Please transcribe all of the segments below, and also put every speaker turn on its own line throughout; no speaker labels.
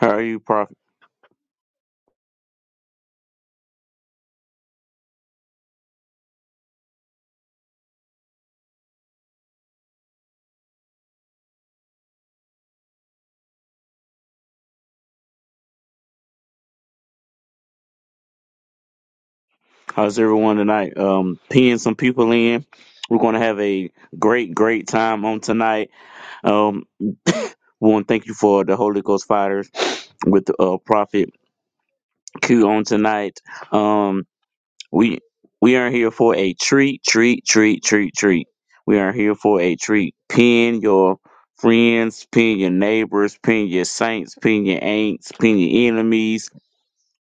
How are you, Prophet? How's everyone tonight? Um, peeing some people in. We're going to have a great, great time on tonight. Um, we want to thank you for the Holy Ghost fighters with uh, Prophet Q on tonight. Um, we we are here for a treat, treat, treat, treat, treat. We are here for a treat. Pin your friends, pin your neighbors, pin your saints, pin your ain'ts, pin your enemies,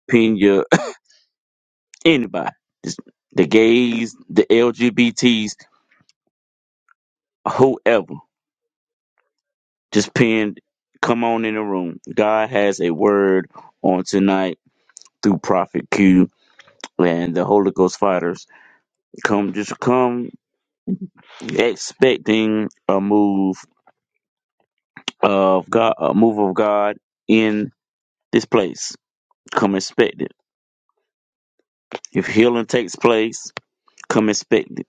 pin your anybody. Just the gays, the LGBTs whoever just pinned come on in the room god has a word on tonight through prophet q and the holy ghost fighters come just come expecting a move of god a move of god in this place come expect it if healing takes place come expect it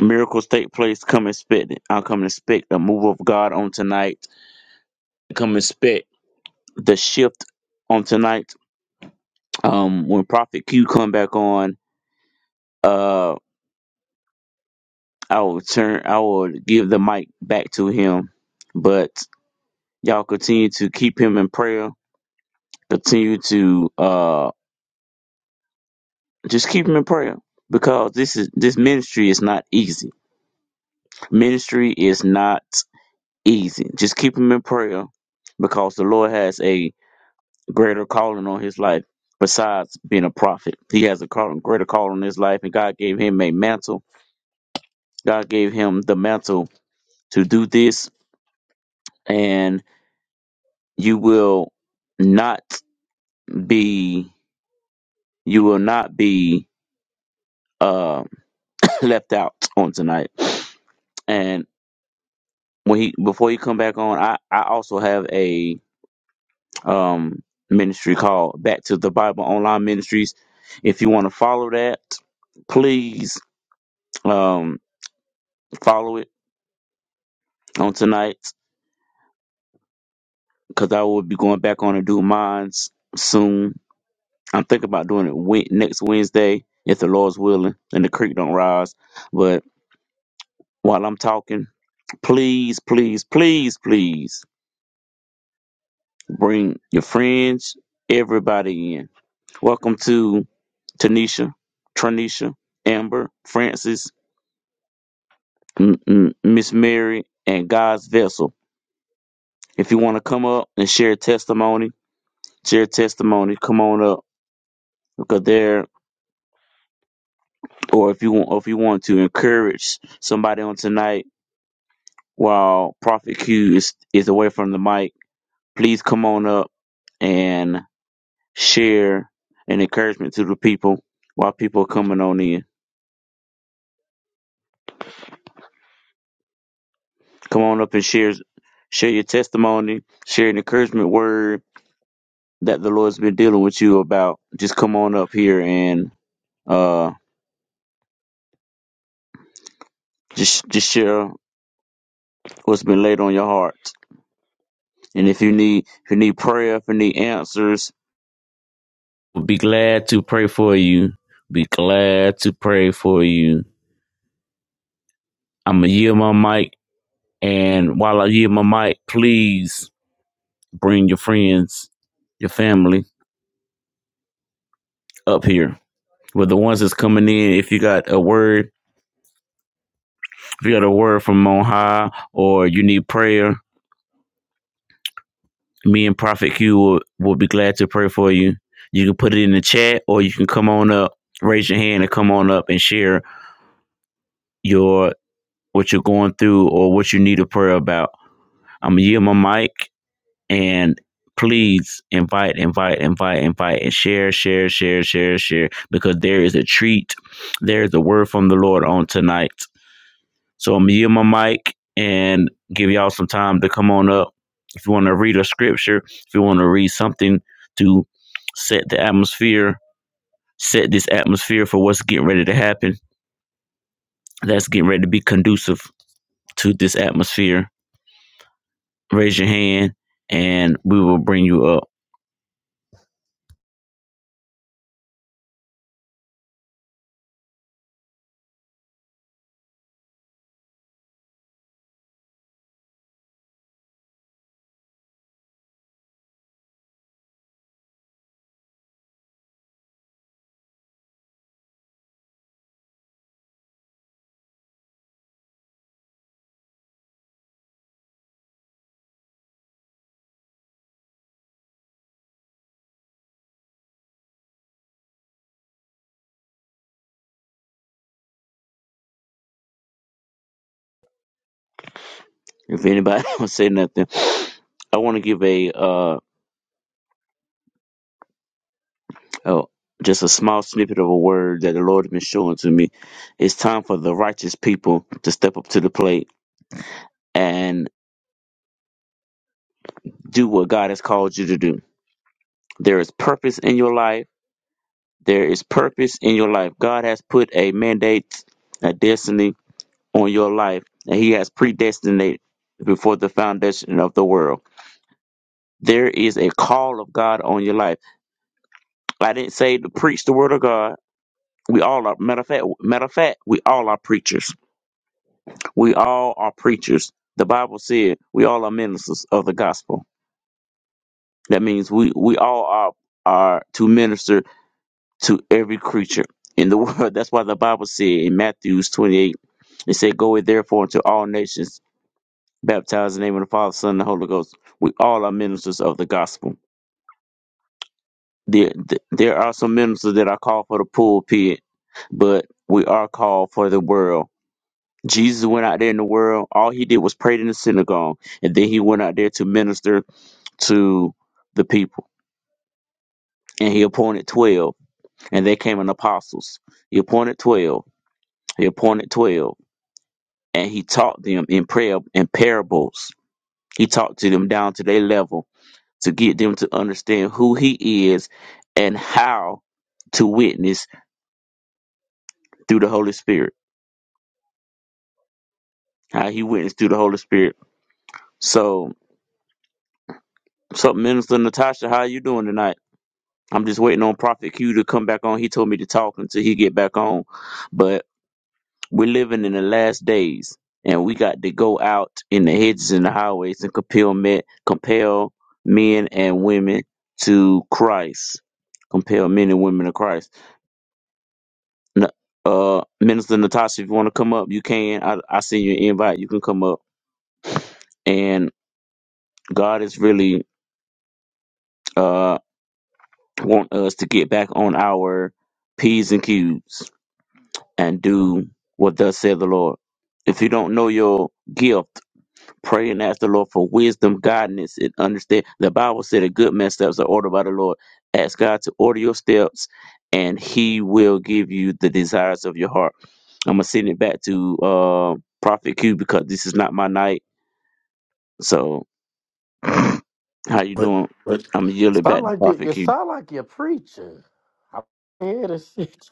miracles take place come expect it i'll come expect a move of god on tonight come expect the shift on tonight um, when Prophet Q come back on, uh, I will turn, I will give the mic back to him. But y'all continue to keep him in prayer. Continue to uh, just keep him in prayer because this is this ministry is not easy. Ministry is not easy. Just keep him in prayer because the Lord has a greater calling on his life besides being a prophet. He has a call, greater calling on his life, and God gave him a mantle. God gave him the mantle to do this and you will not be you will not be uh, left out on tonight and when he before you come back on i i also have a um ministry called back to the bible online ministries if you want to follow that please um follow it on tonight because i will be going back on and do mines soon I'm thinking about doing it we- next Wednesday, if the Lord's willing, and the creek don't rise. But while I'm talking, please, please, please, please bring your friends, everybody in. Welcome to Tanisha, Tranisha, Amber, Francis, M- M- Miss Mary, and God's vessel. If you want to come up and share testimony, share testimony. Come on up because there, or if you want, or if you want to encourage somebody on tonight While Prophet Q is, is away from the mic, please come on up and share an encouragement to the people while people are coming on in. Come on up and share share your testimony, share an encouragement word that the Lord's been dealing with you about. Just come on up here and uh just just share what's been laid on your heart. And if you need if you need prayer, if you need answers, we'll be glad to pray for you. Be glad to pray for you. I'm gonna yield my mic, and while I yield my mic, please bring your friends, your family up here. With the ones that's coming in, if you got a word, if you got a word from on high, or you need prayer, me and Prophet Q will, will be glad to pray for you. You can put it in the chat, or you can come on up, raise your hand, and come on up and share your what you're going through or what you need a prayer about. I'm gonna yield my mic, And please invite, invite, invite, invite, and share, share, share, share, share, because there is a treat. There is a word from the Lord on tonight. So I'm going to yield my mic and give y'all some time to come on up. If you want to read a scripture, if you want to read something to set the atmosphere, set this atmosphere for what's getting ready to happen, that's getting ready to be conducive to this atmosphere, raise your hand and we will bring you up. If anybody don't say nothing, I want to give a uh oh, just a small snippet of a word that the Lord has been showing to me. It's time for the righteous people to step up to the plate and do what God has called you to do. There is purpose in your life. There is purpose in your life. God has put a mandate, a destiny on your life, and He has predestinated before the foundation of the world. There is a call of God on your life. I didn't say to preach the word of God. We all are matter of fact matter of fact, we all are preachers. We all are preachers. The Bible said we all are ministers of the gospel. That means we, we all are are to minister to every creature in the world. That's why the Bible said in Matthew's twenty eight, it said, Go ye therefore into all nations, baptize in the name of the Father, Son, and the Holy Ghost. We all are ministers of the gospel. There th- there are some ministers that are called for the pulpit, but we are called for the world Jesus went out there in the world. All he did was pray in the synagogue, and then he went out there to minister to the people. And he appointed twelve, and they came in apostles. He appointed twelve. He appointed twelve, and he taught them in prayer and parables. He talked to them down to their level to get them to understand who he is and how to witness through the Holy Spirit. How he witnessed through the Holy Spirit. So, so Minister Natasha, how you doing tonight? I'm just waiting on Prophet Q to come back on. He told me to talk until he get back on. But we're living in the last days, and we got to go out in the hedges and the highways and compel men, compel men and women to Christ. Compel men and women to Christ. N- Uh, Minister Natasha, if you want to come up, you can. I I send you an invite. You can come up. And God is really uh want us to get back on our p's and q's. and do what thus saith the Lord. If you don't know your gift, pray and ask the Lord for wisdom, guidance, and understand. The Bible said a good man's steps are ordered by the Lord. Ask God to order your steps, and He will give you the desires of your heart. I'm gonna send it back to uh, Prophet Q because this is not my night. So, how you
But,
doing?
but
I'm gonna yield it back
sound
to
like you,
Prophet
you
Q.
sound like you're preaching. I hear this shit.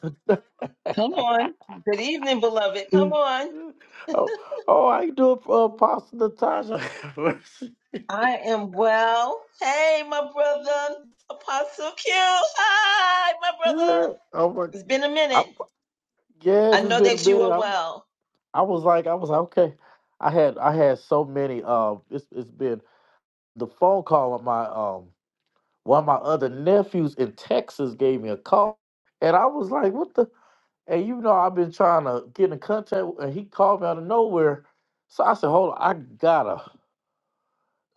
Come on. Good evening, beloved. Come on.
oh, oh, I do it for Apostle Natasha.
I am well. Hey, my brother, Apostle Q. Hi, my brother.
yeah, oh my,
It's been a
I'm,
minute. I
yes, it's
know
been a
that you
minute.
are
I'm,
well.
I was like, I was like, okay. I had, I had so many. Um, it's, it's been the phone call of my um, one of my other nephews in Texas gave me a call, and I was like, what the. And you know, I've been trying to get in contact, with- and he called me out of nowhere. So I said, "Hold on, I gotta."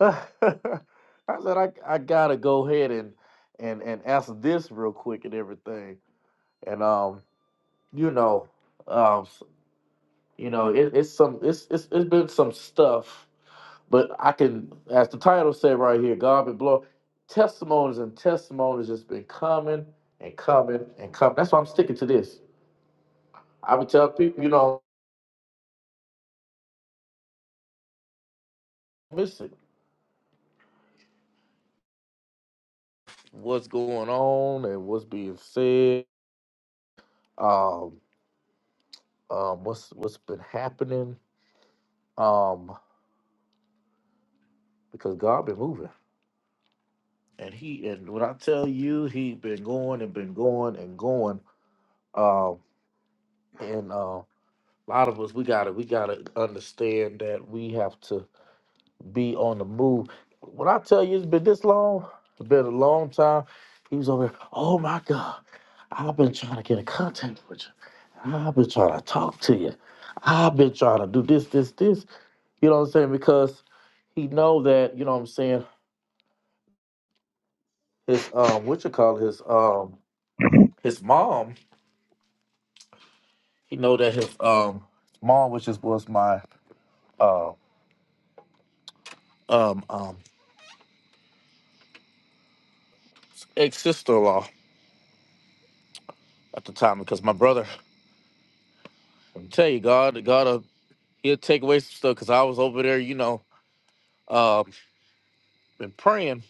I said, "I I gotta go ahead and and and answer this real quick and everything." And um, you know, um, s- you know, it, it's some it's it's it's been some stuff, but I can, as the title said right here, God been blowing testimonies and testimonies has been coming and coming and coming. That's why I'm sticking to this. I would tell people, you know, miss it. what's going on and what's being said. Um, um, what's what's been happening? Um, because God been moving, and he and when I tell you, he been going and been going and going. Um, and uh, a lot of us we gotta we gotta understand that we have to. be on the move. When I tell you it's been this long, it's been a long time. He was over here, oh my God, I've been trying to get in contact with you. I've been trying to talk to you. I've been trying to do this, this, this. You know what I'm saying? Because he know that, you know what I'm saying, his um what you call it, his um his mom, he know that his um mom, which is was my uh um um ex sister in law at the time because my brother I tell you God God uh, he'll take away some stuff because I was over there, you know, uh, been praying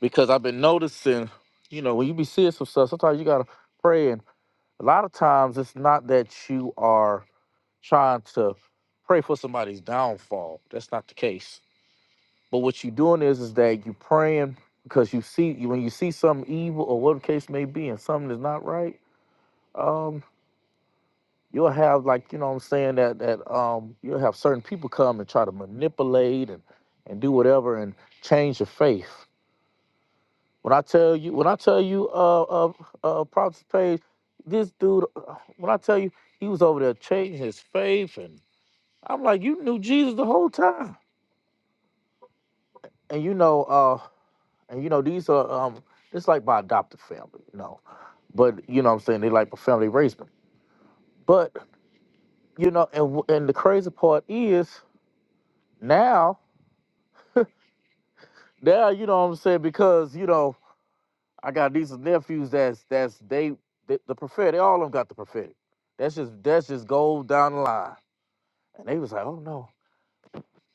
because I've been noticing, you know, when you be seeing some stuff, sometimes you gotta pray, and a lot of times it's not that you are trying to pray for somebody's downfall. That's not the case. But what you're doing is, is that you praying because you see when you see something evil or whatever the case may be, and something is not right. um, you'll have like you know what I'm saying that that um you'll have certain people come and try to manipulate and and do whatever and change your faith. When I tell you when I tell you uh uh uh Prophet Page, this dude uh, when I tell you he was over there changing his faith and I'm like you knew Jesus the whole time. And you know uh and you know these are um it's like my adopted family, you know. But you know what I'm saying they like my family raised me. But you know and w- and the crazy part is now Yeah, you know what I'm saying? Because, you know, I got these nephews that's that's they, they the prophetic, all of them got the prophetic. That's just that's just gold down the line. And they was like, oh no.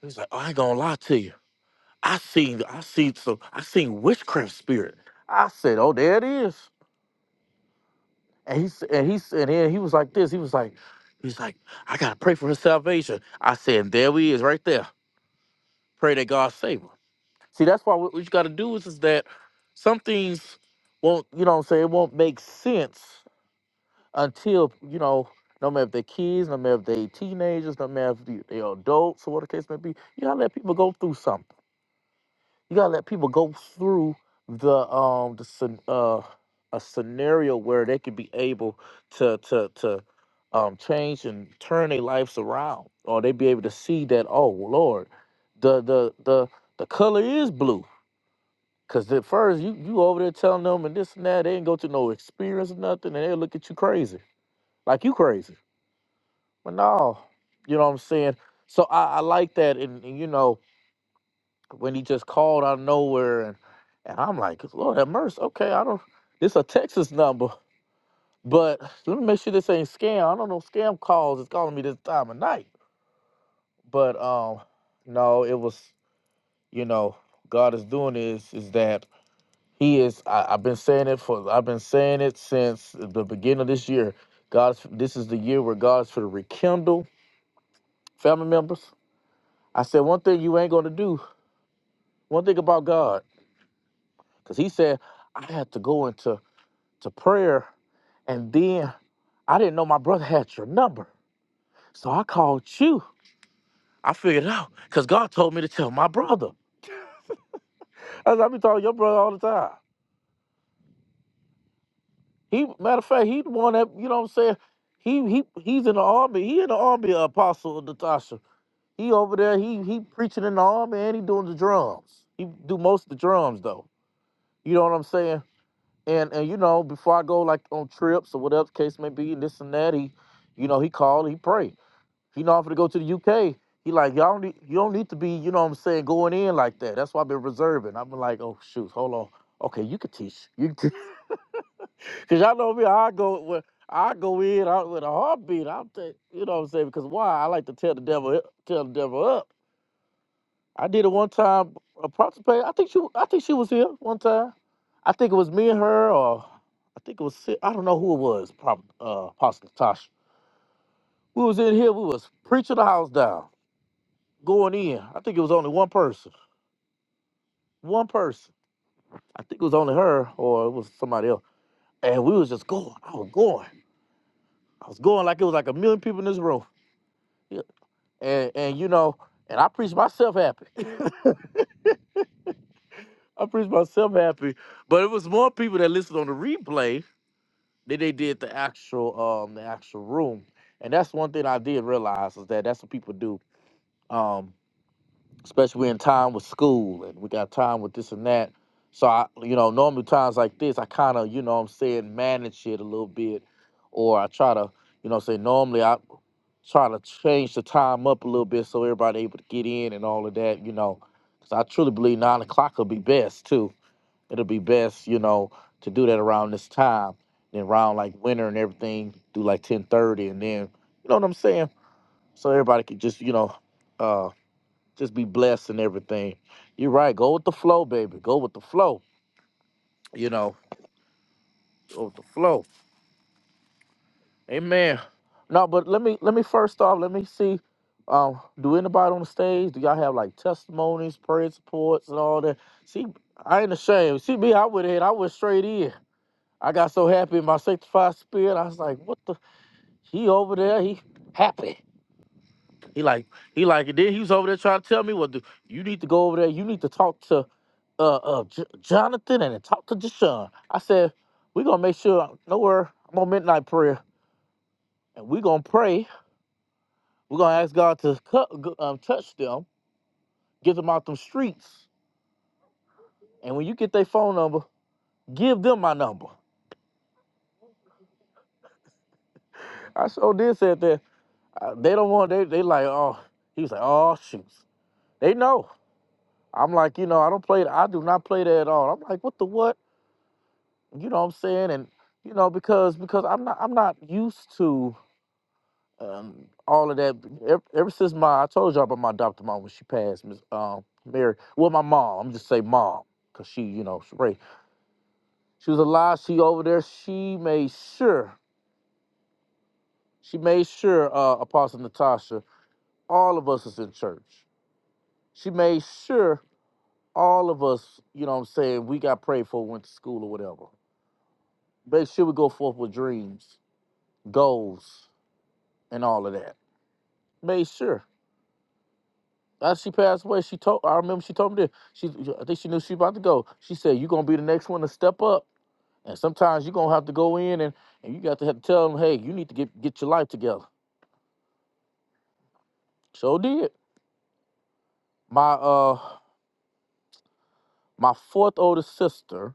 He was like, oh, I ain't gonna lie to you. I seen I seen some I seen witchcraft spirit. I said, Oh, there it is. And he s- and he s- and then he was like this. He was like, he's like, I gotta pray for her salvation. I said, there we is right there. Pray that God save her. See, that's why what what you got to do is, is that some things won't, you know what I'm saying, it won't make sense until, you know, no matter if they're kids, no matter if they teenagers, no matter if they- they're adults or what the case may be, you got to let people go through something. You got to let people go through the, um, the, scen- uh, a scenario where they could be able to, to, to, um, change and turn their lives around, or they be able to see that, oh Lord, the the the the color is blue Cause at first you you over there telling them and this and that, they didn't go to no experience or nothing, and they look at you crazy, like you crazy. But no, you know what I'm saying. So I, I like that, and, and you know when he just called out of nowhere, and and I'm like, Lord have mercy. Okay, I don't. This a Texas number, but let me make sure this ain't scam. I don't know if scam calls is calling me this time of night. But um, no, it was you know God is doing this is that He is. I, I've been saying it for. I've been saying it since the beginning of this year. God's. This is the year where God's for the rekindle family members. I said one thing you ain't gonna do. One thing about God, because He said I had to go into to prayer, and then I didn't know my brother had your number, so I called you. I figured it out because God told me to tell my brother. As I be talking to your brother all the time. He matter of fact, he the one that you know what I'm saying. He he he's in the army. He in the army, Apostle Natasha. He over there, he he preaching in the army and he doing the drums. He do most of the drums though. You know what I'm saying? And and you know, before I go like on trips or whatever the case may be, and this and that, he, you know, he called, he prayed. He know I'm finna go to the UK. He like, y'all need you don't need to be, you know what I'm saying, going in like that. That's why I've been reserving. I've been like, oh shoot, hold on. Okay, you can teach. You can teach. Cause y'all know me, I go with I go in I, with a heartbeat. I'm, t- you know what I'm saying? Because why? I like to tell the devil, tell the devil up. I did it one time. A Approximately, I think she, I think she was here one time. I think it was me and her, or I think it was, Si- I don't know who it was. Probably, uh, possibly Tasha. We was in here. We was preaching the house down, going in. I think it was only one person. One person. I think it was only her, or it was somebody else. And we was just going. I was going. I was going like it was like a million people in this room. Yeah. And and you know, and I preached myself happy. I preached myself happy. But it was more people that listened on the replay Then they did the actual um the actual room, and that's one thing I did realize is that that's what people do. Um, especially in time with school and we got time with this and that. So I, you know, normally times like this, I kind of, you know, what I'm saying manage it a little bit, or I try to, you know, say normally I try to change the time up a little bit so everybody able to get in and all of that, you know, because I truly believe nine o'clock will be best too it'll be best, you know, to do that around this time. Then around like winter and everything, do like ten thirty, and then you know what I'm saying. So everybody could just you know, uh, just be blessed and everything. You're right. Go with the flow, baby. Go with the flow. You know, go with the flow. Amen. No, but let me let me first off let me see. Um, do anybody on the stage? Do y'all have like testimonies, prayer supports, and all that? See, I ain't ashamed. See me, I went ahead. I went straight in. I got so happy in my sanctified spirit. I was like, what the? He over there, he happy. He like, he like, and then he was over there trying to tell me, well, do you need to go over there. You need to talk to uh, uh J- Jonathan and then talk to Deshaun. I said, we gonna make sure, no worry, I'm on midnight prayer. And we gonna pray. we gonna ask God to cut, um, touch them, get them out them streets. And when you get their phone number, give them my number. I sure did said that. Uh, they don't want, they, they like, oh, he was like, oh, shoots. They know. I'm like, you know, I don't play. I do not play that at all. I'm like, what the what? You know what I'm saying? And you know, because because I'm not I'm not used to um, all of that. Ever, ever since my I told y'all about my adopted mom when she passed, Miss um, Mary. Well, my mom. I'm just say mom, cause she, you know, she, right. She was alive. She over there. She made sure. She made sure uh, Apostle Natasha. All of us is in church. She made sure all of us. You know what I'm saying? We got prayed for. Went to school or whatever Make sure we go forth with dreams, goals, and all of that. Made sure. As she passed away, she told I remember she told me this. She I think she knew she about to go. She said, You're gonna be the next one to step up. And sometimes you're gonna have to go in and, and you got to have to tell them, hey, you need to get get your life together. So did. My uh my fourth oldest sister,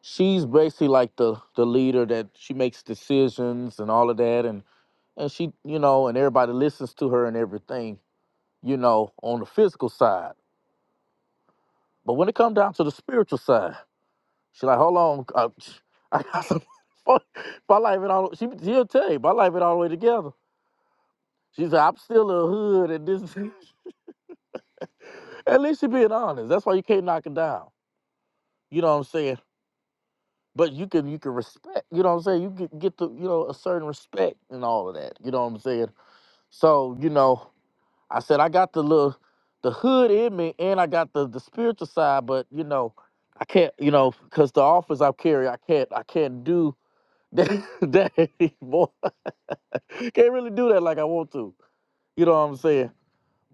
she's basically like the the leader that she makes decisions and all of that and and she, you know, and everybody listens to her and everything, you know, on the physical side. But when it come down to the spiritual side, she like, hold on, uh, I got some. my life ain't all. She she'll tell you, my life ain't all the way together. She said, I'm still a hood, and this. At least she being honest. That's why you can't knock it down. You know what I'm saying? But you can you can respect. You know what I'm saying? You get get the you know a certain respect and all of that. You know what I'm saying? So you know, I said I got the little the hood in me, and I got the the spiritual side, but you know. I can't, you know, because the office I carry, I can't, I can't do Daddy, boy, can't really do that like I want to. You know what I'm saying?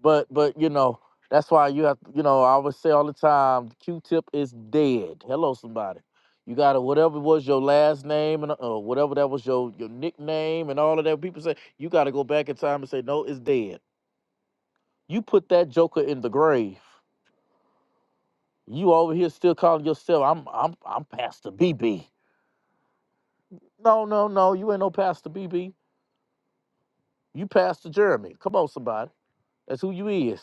But but you know, that's why you have you know, I always say all the time, Q-tip is dead. Hello, somebody. You gotta whatever was your last name and uh, whatever that was your your nickname and all of that. People say you gotta go back in time and say no, it's dead. You put that joker in the grave. You over here still calling yourself I'm I'm I'm Pastor BB. No no no, you ain't no Pastor BB. You Pastor Jeremy. Come on, somebody. That's who you is.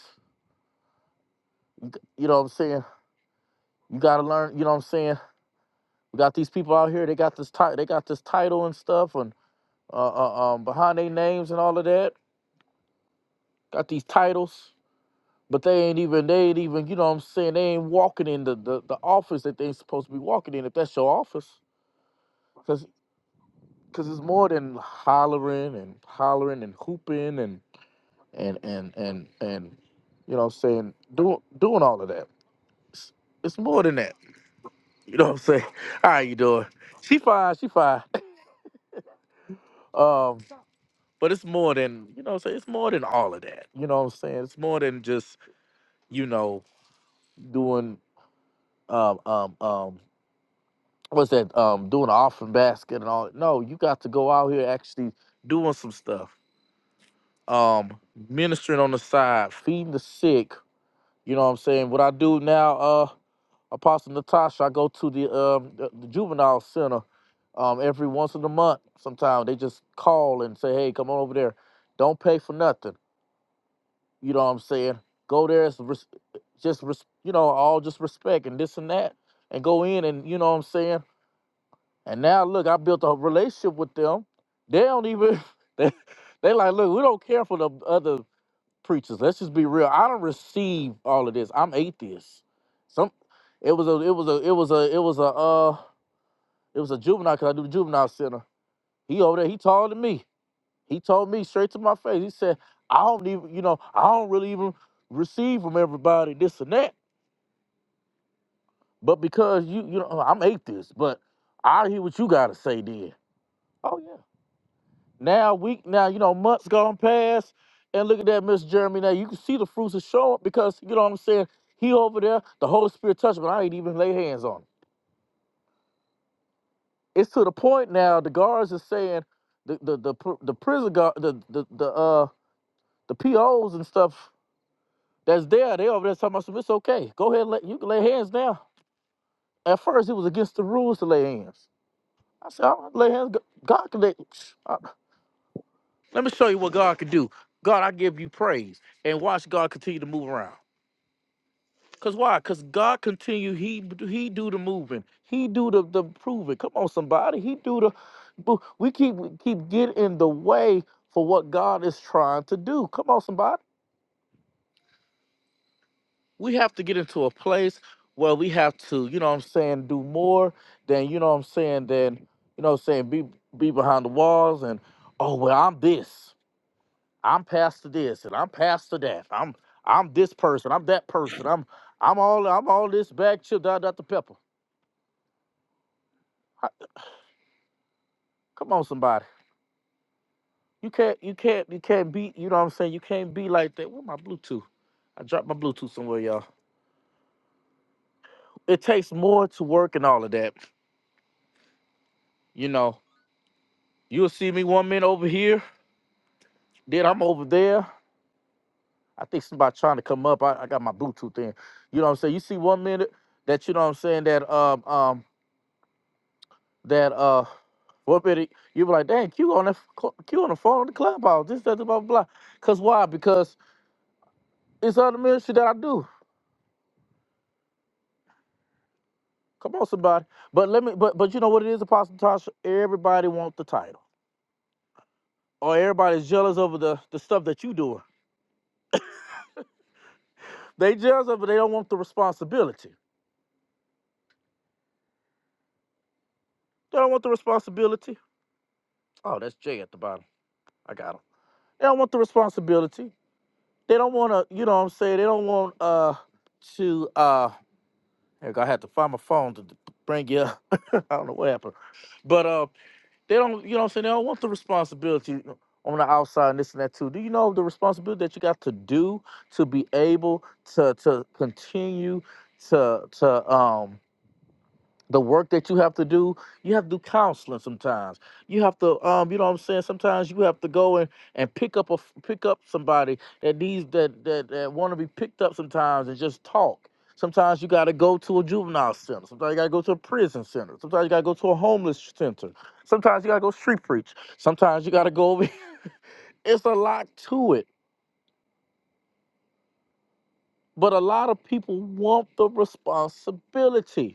You, you know what I'm saying? You gotta learn. You know what I'm saying? We got these people out here. They got this title. They got this title and stuff, and uh, uh, um, behind their names and all of that. Got these titles, but they ain't even. They ain't even. You know what I'm saying? They ain't walking in the the, the office that they ain't supposed to be walking in. If that's your office, because because it's more than hollering and hollering and hooping and and and and and you know what I'm saying doing doing all of that. It's, it's more than that. You know what I'm saying? How you doing? She fine, she fine. Um, but it's more than you know. What I'm saying it's more than all of that. You know what I'm saying? It's more than just you know doing um um um what's that um doing an offering basket and all. No, you got to go out here actually doing some stuff. Um, ministering on the side, feeding the sick. You know what I'm saying? What I do now? Uh. Apostle Natasha, I go to the um the, the juvenile center um every once in a month. Sometimes they just call and say, "Hey, come on over there. Don't pay for nothing." You know what I'm saying? Go there, it's res- just res- you know all just respect and this and that, and go in and you know what I'm saying. And now look, I built a relationship with them. They don't even they they like look. We don't care for the other preachers. Let's just be real. I don't receive all of this. I'm atheist. Some it was a it was a it was a it was a uh it was a juvenile because I do the juvenile center. He over there, he taller than me. He told me straight to my face. He said, I don't even, you know, I don't really even receive from everybody this and that. But because you, you know, I'm atheist, but I hear what you gotta say then. Oh yeah. Now week now, you know, months gone past, and look at that, Miss Jeremy. Now you can see the fruits are showing because you know what I'm saying. He over there, the Holy Spirit touched, him, but I ain't even lay hands on him. It's to the point now. The guards are saying the the the, pr- the prison guard, the the the uh the POs and stuff that's there. They over there talking about some. It's okay. Go ahead, and lay, you can lay hands now. At first, it was against the rules to lay hands. I said, I'm not lay hands. God can lay. I- Let me show you what God can do. God, I give you praise, and watch God continue to move around. Cause why? Cause God continue. He he do the moving. He do the the proving. Come on, somebody. He do the. bu- We keep we keep getting in the way for what God is trying to do. Come on, somebody. We have to get into a place where we have to, you know, what I'm saying, do more than you know, what I'm saying, than you know, what I'm saying, be be behind the walls and oh well, I'm this. I'm pastor this and I'm pastor that. I'm I'm this person. I'm that person. I'm I'm all I'm all this bag chip da da the pepper. Come on, somebody. You can't you can't you can't be, you know what I'm saying? You can't be like that. Where my Bluetooth? I dropped my Bluetooth somewhere, y'all. It takes more to work and all of that. You know, you'll see me one minute over here, then I'm over there. I think somebody trying to come up. I, I got my Bluetooth in. You know what I'm saying? You see one minute that you know what I'm saying that um um that uh one minute you be like, dang, Q on the Q on the phone on the clubhouse, this, that, blah, blah, blah. Cause why? Because it's other ministry that I do. Come on, somebody. But let me. But but you know what it is, Apostle Tasha. Everybody wants the title, or everybody's jealous over the the stuff that you doing. They jealous of They don't want the responsibility. They don't want the responsibility. Oh, that's Jay at the bottom. I got him. They don't want the responsibility. They don't want to. You know what I'm saying? They don't want uh to uh. Heck, I had to find my phone to bring you. up. I don't know what happened, but uh. They don't, you know what I'm saying? They don't want the responsibility on the outside and this and that too. Do you know the responsibility that you got to do to be able to to continue to to um the work that you have to do you have to do counseling sometimes you have to um you know what i'm saying sometimes you have to go and and pick up a pick up somebody that needs that that, that want to be picked up sometimes and just talk sometimes you got to go to a juvenile center sometimes you got to go to a prison center sometimes you got to go to a homeless center sometimes you got to go street preach sometimes you got to go over it's a lot to it but a lot of people want the responsibility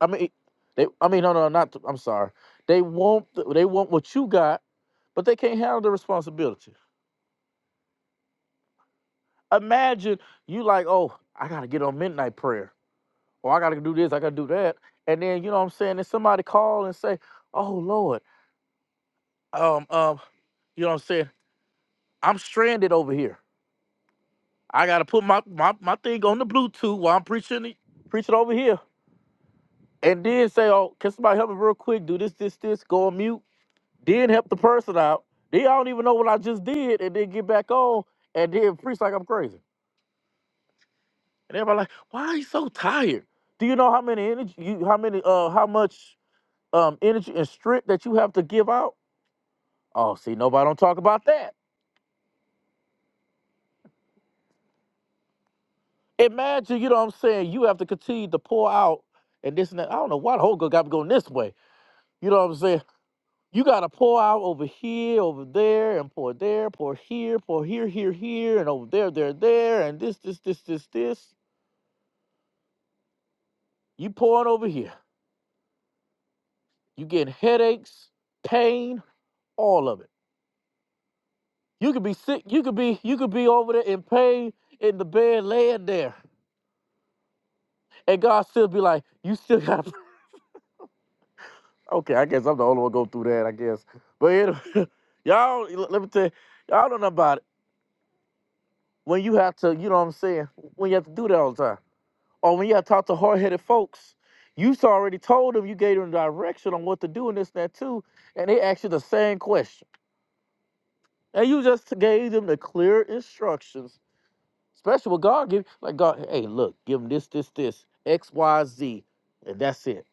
I mean, they. I mean, no, no, not. th- I'm sorry. They want. th- They want what you got, but they can't handle the responsibility. Imagine you like, oh, I gotta get on midnight prayer, or I gotta do this, I gotta do that, and then you know what I'm saying. And somebody call and say, oh Lord, um, um, you know what I'm saying. I'm stranded over here. I gotta put my my, my thing on the Bluetooth while I'm preaching it, preaching over here, and then say, oh, can somebody help me real quick? Do this, this, this. Go on mute. then help the person out. They don't even know what I just did, and then get back on, and then preach like I'm crazy. And everybody like, why are you so tired? Do you know how many energy you how many uh how much um energy and strength that you have to give out? Oh, see, nobody don't talk about that. Imagine, you know what I'm saying, you have to continue to pour out and this and that. I don't know why the whole girl got me going this way. You know what I'm saying? You gotta pour out over here, over there, and pour there, pour here, pour here, here, here, and over there, there, there, and this, this, this, this, this You pouring over here. You getting headaches, pain, all of it. You could be sick. You could be you could be over there in pain in the bed, laying there, and God still be like, you still got. Okay, I guess I'm the only one go through that. I guess, but anyway, y'all, let me tell you, y'all don't know about it. When you have to, you know what I'm saying. When you have to do that all the time, or when you have to talk to hard-headed folks, you already told them, you gave them direction on what to do and this, that, too, and they ask you the same question. And you just gave them the clear instructions, especially what God gave. Like God, hey, look, give them this, this, this, X, Y, Z, and that's it.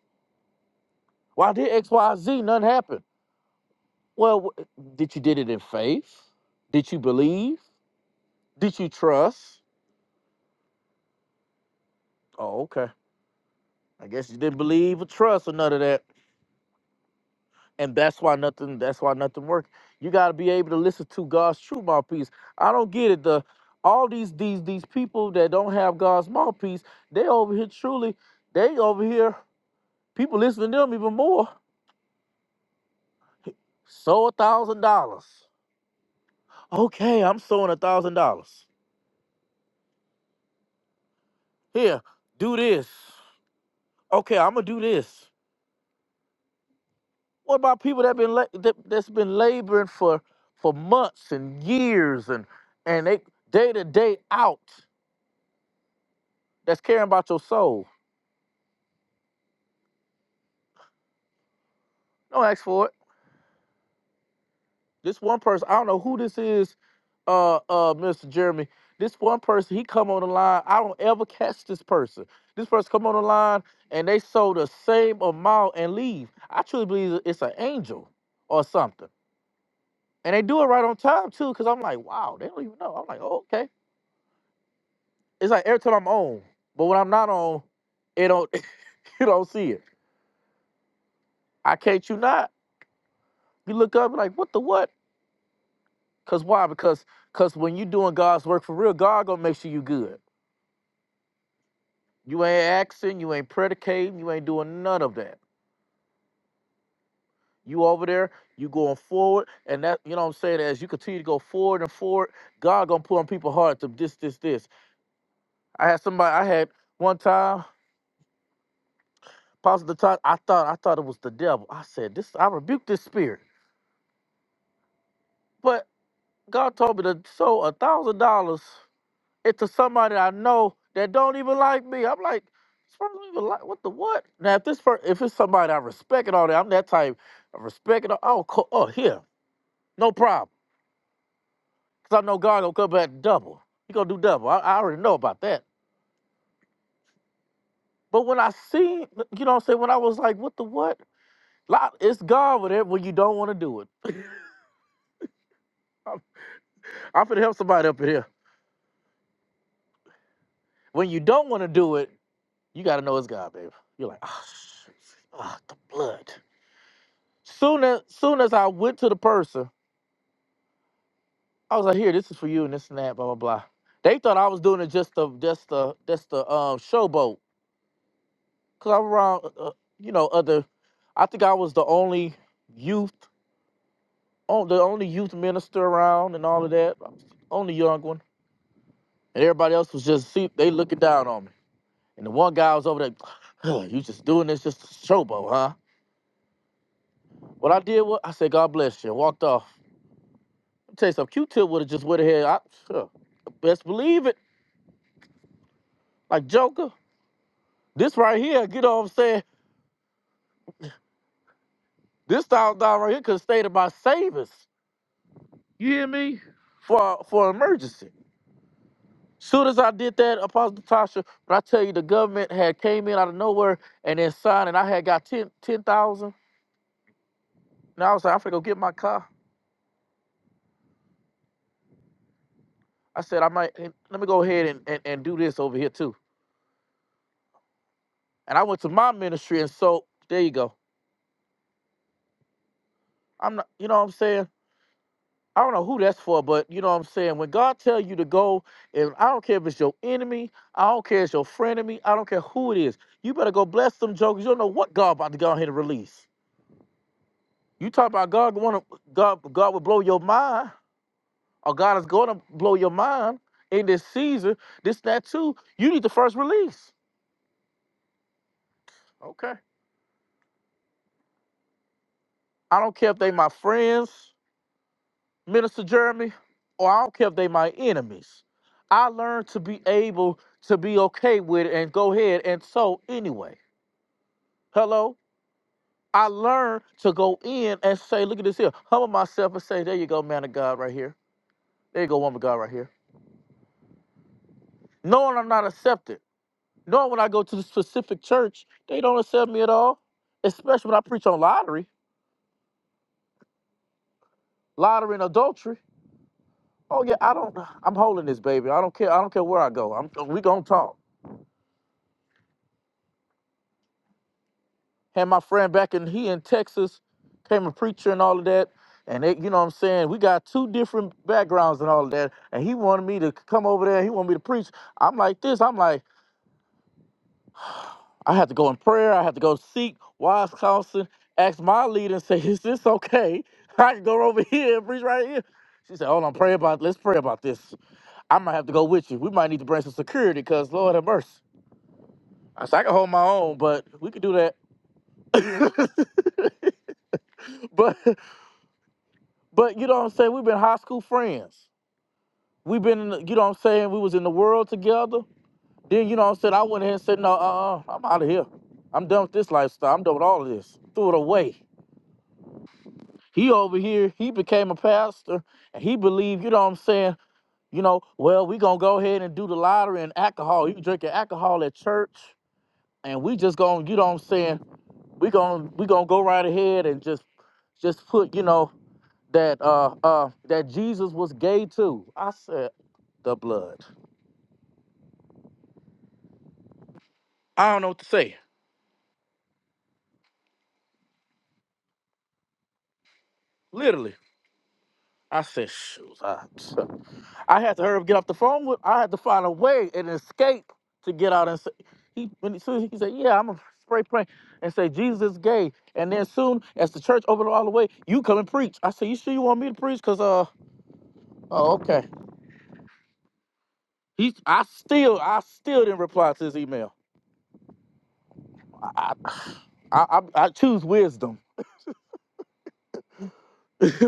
Why did X, Y, Z? Nothing happened. Well, wh- did you did it in faith? Did you believe? Did you trust? Oh, okay. I guess you didn't believe or trust or none of that. and that's why nothing that's why nothing worked you got to be able to listen to god's true mouthpiece i don't get it the all these these these people that don't have god's mouthpiece they over here truly they over here people listening to them even more Sow a thousand dollars okay i'm sowing a thousand dollars here do this okay i'm gonna do this what about people that been la- that, that's been laboring for for months and years and and they day to day out that's caring about your soul. Don't ask for it. This one person, I don't know who this is, uh, uh, Mr. Jeremy. This one person, he come on the line. I don't ever catch this person. This person come on the line and they sold the same amount and leave. I truly believe it's an angel or something. And they do it right on time too, because I'm like, wow, they don't even know. I'm like, oh, okay. It's like every time I'm on, but when I'm not on, it don't you don't see it. I can't you not. You look up and like, what the what? Cause why? Because cause when you doing God's work for real, God gonna make sure you good. You ain't asking, you ain't predicating, you ain't doing none of that. You over there, you going forward, and that you know what I'm saying. As you continue to go forward and forward, God gonna put on people's hearts to this, this, this. I had somebody, I had one time, positive time. I thought, I thought it was the devil. I said, this, I rebuked this spirit, but God told me to sow a thousand dollars it to somebody I know that don't even like me. I'm like, this person don't even like what the what? Now if this person, if it's somebody I respect and all that, I'm that type. I respect it. all- I'll Oh, here, no problem, cause I know God gonna come back double. He gonna do double. I, I already know about that. But when I see, you know, what I'm saying when I was like, what the what? Lot- It's God with it when you don't want to do it. I'm, I'm finna help somebody up in here. When you don't want to do it, you gotta know it's God, baby. You're like, ah, oh, the blood. Soon as soon as I went to the person, I was like, "Here, this is for you, and this and that, blah blah blah." They thought I was doing it just to just to just to um, showboat, cause I'm around, uh, uh, you know, other. I think I was the only youth, on the only youth minister around, and all of that. I was the only young one, and everybody else was just see they looking down on me. And the one guy was over there, "Huh, "You just doing this just to showboat, huh?" What I did was I said, "God bless you," and walked off. Let me tell you something, Q-Tip would have just went ahead. I, huh, best believe it. Like Joker, this right here, get what I'm saying? This thousand dollar right here could have stayed in my savings. You hear me? For for emergency. Soon as I did that, Apostle Tasha, when I tell you the government had came in out of nowhere and then signed, and I had got ten ten thousand. 10,000. and I was like, I'm finna go get my car. I said, I might eh, let me go ahead and, and, and do this over here too. And I went to my ministry and so there you go. I'm not you know what I'm saying? I don't know who that's for, but you know what I'm saying. When God tell you to go, and I don't care if it's your enemy, I don't care if it's your frenemy, I don't care who it is. You better go bless them jokers. You don't know what God about to go ahead and release. You talk about God want to God God will blow your mind, or God is going to blow your mind in this season. This that too. You need the first release. Okay. I don't care if they my friends. Minister Jeremy, or I don't care if they my enemies. I learned to be able to be okay with it and go ahead and so anyway. Hello? I learned to go in and say, look at this here. Humble myself and say, there you go, man of God right here. There you go, woman of God right here. Knowing I'm not accepted. Knowing when I go to the specific church, they don't accept me at all. Especially when I preach on lottery, lottery and adultery. Oh yeah, I don't I'm holding this baby. I don't care. I don't care where I go. I'm we gonna talk. Had my friend back in he in Texas, came a preacher and all of that. And they, you know what I'm saying? We got two different backgrounds and all of that. And he wanted me to come over there. He wanted me to preach. I'm like this. I'm like, I had to go in prayer. I had to go seek wise counsel. Ask my leader and say, is this okay? I can go over here and preach right here. She said, hold on, pray about, let's pray about this. I might have to go with you. We might need to bring some security because Lord have mercy. I said, I can hold my own, but we could do that. but But you know what I'm saying? We've been high school friends. We've been in the, you know what I'm saying? We was in the world together. Then you know what I'm saying? I went ahead and said, no, uh uh, I'm out of here. I'm done with this lifestyle. I'm done with all of this. Threw it away. He over here, he became a pastor and he believed, you know what I'm saying? You know, well, we gonna go ahead and do the lottery and alcohol. You drinking alcohol at church and we just gonna, you know what I'm saying? We gonna we gonna go right ahead and just just put, you know, that uh uh that Jesus was gay too. I said the blood. I don't know what to say. Literally. I said, shoot. I, I had to hurry up, get off the phone with I had to find a way and escape to get out and say he when he, soon as he said, Yeah, I'm gonna spray pray and say Jesus is gay. And then soon as the church opened all the way, you come and preach. I said, You sure you want me to preach? Cause uh oh okay. He I still I still didn't reply to his email. I I, I, I I choose wisdom.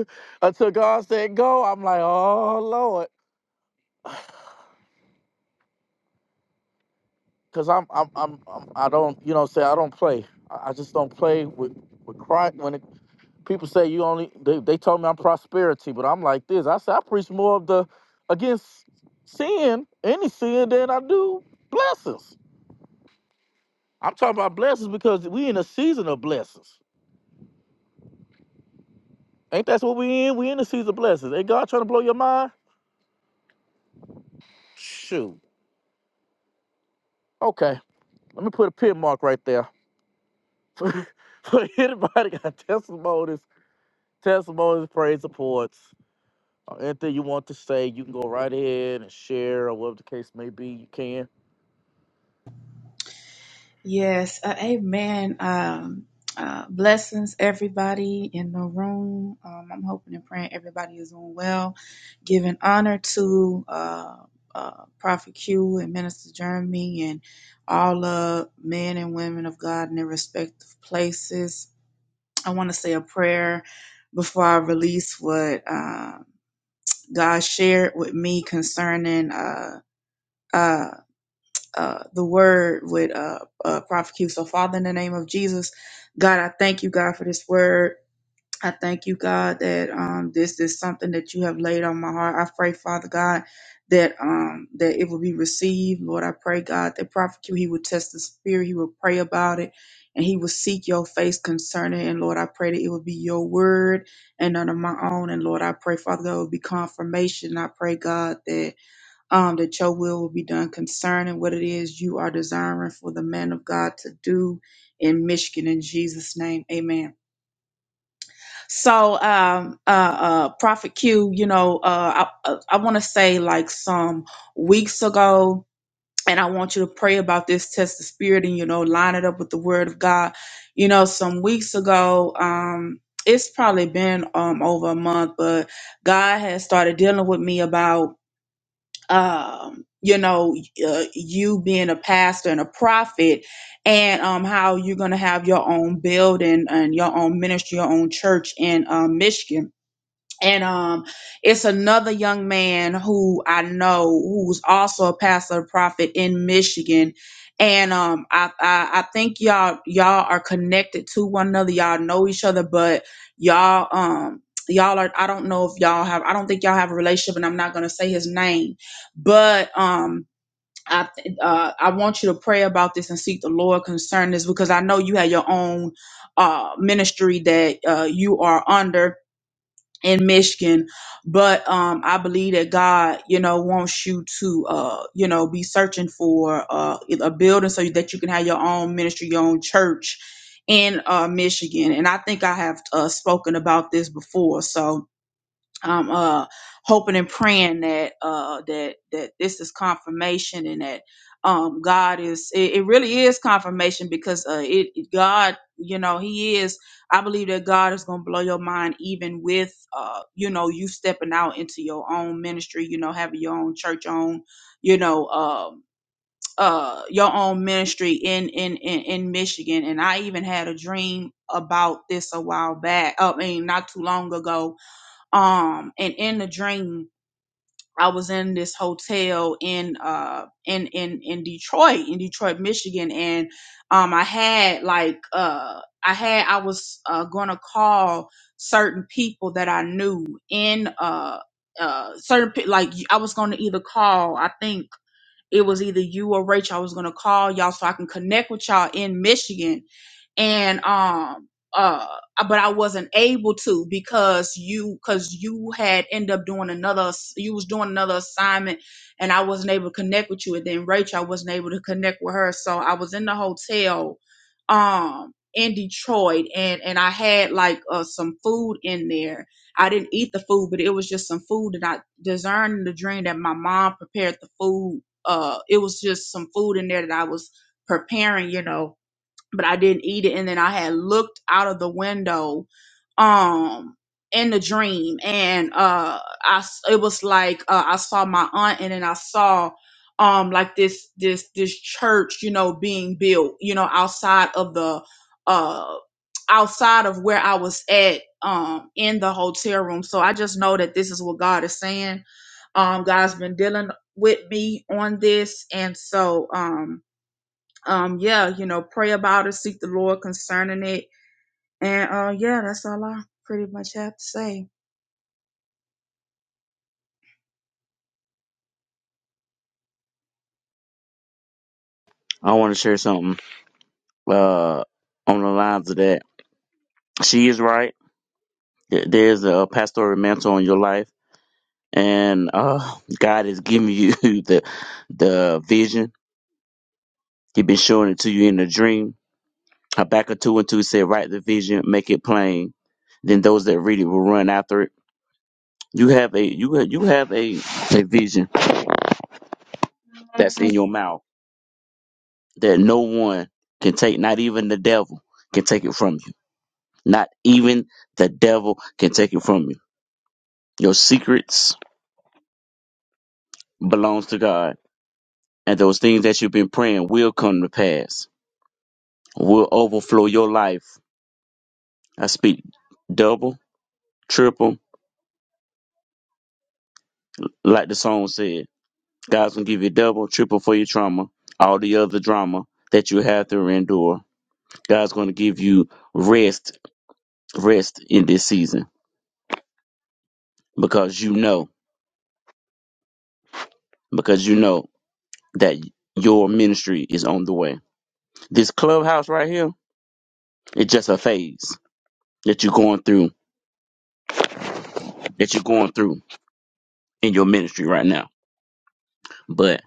Until God said go, I'm like, oh Lord. Cause I'm I'm I'm, I'm I don't you know say I don't play. I, I just don't play with with Christ. When it, people say you only they, they told me I'm prosperity, but I'm like this. I said I preach more of the against sin, any sin than I do blessings. I'm talking about blessings because we in a season of blessings. Ain't that's what we in? We in a season of blessings. Ain't God trying to blow your mind? Shoot. Okay. Let me put a pin mark right there. for, for anybody got testimonies, testimonies, praise reports, or anything you want to say, you can go right ahead and share or whatever the case may be. You can.
Yes, uh, amen. Um, uh, blessings, everybody in the room. Um, I'm hoping and praying everybody is doing well. Giving honor to uh, uh, Prophet Q and Minister Jeremy and all the men and women of God in their respective places. I want to say a prayer before I release what uh, God shared with me concerning. Uh, uh, uh, the word with uh, uh, Prophet Q. So, Father, in the name of Jesus, God, I thank you, God, for this word. I thank you, God, that um, this is something that you have laid on my heart. I pray, Father God, that um, that it will be received. Lord, I pray, God, that Prophet Q, he will test the spirit, he will pray about it, and he will seek your face concerning it. And Lord, I pray that it will be your word and none of my own. And Lord, I pray, Father, God, it will be confirmation. I pray, God, that um, that your will will be done concerning what it is you are desiring for the man of God to do in Michigan. In Jesus' name, amen. So, um, uh, uh, Prophet Q, you know, uh, I, uh, I want to say like some weeks ago, and I want you to pray about this, test the spirit, and, you know, line it up with the word of God. You know, some weeks ago, um, it's probably been um, over a month, but God has started dealing with me about um, you know, uh, you being a pastor and a prophet, and um, how you're going to have your own building and your own ministry, your own church in um, Michigan and um it's another young man who I know who's also a pastor and prophet in Michigan and um I, I I think y'all y'all are connected to one another y'all know each other but y'all um y'all are I don't know if y'all have I don't think y'all have a relationship and I'm not going to say his name but um I th- uh, I want you to pray about this and seek the Lord concerning this because I know you have your own uh ministry that uh you are under in Michigan. But um, I believe that God, you know, wants you to, uh, you know, be searching for uh, a building so that you can have your own ministry, your own church in uh, Michigan. And I think I have uh, spoken about this before. So I'm uh hoping and praying that uh that that this is confirmation and that um God is it, it really is confirmation because uh it it- God you know he is I believe that God is going to blow your mind even with uh you know you stepping out into your own ministry you know having your own church own you know um uh your own ministry in in in, in Michigan and I even had a dream about this a while back I mean not too long ago um and in the dream i was in this hotel in uh in in in detroit in detroit michigan and um i had like uh i had i was uh gonna call certain people that i knew in uh uh certain pe- like i was gonna either call i think it was either you or Rachel I was gonna call y'all so I can connect with y'all in Michigan. And um uh but I wasn't able to because you because you had ended up doing another ass- you was doing another assignment and I wasn't able to connect with you and then Rachel I wasn't able to connect with her. So I was in the hotel um in Detroit and and I had like uh some food in there I didn't eat the food, but it was just some food that I discerned in the dream that my mom prepared the food uh, it was just some food in there that I was preparing, you know, but I didn't eat it. And then I had looked out of the window, um, in the dream, and uh, I s- it was like uh, I saw my aunt, and then I saw um like this this this church, you know, being built, you know, outside of the uh outside of where I was at um in the hotel room. So I just know that this is what God is saying. Um, God's been dealing with me on this, and so um um yeah you know pray about it seek the lord concerning it and uh yeah that's all i pretty much have to say
I want to share something uh, on the lines of that. She is right There- There's a pastoral mantle on your life, and uh, God is giving you the the vision. He's been showing it to you in a dream. Habakkuk 2 and 2 said, Write the vision, make it plain. Then those that read it will run after it. You have a you have, you have a, a vision that's in your mouth that no one can take, not even the devil can take it from you. Not even the devil can take it from you. Your secrets belongs to God and those things that you've been praying will come to pass, will overflow your life. I speak double, triple, like the song said. God's gonna give you double, triple for your trauma, all the other drama that you have to endure. God's gonna give you rest, rest in this season because you know, because you know that your ministry is on the way. This clubhouse right here, it's just a phase that you're going through, that you're going through in your ministry right now. But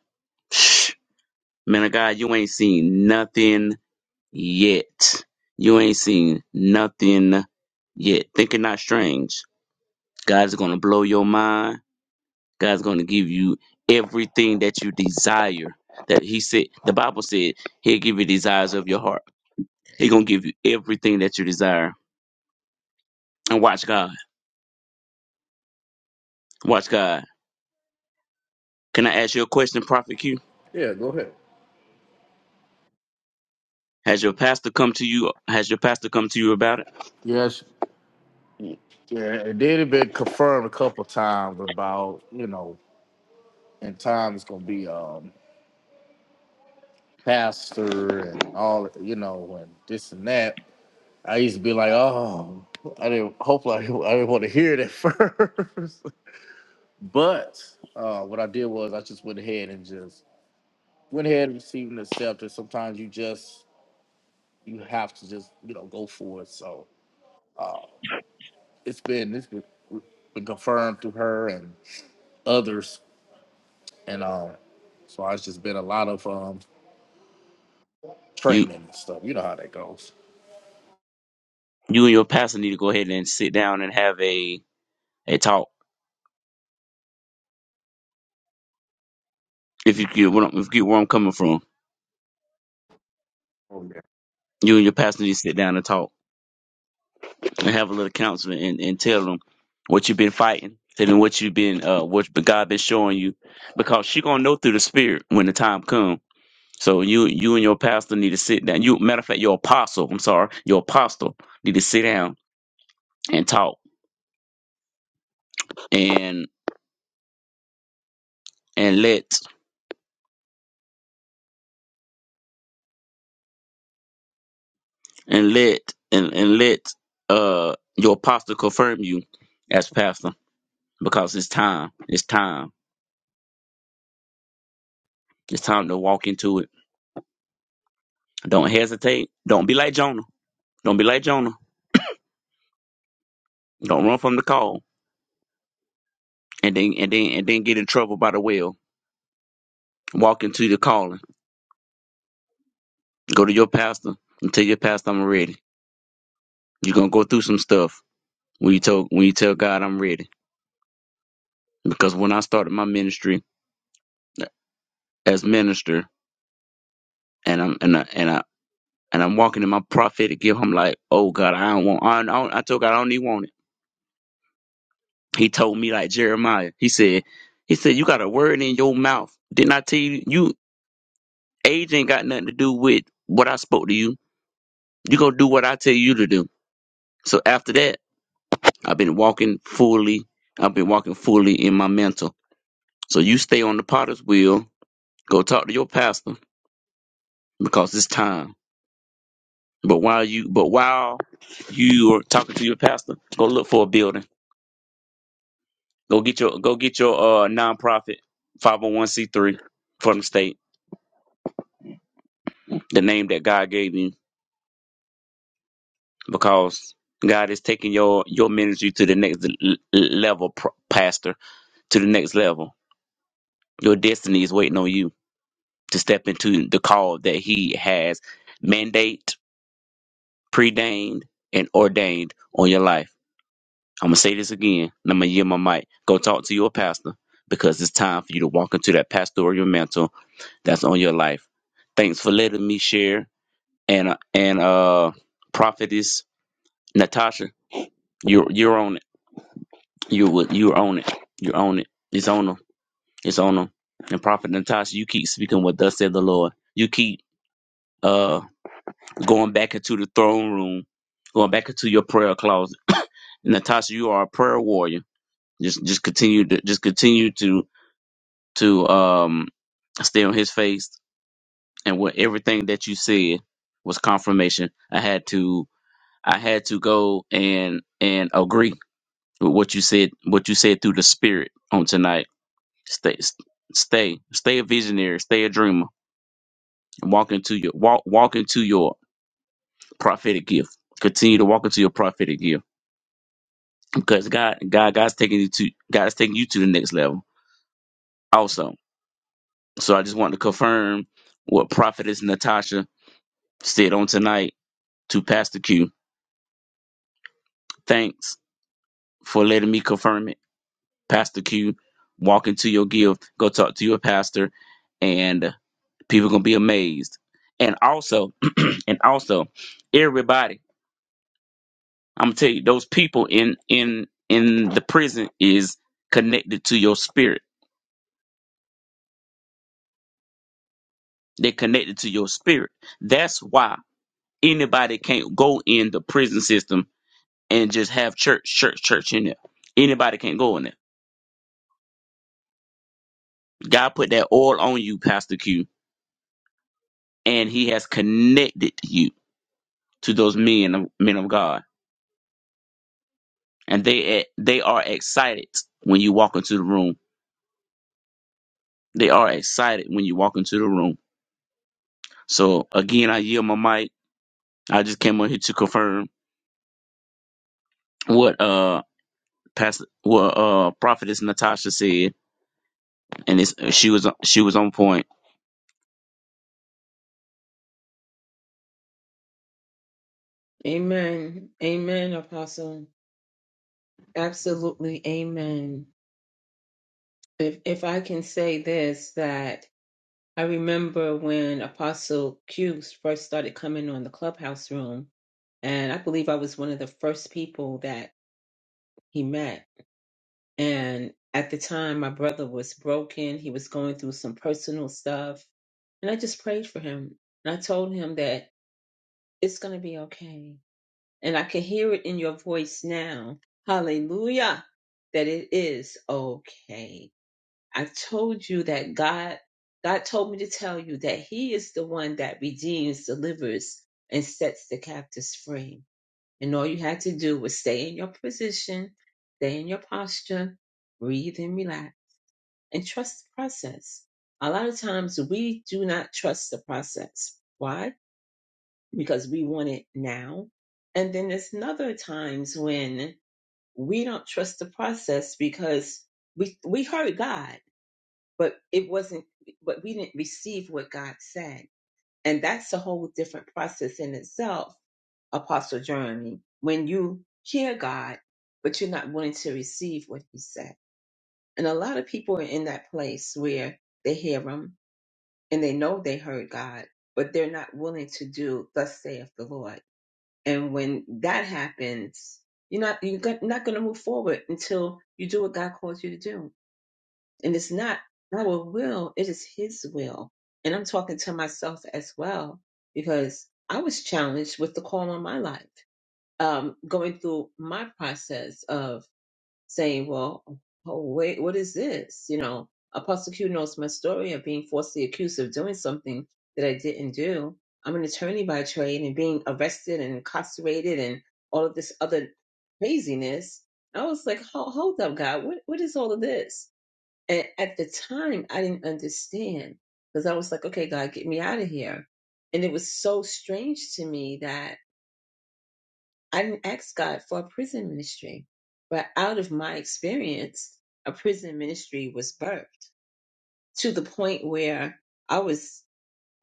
Man of God, you ain't seen nothing yet. You ain't seen nothing yet. Think it not strange. God's gonna blow your mind. God's gonna give you everything that you desire. That He said, the Bible said, He'll give you desires of your heart. He's gonna give you everything that you desire. And watch God. Watch God. Can I ask you a question, Prophet Q?
Yeah, go ahead.
Has your pastor come to you? Has your pastor come to you about it?
Yes. y- Yeah, it did have been confirmed a couple of times about you know, in time it's gonna be um pastor and all you know and this and that. I used to be like, oh, I didn't. Hopefully, I didn't, I didn't want to hear it at first. but uh, what I did was I just went ahead and just went ahead and received and accepted. Sometimes you just you have to just you know go for it. So it's been it's been, been confirmed through her and others, and um, so it's just been a lot of um
You,
training and stuff. You know how that goes.
you and your pastor need to go ahead and sit down and have a a talk If you get what I'm, if you get where I'm coming from,
Oh yeah.
you and your pastor need to sit down and talk and have a little counseling and, and tell them what you've been fighting, tell them what you've been uh what God been showing you, because she gonna know through the spirit when the time comes. So you you and your pastor need to sit down. You matter of fact, your apostle, I'm sorry, your apostle need to sit down and talk and and let and let and, and let uh your apostle confirm you as pastor because it's time. It's time. It's time to walk into it Don't hesitate. Don't be like Jonah. Don't be like Jonah. Don't run from the call and then and then and then get in trouble by the well. Walk into the calling. Go to your pastor and tell your pastor I'm ready. You're gonna go through some stuff when you tell when you tell God I'm ready. Because when I started my ministry as minister and I'm and I and I and I'm walking in my prophetic gift, I'm like, oh God, I don't want I don't, I told God I don't even want it. He told me like Jeremiah. He said, he said, you got a word in your mouth. Didn't I tell you? You Age ain't got nothing to do with what I spoke to you. you going to do what I tell you to do. So after that, I've been walking fully. I've been walking fully in my mental. So you stay on the potter's wheel. Go talk to your pastor because it's time. But while you, but while you are talking to your pastor, go look for a building. Go get your, go get your uh nonprofit 501c3 from the state, the name that God gave you, because God is taking your your ministry to the next l- l- level, pro- pastor to the next level. Your destiny is waiting on you to step into the call that He has mandate, predained, and ordained on your life. I'm gonna say this again, and I'm gonna yield my mic. Go talk to your pastor because it's time for you to walk into that pastoral mantle that's on your life. Thanks for letting me share, and uh, and uh, prophetess Natasha, you're you're on it. You would you're on it. You're on it. It's on them. It's on them. And prophet Natasha, you keep speaking what thus said the Lord. You keep uh, going back into the throne room, going back into your prayer closet. Natasha, you are a prayer warrior. Just just continue to just continue to to um stay on his face and what everything that you said was confirmation. I had to I had to go and and agree with what you said what you said through the spirit on tonight. Stay stay stay a visionary, stay a dreamer. Walk into your walk walk into your prophetic gift. Continue to walk into your prophetic gift because God, God, God's taking you to, God's taking you to the next level. Also, so I just want to confirm what Prophetess Natasha said on tonight to Pastor Q. Thanks for letting me confirm it, Pastor Q. Walk into your gift, go talk to your pastor, and people gonna be amazed. And also, and also, everybody, I'm gonna tell you, those people in in in the prison is connected to your spirit. They're connected to your spirit. That's why. Anybody can't go in the prison system and just have church, church, church in there. Anybody can't go in there. God put that oil on you, Pastor Q, and He has connected you to those men, of- men of God, and they they are excited when you walk into the room. They are excited when you walk into the room. So again, I yield my mic. I just came on here to confirm what uh Pastor, what uh prophetess Natasha said, and it's she was she was on point.
Amen. Amen, Apostle. Absolutely. Amen. If, if I can say this, that I remember when Apostle Q first started coming on the clubhouse room, and I believe I was one of the first people that he met. And at the time, my brother was broken. He was going through some personal stuff. And I just prayed for him. And I told him that it's going to be okay. And I can hear it in your voice now. Hallelujah. That it is okay. I told you that God, God told me to tell you that He is the one that redeems, delivers, and sets the captives free. And all you had to do was stay in your position, stay in your posture, breathe and relax and trust the process. A lot of times we do not trust the process. Why? Because we want it now. And then there's another times when we don't trust the process because we we heard God, but it wasn't but we didn't receive what God said. And that's a whole different process in itself, Apostle Jeremy, when you hear God, but you're not willing to receive what he said. And a lot of people are in that place where they hear him and they know they heard God, but they're not willing to do thus saith the Lord. And when that happens, you're not you're go- not going to move forward until you do what God calls you to do. And it's not our will; it is His will. And I'm talking to myself as well because I was challenged with the call on my life, um, going through my process of saying, well, oh, wait, what is this? You know, Apostle Q knows my story of being falsely accused of doing something that I didn't do. I'm an attorney by trade and being arrested and incarcerated and all of this other craziness. I was like, "Ho- hold up, God, what, what is all of this? And at the time, I didn't understand because I was like, okay, God, get me out of here. And it was so strange to me I didn't ask God for a prison ministry, but out of my experience, a prison ministry was birthed to the point where I was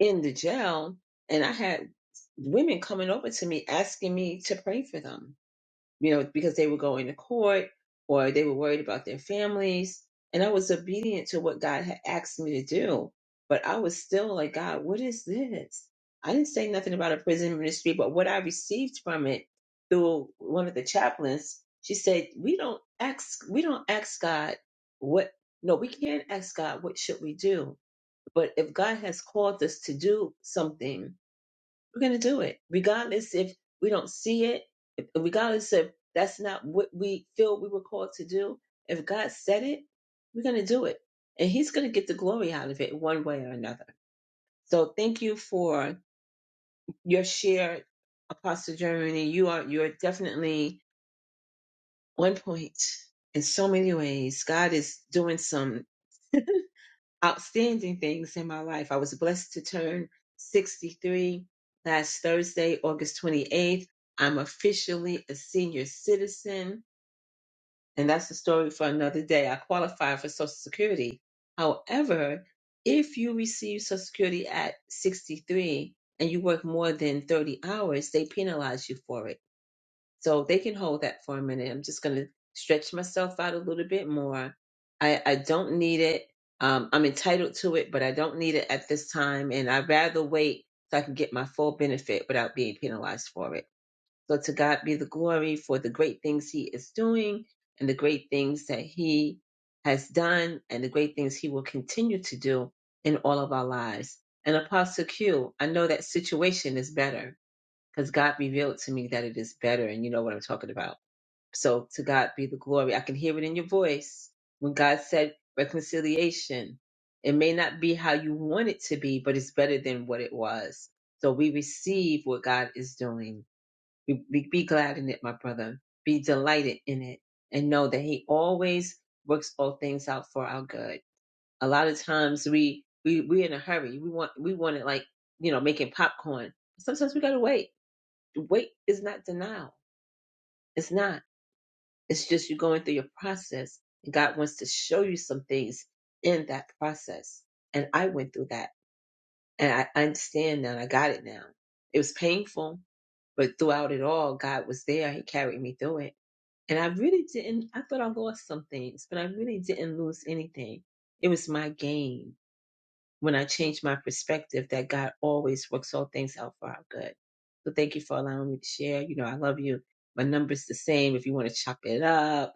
in the jail and I had women coming over to me asking me to pray for them you know, because they were going to court or they were worried about their families. And I was obedient to what God had asked me to do. But I was still like, God, what is this? I didn't say nothing about a prison ministry, but what I received from it through one of the chaplains, she said, We don't ask we don't ask God what no, we can't ask God what should we do. But if God has called us to do something, we're going to do it regardless if we don't see it if- regardless if that's not what we feel we were called to do if god said it we're going to do it and he's going to get the glory out of it one way or another so thank you for your share apostle germany you are you're definitely on point in so many ways god is doing some outstanding things in my life. I was blessed to turn 63 last Thursday, August 28th. I'm officially a senior citizen, and that's a story for another day. I qualify for Social Security. However, if you receive Social Security at 63 and you work more than 30 hours, they penalize you for it. So they can hold that for a minute. I'm just going to stretch myself out a little bit more. I, I don't need it. Um, I'm entitled to it, but I don't need it at this time. And I'd rather wait so I can get my full benefit without being penalized for it. So to God be the glory for the great things he is doing and the great things that he has done and the great things he will continue to do in all of our lives. And Apostle Q, I know that situation is better because God revealed to me that it is better, and you know what I'm talking about. So to God be the glory. I can hear it in your voice when God said reconciliation. It may not be how you want it to be, but it's better than what it was. So we receive what God is doing. Be, be, be glad in it, my brother. Be delighted in it, and know that He always works all things out for our good. A lot of times we we we're in a hurry. We want we want it like you know making popcorn. Sometimes we gotta wait Wait is not denial. It's not. It's just you going through your process. And God wants to show you some things in that process. And I went through that. And I I understand now. and I got it now. It was painful, but throughout it all, God was there. He carried me through it. And I really didn't, I thought I lost some things, but I really didn't lose anything. It was my gain when I change my perspective that God always works all things out for our good. So thank you for allowing me to share. You know, I love you. My number's the same if you want to chop it up.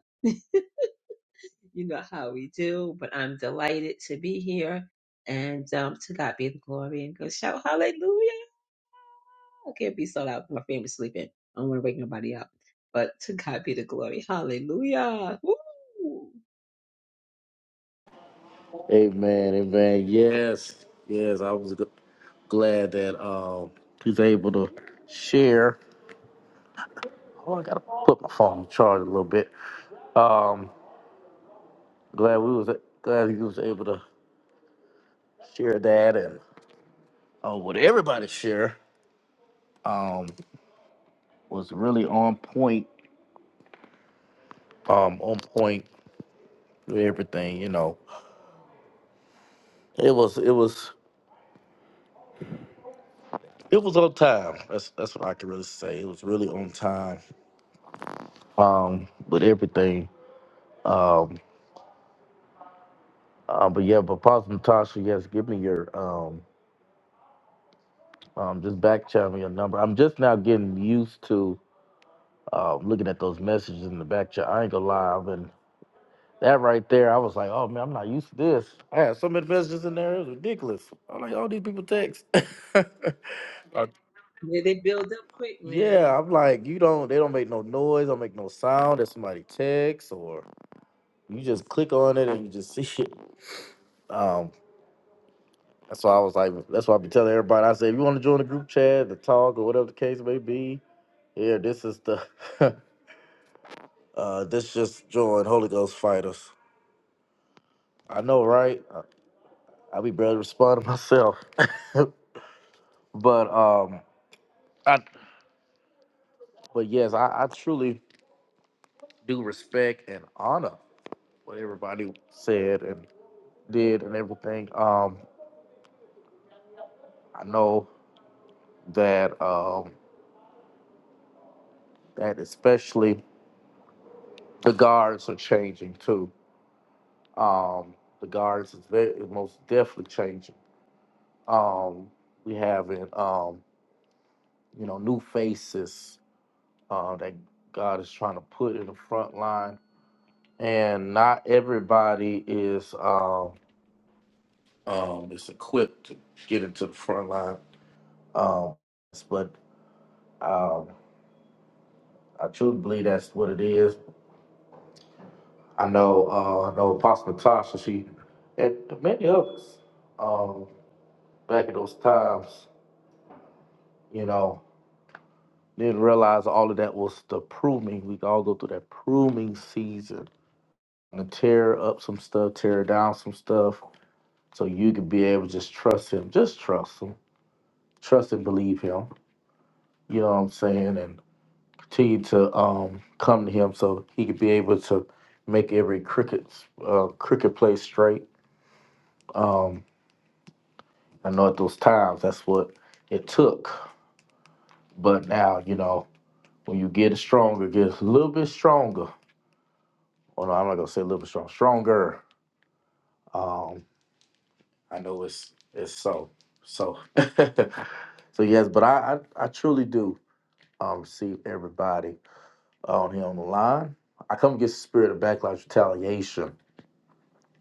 You know how we do, but I'm delighted to be here. And um, to God be the glory and go shout hallelujah. I can't be so loud. My family's sleeping. I don't want to wake nobody up. But to God be the glory. Hallelujah. Woo!
Amen. Amen. Yes. Yes. I was g- glad that um he's able to share. Oh, I gotta put my phone on charge a little bit. Um, glad we was glad he was able to share that and. uh, what everybody share um, was really on point, um, on point with everything. You know, it was it was it was on time. That's that's what I can really say. It was really on time um, with everything. Um, uh, but yeah, but Pastor Natasha, yes, give me your um, um, just back channel me your number. I'm just now getting used to uh, looking at those messages in the back chat. I ain't gonna lie, That right there, I was like, oh man, I'm not used to this. I had so many messages in there, it was ridiculous. I'm like, all these people text. Uh,
Yeah, they build up quick, man.
yeah, I'm like, you don't, they don't make no noise, don't make no sound if somebody texts, or you just click on it and you just see it. Um, that's why I was like, that's why I be telling everybody. I say, if you want to join the group chat, the talk, or whatever the case may be, here, this is the, uh, this just join Holy Ghost fighters. I know, right? I, I be better responding myself, but um. I, but yes, I, I truly do respect and honor what everybody said and did and everything. Um, I know that um, that especially the guards are changing too. Um, the guards is very is most definitely changing. Um, we having um, you know new faces uh, that God is trying to put in the front line, and not everybody is. Um, um, is equipped to get into the front line. Um, yes, but um, I truly believe that's what it is. I know, uh, I know Apostle Tasha, she, and many others, um, back in those times, you know, didn't realize all of that was the pruning. We all go through that pruning season and tear up some stuff, tear down some stuff, so you can be able to just trust him. Just trust him. Trust and believe him. You know what I'm saying? and. to you to um, come to him so he could be able to make every cricket uh, cricket play straight. Um, I know at those times that's what it took, but now you know when you get stronger, get a little bit stronger. Well, no, I'm not gonna say a little bit strong, stronger. Um, I know it's it's so so so yes, but I I, I truly do um, see everybody on here on the line. I come against the spirit of backlash retaliation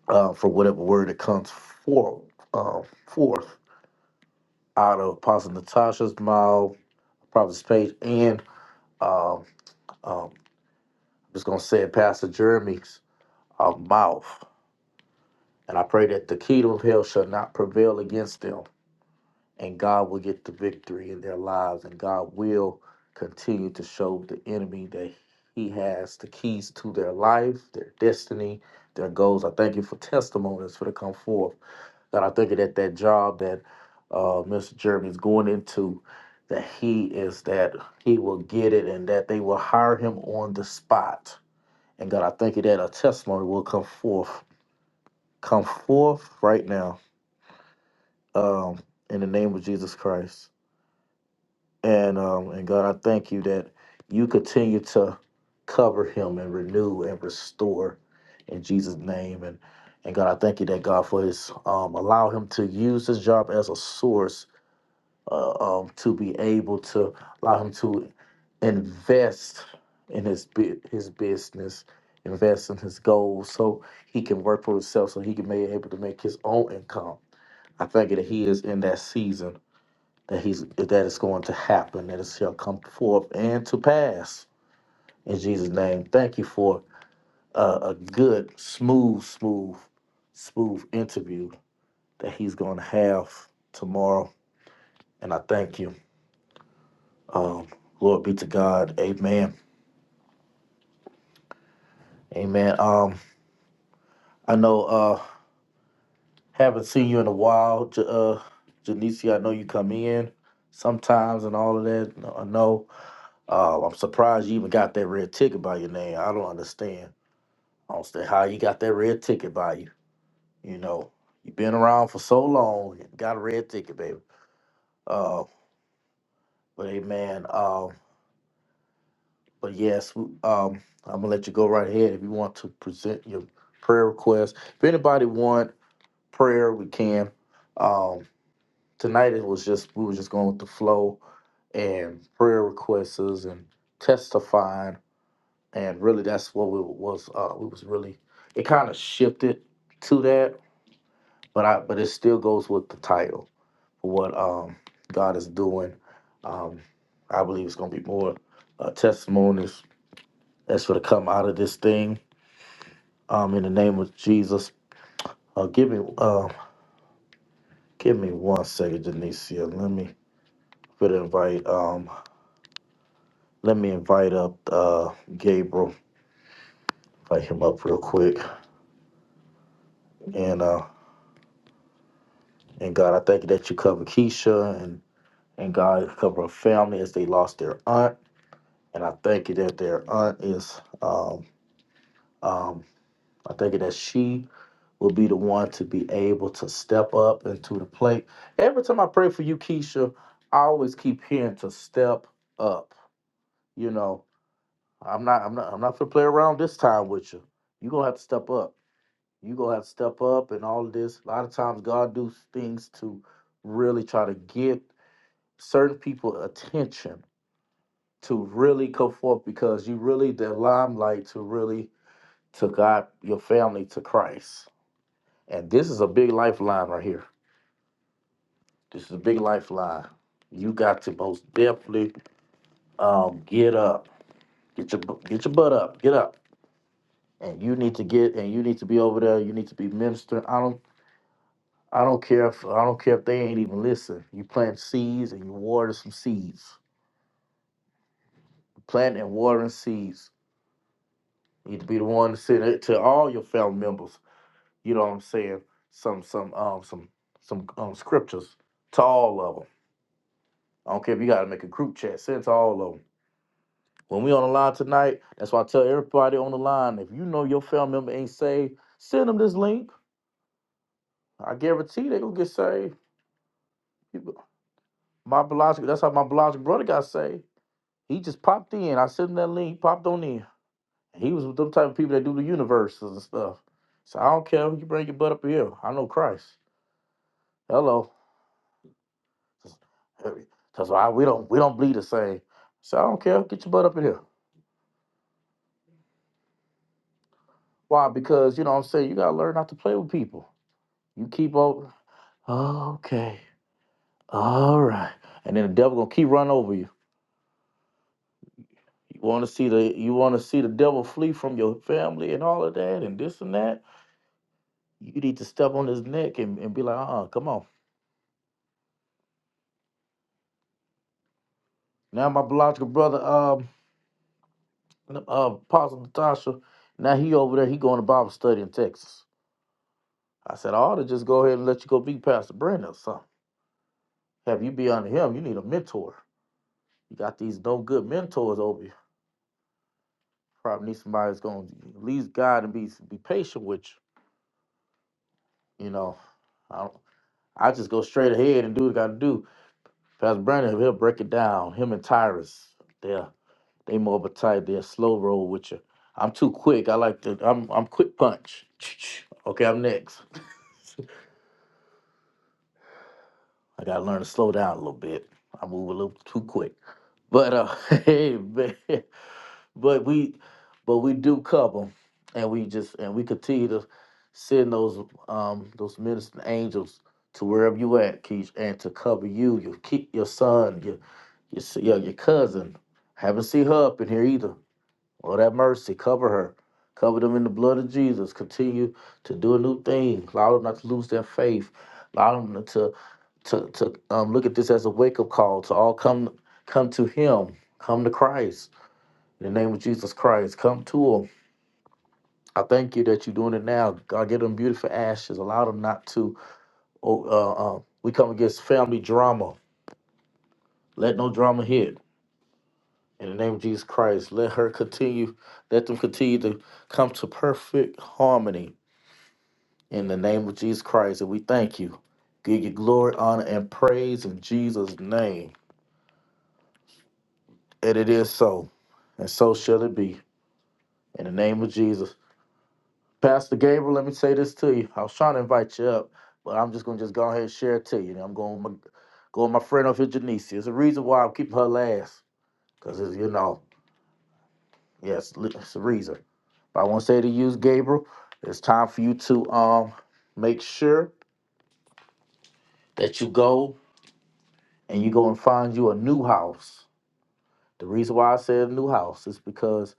uh, for whatever word that comes forth, uh, forth out of Apostle Natasha's mouth, Prophet's page, and um, um, just going to say it, Pastor Jeremy's uh, mouth. And I pray that the kingdom of hell shall not prevail against them, and God will get the victory in their lives, and God will continue to show the enemy that he has the keys to their life, their destiny, their goals. I thank you for testimonies for to come forth that I think that that job that uh, Mr. Jeremy is going into, that he is that he will get it and that they will hire him on the spot. And God, I thank you that a testimony will come forth, come forth right now um, in the name of Jesus Christ. And um, and God, I thank you that you continue to cover him and renew and restore in Jesus' name. And and God, I thank you that God for his um, allow him to use this job as a source uh, um, to be able to allow him to invest in his bu- his business, invest in his goals, so he can work for himself, so he can be able to make his own income. I think that he is in that season that he's that is going to happen, that it shall come forth and to pass in Jesus' name. Thank you for uh, a good, smooth, smooth, smooth interview that he's going to have tomorrow, and I thank you. Um, Lord be to God. Amen. Amen. Um, I know uh haven't seen you in a while, J- uh Janicia. I know you come in sometimes and all of that. No, I know. Uh, I'm surprised you even got that red ticket by your name. I don't understand. I don't understand how you got that red ticket by you. You know, you've been around for so long, you got a red ticket, baby. Uh, but amen. Um, but yes, w- um, I'm gonna let you go right ahead if you want to present your prayer request. If anybody want prayer we can. Um, tonight it was just we were just going with the flow and prayer requests and testifying, and really that's what we was. Uh, we was really it kind of shifted to that, but I but it still goes with the title for what um, God is doing. Um, I believe it's going to be more uh, testimonies that's going to come out of this thing. Um, in the name of Jesus, uh, give me uh, give me one second, Denicia. Let me. for the invite. Um, let me invite up uh, Gabriel, invite him up real quick. And uh, and God, I thank you that you cover Keisha and and God cover her family as they lost their aunt. And I thank you that their aunt is. Um, um, I thank you that she will be the one to be able to step up into the plate. Every time I pray for you, Keisha, I always keep hearing to step up. You know, I'm not, I'm not, I'm not gonna play around this time with you. You're gonna have to step up you gonna have to step up and all of this. A lot of times God do things to really try to get certain people attention to really come forth because you really the limelight to really to God your family to Christ. And this is a big lifeline right here. This is a big lifeline. You got to most definitely um, get up. Get your bu- get your butt up. Get up. And you need to get and you need to be over there. You need to be ministering. I don't I don't care if I don't care if they ain't even listen. You plant seeds and you water some seeds. Planting and watering seeds. You need to be the one to send it to all your family members. You know what I'm saying? Some some um some some um scriptures to all of them. I don't care if you gotta make a group chat. Send it to all of them. When we on the line tonight, that's why I tell everybody on the line. If you know your family member ain't saved, send them this link. I guarantee they gonna get saved. You- My biological that's how my biological brother got saved. He just popped in. I sent him that link. He popped on in. He was with them type of people that do the universes and stuff. So I don't care. if You bring your butt up here. I know Christ. Hello. That's why we don't we don't bleed the same. So I don't care. Get your butt up in here. Why? Because you know what I'm saying you gotta learn not to play with people. You keep on okay. All right. And then the devil gonna keep running over you. You wanna see the you wanna see the devil flee from your family and all of that and this and that. You need to step on his neck and, and be like, uh uh come on. Now my biological brother, um, uh, Apostle Natasha, now he over there, he going to Bible study in Texas. I said, I ought to just go ahead and let you go be Pastor Brandon or something. Have you be under him, you need a mentor. You got these no good mentors over you. Probably need somebody that's going to at least guide and be be patient with you. You know, I don't, I just go straight ahead and do what I got to do. Pastor Brandon, he'll break it down. Him and Tyrus, yeah. They more of a type. They'll slow roll with you. I'm too quick. I like to. I'm I'm quick punch. Okay, I'm next. I gotta learn to slow down a little bit. I move a little too quick. But uh, hey, man, but we, but we do cover 'em, and we just and we continue to send those um those ministering angels to wherever you at, Keith, and to cover you, your keep your son, your your s- your, your cousin. Haven't seen her up in here either. Lord have mercy. Cover her. Cover them in the blood of Jesus. Continue to do a new thing. Allow them not to lose their faith. Allow them to to to um, look at this as a wake up call to all come come to Him. Come to Christ. In the name of Jesus Christ, come to Him. I thank you that you're doing it now. God, give them beautiful ashes. Allow them not to. Oh, uh, uh, we come against family drama. Let no drama hit. In the name of Jesus Christ, let her continue. Let them continue to come to perfect harmony In the name of Jesus Christ, and we thank you. Give you glory, honor, and praise in Jesus' name. And it is so, and so shall it be. In the name of Jesus. Pastor Gabriel, let me say this to you. I was trying to invite you up, but I'm just gonna just go ahead and share it to you. I'm going with my go with my friend over here, Janice. There's a reason why I'm keeping her last. Cause it's you know, yes, it's a reason. But I want to say to you, Gabriel, it's time for you to um make sure that you go and you go and find you a new house The reason why I said a new house is because,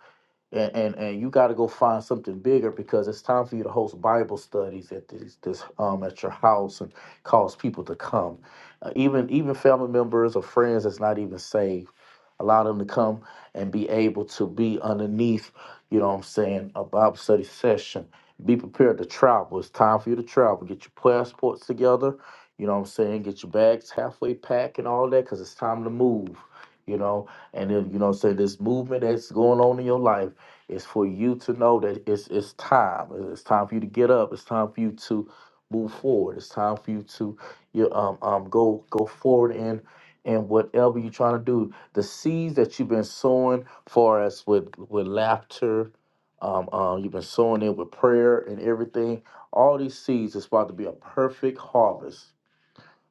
and and, and you got to go find something bigger because it's time for you to host Bible studies at this this um at your house and cause people to come, uh, even even family members or friends that's not even saved allow them to come and be able to be underneath, you know what I'm saying, a Bible study session. Be prepared to travel. It's time for you to travel. Get your passports together, you know what I'm saying, get your bags halfway packed and all that, because it's time to move, you know. And then, you know what I'm saying, this movement that's going on in your life is for you to know that it's it's time. It's time for you to get up. It's time for you to move forward. It's time for you to you um um go go forward in and whatever you're trying to do the seeds that you've been sowing for us with with laughter, um, uh, you've been sowing it with prayer and everything. All these seeds is about to be a perfect harvest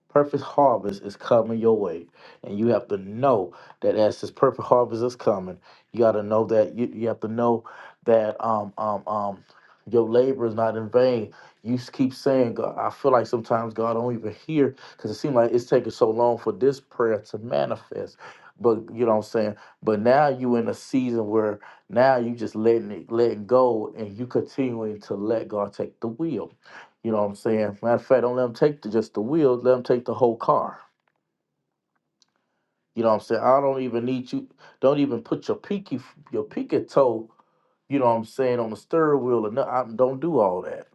Perfect harvest is coming your way, and you have to know that as this perfect harvest is coming, you got to know that you, you have to know that um um um your labor is not in vain. You s- keep saying, God, I feel like sometimes God don't even hear because it seems like it's taking so long for this prayer to manifest. But you know what I'm saying. But now you in a season where now you just letting it letting go, and you continuing to let God take the wheel. You know what I'm saying? Matter of fact, don't let them take the, just the wheels. Let them take the whole car. You know what I'm saying? I don't even need you. Don't even put your pinky, f- your pinky toe. You know what I'm saying on the steering wheel or no, I don't do all that.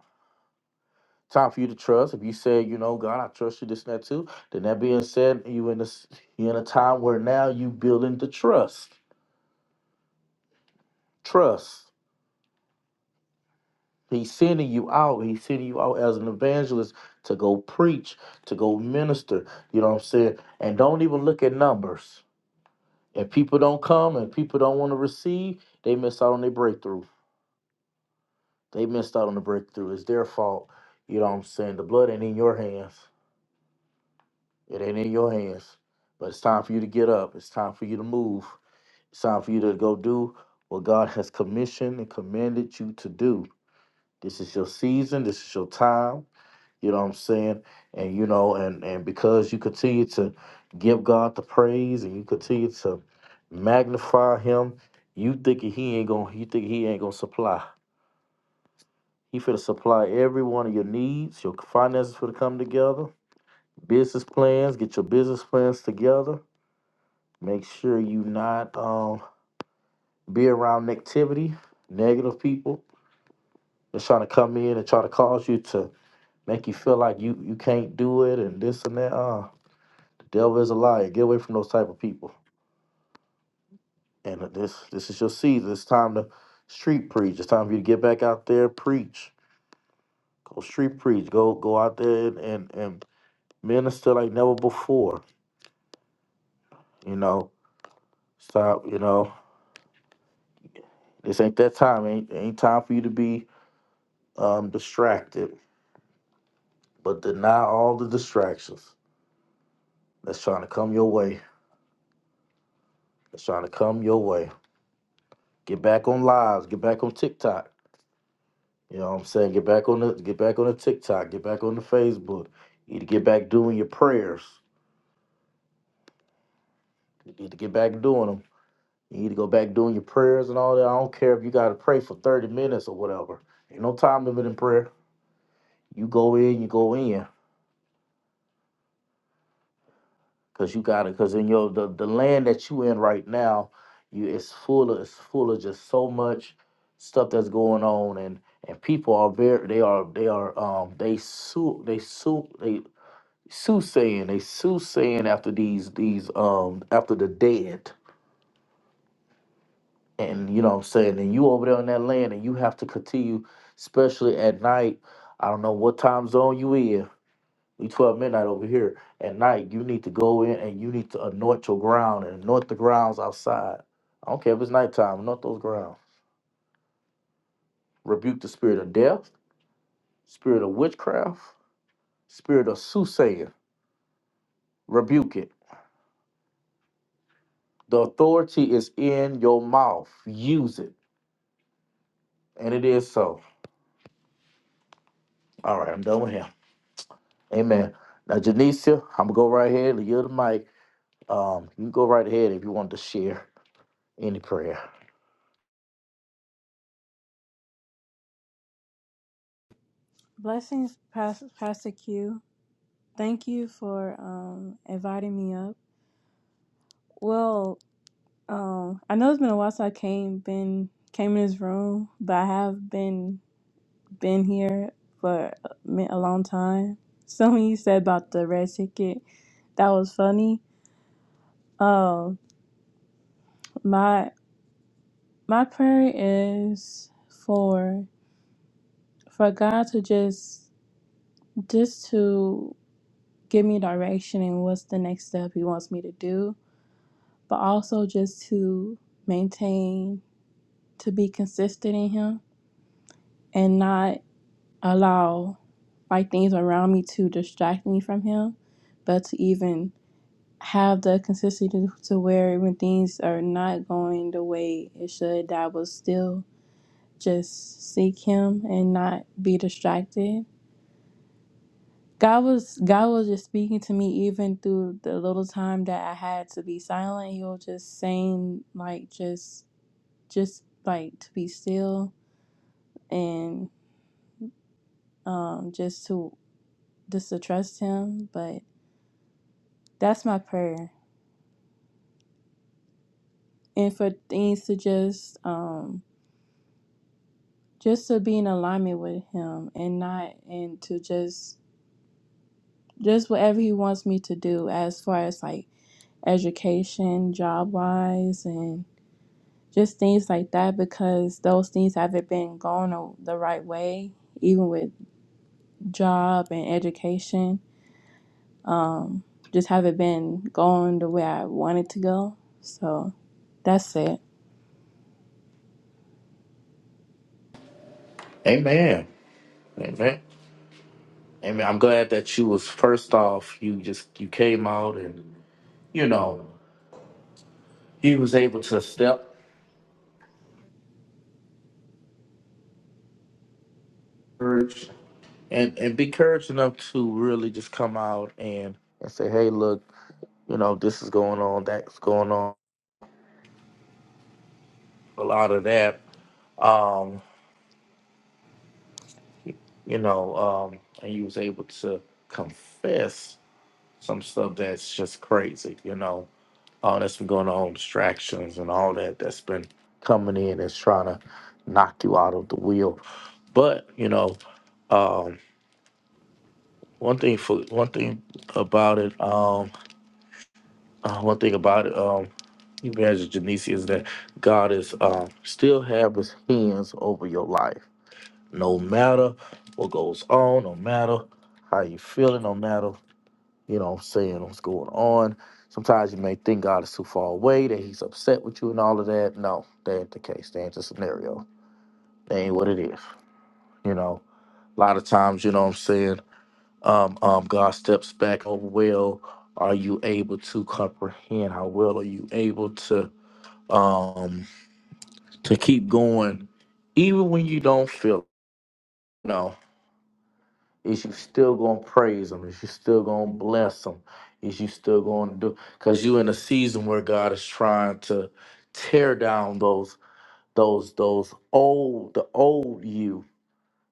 Time for you to trust. If you say, you know, God, I trust you, this and that too. Then that being said, you in this, you in a time where now you building the trust. Trust. He's sending you out. He's sending you out as an evangelist to go preach, to go minister. You know what I'm saying? And don't even look at numbers If people don't come and people don't want to receive, they miss out on their breakthrough. They missed out on the breakthrough. It's their fault. You know what I'm saying? The blood ain't in your hands. It ain't in your hands. But it's time for you to get up. It's time for you to move. It's time for you to go do what God has commissioned and commanded you to do. This is your season. This is your time. You know what I'm saying? And you know, and and because you continue to give God the praise and you continue to magnify Him, you thinking He ain't gonna, you think He ain't gonna supply. He finna supply every one of your needs. Your finances finna come together. Business plans, get your business plans together. Make sure you not um be around negativity, negative people that's trying to come in and try to cause you to make you feel like you you can't do it and this and that. Uh, Devil is a liar. Get away from those type of people. And this this is your season. It's time to street preach. It's time for you to get back out there, preach. Go street preach. Go go out there and and, and minister like never before. You know, stop. You know, this ain't that time. Ain't ain't time for you to be um distracted. But deny all the distractions that's trying to come your way. That's trying to come your way. Get back on lives. Get back on TikTok You know what I'm saying? Get back on the get back on the TikTok, get back on the Facebook. You need to get back doing your prayers. You need to get back doing them. You need to go back doing your prayers and all that. I don't care if you gotta pray for 30 minutes or whatever. Ain't no time limit in prayer. You go in, you go in. Cause you gotta cause in your the, the land that you in right now, you it's full of it's full of just so much stuff that's going on and and people are very they are they are um they sue they sue soothsaying, they soothsaying after these these um after the dead. And you know what I'm saying, and you over there on that land and you have to continue, especially at night. I don't know what time zone you in. We 12 midnight over here. At night, you need to go in and you need to anoint your ground and anoint the grounds outside. I don't care if it's nighttime, anoint those grounds. Rebuke the spirit of death, spirit of witchcraft, spirit of soothsaying. Rebuke it. The authority is in your mouth. Use it. And it is so. All right, I'm done with him. Amen. Now, Janicia, I'm going to go right ahead and yield the mic. Um, you can go right ahead if you want to share any prayer.
Blessings, Pas- Pastor Q. Thank you for um, inviting me up. Well, um, I know it's been a while since I came been came in this room, but I have been been here for a mi- a long time. Something you said about the red ticket that was funny. Um, my my prayer is for for God to just just to give me direction and what's the next step He wants me to do but also just to maintain, to be consistent in Him and not allow like things around me to distract me from Him, but to even have the consistency to where when things are not going the way it should, that I will still just seek Him and not be distracted. God was God was just speaking to me even through the little time that I had to be silent. He was just saying like just just like to be still and um, just to just to trust him but that's my prayer and for things to just um, just to be in alignment with him and not and to just just whatever he wants me to do as far as like education job wise and just things like that because those things haven't been going the the right way even with job and education Um, just haven't been going the way I wanted to go. So that's it.
Amen. Amen. Amen. I'm glad that you was first off, you just you came out and you know, you was able to step courage and, and be courage enough to really just come out and, and say, Hey, look, you know, this is going on, that's going on, a lot of that. Um. you know, um, and he was able to confess some stuff that's just crazy, you know, all that's been going on, distractions and all that that's been coming in and trying to knock you out of the wheel. But, you know, um, one thing for one thing about it, um, uh, one thing about it, um, Evangelist Janice is that God is um, still have his hands over your life. No matter what goes on, no matter how you feeling, no matter You know what I'm saying? What's going on? Sometimes you may think God is too far away, that he's upset with you and all of that. No, that ain't the case. That ain't the scenario. That ain't what it is. You know, a lot of times, you know what I'm saying? Um, um, God steps back. Oh, well, are you able to comprehend? How well are you able to um to keep going even when you don't feel it? no? Is you still gonna praise him? Is you still gonna bless him? Is you still gonna do because you in a season where God is trying to tear down those those those old the old you.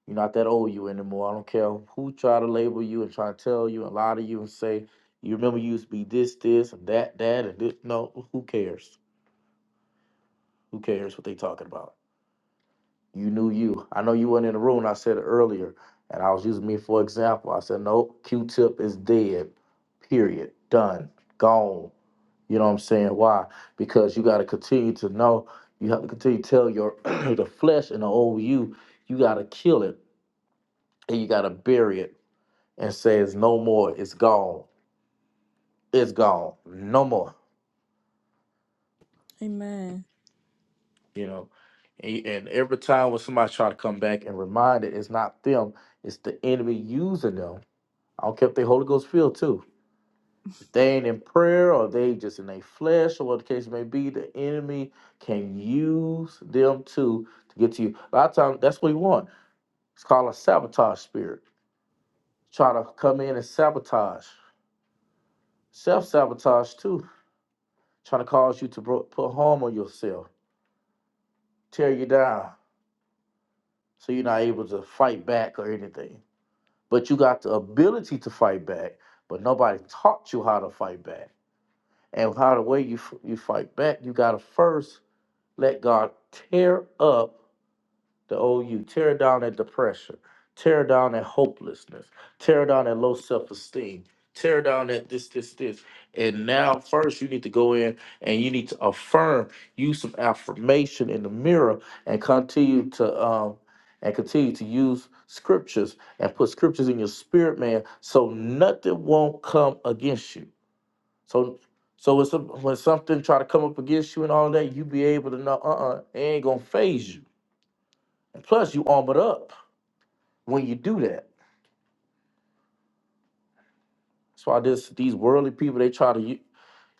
You're not that old you anymore. I don't care who try to label you and try to tell you and lie to you and say, you remember you used to be this, this, and that, that, and this. No, who cares? Who cares what they talking about? you knew you. I know you weren't in the room. and I said it earlier, and I was using me for example. I said, "No, Q-Tip is dead. Period. Done. Gone." You know what I'm saying? Why? Because you got to continue to know. You have to continue to tell your the flesh and the old you. You got to kill it and you got to bury it and say it's no more. It's gone. It's gone. No more.
Amen.
You know. And and every time when somebody try to come back and remind it, it's not them. It's the enemy using them I don't care if they Holy Ghost filled too. If they ain't in prayer or they just in their flesh or what the case may be, the enemy can use them too to get to you. A lot of times that's what we want. It's called a sabotage spirit. Try to come in and sabotage. Self sabotage too. Trying to cause you to bro- put harm on yourself, tear you down, so you're not able to fight back or anything. But you got the ability to fight back, but nobody taught you how to fight back. And how the way you f- you fight back, you gotta first Let God tear up the old you, tear down that depression, tear down that hopelessness, tear down that low self esteem, tear down that this, this, this. And now, first, you need to go in and you need to affirm, use some affirmation in the mirror, and continue to um and continue to use scriptures and put scriptures in your spirit, man, so nothing won't come against you. So so when some, when something try to come up against you and all that, you be able to know, uh-uh, it ain't gonna phase you. And plus, you armored up when you do that. That's why this these worldly people they try to u-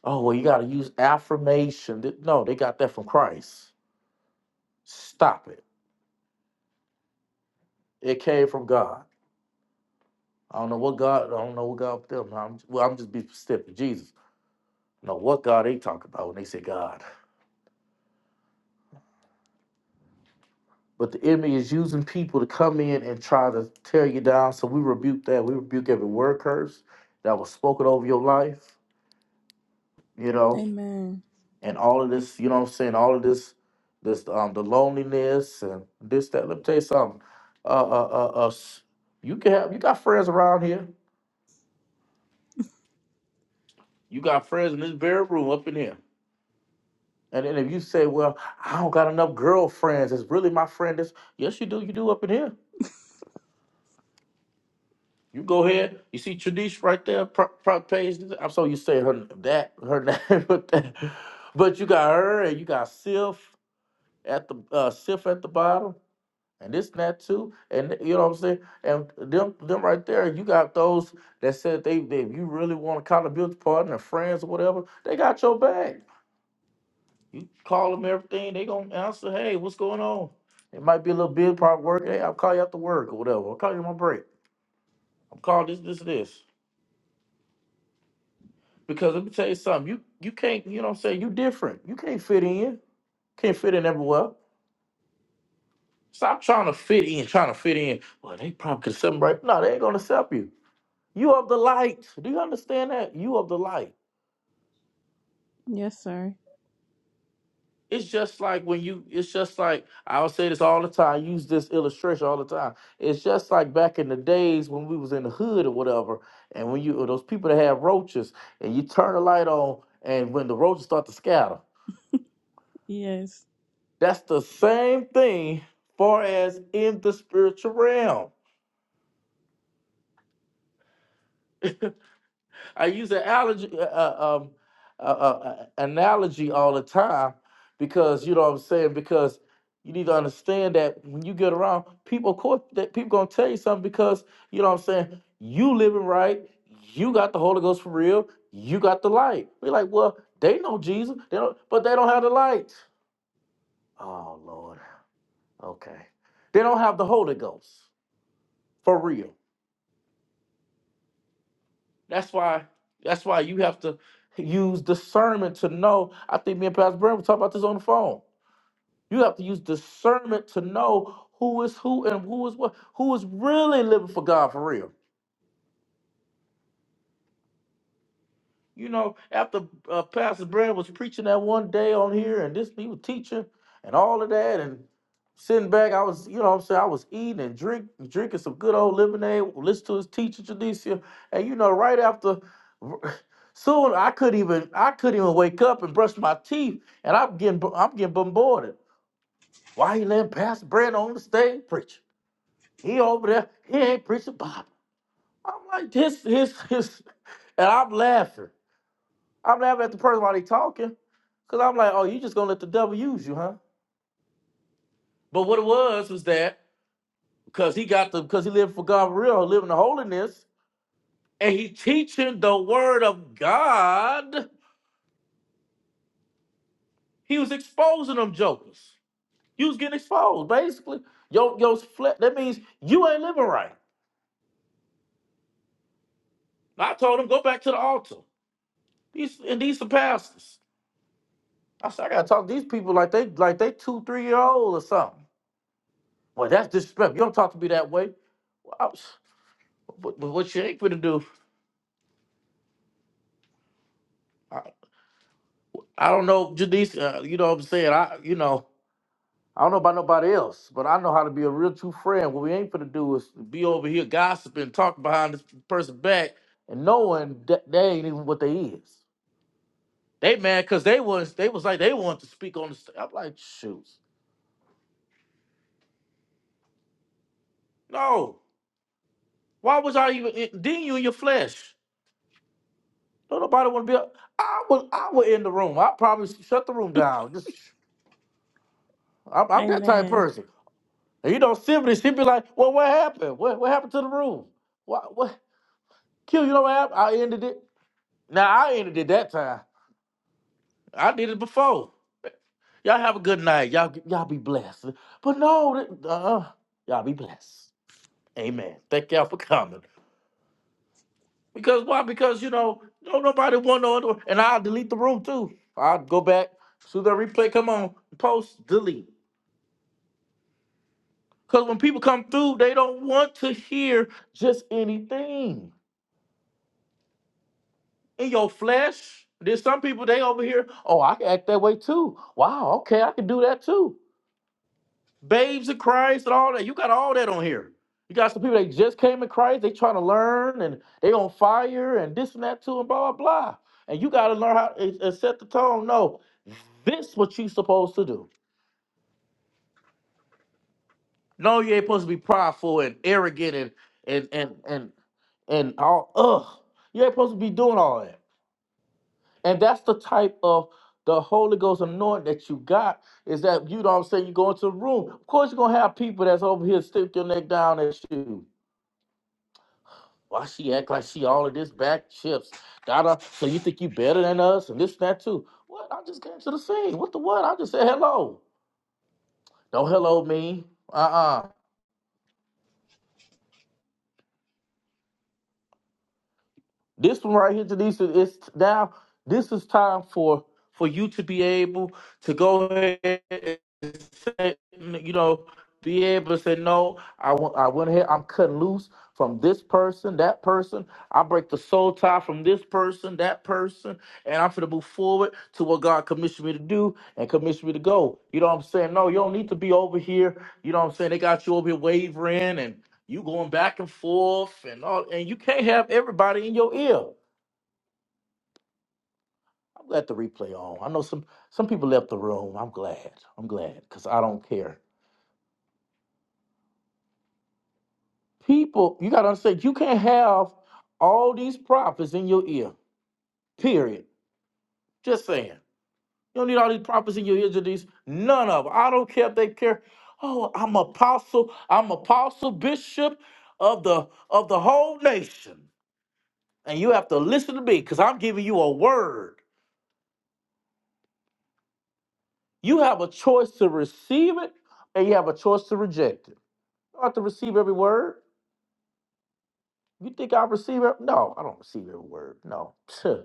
oh well you gotta use affirmation. Th- No, they got that from Christ. Stop it. It came from God. I don't know what God. I don't know what God put them. I'm, well, I'm just be specific. Jesus. I don't know what God they talk about when they say God. But the enemy is using people to come in and try to tear you down. So we rebuke that. We rebuke every word curse that was spoken over your life, you know,
Amen.
and all of this, you know what I'm saying? All of this, this, um, the loneliness and this, that. Let me tell you something. Uh, uh, uh, uh s- you can have, you got friends around here. You got friends in this very room up in here. And then if you say, well, I don't got enough girlfriends, it's really my friend. It's, yes, you do. You do up in here. You go ahead. You see Tradish right there, pro- pro- page. I'm so you say her that her name, but that, but you got her and you got Sif at the uh, Sif at the bottom, and this and that too, and you know what I'm saying. And them them right there, you got those that said they, they if you really want accountability partner, friends or whatever, they got your back. You call them everything, they gonna answer. Hey, what's going on? It might be a little bit part work. Hey, I'll call you after work or whatever. I'll call you on my break. I'm calling this this this. Because let me tell you something, you you can't, you know what I'm saying, you different. You can't fit in. Can't fit in everywhere. Stop trying to fit in, trying to fit in. Well, they probably could accept me right. No, they ain't gonna accept you. You of the light. Do you understand that? You of the light.
Yes, sir.
It's just like when you it's just like I'll say this all the time, I use this illustration all the time. It's just like back in the days when we was in the hood or whatever, and when you or those people that have roaches and you turn the light on and when the roaches start to scatter.
Yes.
That's the same thing far as in the spiritual realm. I use an allergy, uh, uh, um, uh, uh, uh, analogy all the time because you know what I'm saying. Because you need to understand that when you get around people, of course, that people gonna tell you something because you know what I'm saying. You living right, you got the Holy Ghost for real, you got the light. We like, well, they know Jesus, they don't, but they don't have the light. Oh Lord, okay, they don't have the Holy Ghost for real. That's why. That's why you have to use discernment to know. I think me and Pastor Brent were talking about this on the phone. You have to use discernment to know who is who and who is what, who is really living for God for real. You know, after uh, Pastor Brad was preaching that one day on here, and this he was teaching and all of that, and sitting back, I was, you know, what I'm saying I was eating and drink, drinking some good old lemonade, listen to his teacher Janicia, and you know, right after, soon I couldn't even, I couldn't even wake up and brush my teeth, and I'm getting, bo- I'm getting bombarded. Why he letting Pastor Brad on the stage preaching? He over there, he ain't preaching Bible. I'm like this, his, his, and I'm laughing. I'm laughing at the person while they talking, cause I'm like, oh, you just gonna let the devil use you, huh? But what it was was that because he got the because he lived for God for real, living the holiness, and he teaching the word of God. He was exposing them jokers. You was getting exposed, basically. Yo, yo, That means you ain't living right. I told him go back to the altar. These and these the pastors. I said I gotta talk to these people like they like they two three year old or something. Well, that's disrespectful. You don't talk to me that way. Well, I was. But, but what you ain't gonna do? I, I don't know, Janice. Uh, you know what I'm saying? I, you know, I don't know about nobody else, but I know how to be a real true friend. What we ain't gonna do is be over here gossiping, talking behind this person back, and knowing that they ain't even what they is. They mad because they was they was like they want to speak on the. St- I'm like, shoot, no. Why was I even? It, then you in your flesh. Don't nobody want to be. A, I was I was in the room. I probably shut the room down. Just I'm, I'm that type of
Amen.
person. And you know, Symphony, she'd be like, well, what happened? What, what happened to the room? What, what? Q, you know what happened? I ended it. Now, I ended it that time. I did it before. Y'all have a good night. Y'all, y'all be blessed. But no, th- uh, y'all be blessed. Amen. Thank y'all for coming. Because why? Because, you know, don't nobody want no other. And I'll delete the room, too. I'll go back, see the replay, come on, post, delete. Because when people come through, they don't want to hear just anything. in your flesh. There's some people they over here, oh, I can act that way too. Wow, okay, I can do that too. Babes in Christ and all that. You got all that on here. You got some people that just came in Christ, they trying to learn and they on fire and this and that too and blah blah blah. And you gotta learn how and and set the tone. No, this what you supposed to do. No, you ain't supposed to be prideful and arrogant and and and and and all ugh. You ain't supposed to be doing all that. And that's the type of the Holy Ghost anointing that you got is that you know what I'm saying you go into a room. Of course, you're gonna have people that's over here stick your neck down at you. Why she act like she all of this back chips? Da da. So you think you better than us and this and that too. What? I just came to the scene. What the what? I just said hello. Don't hello me. Uh-uh. This one right here, Denise, is now. This is time for for you to be able to go ahead and say, you know, be able to say no. I went, I went ahead. I'm cutting loose from this person, that person. I break the soul tie from this person, that person, and I'm gonna move forward to what God commissioned me to do and commissioned me to go. You know what I'm saying? No, you don't need to be over here. You know what I'm saying? They got you over here wavering and you going back and forth and all, and you can't have everybody in your ear. I'm glad the replay on. I know some some people left the room. I'm glad. I'm glad because I don't care. People, you gotta understand, you can't have all these prophets in your ear. Period. Just saying. You don't need all these prophets in your ear. or These none of them. I don't care if they care. Oh, I'm apostle. I'm apostle bishop of the of the whole nation, and you have to listen to me because I'm giving you a word. You have a choice to receive it and you have a choice to reject it. You have to receive every word. You think I receive it? No, I don't receive every word. No. so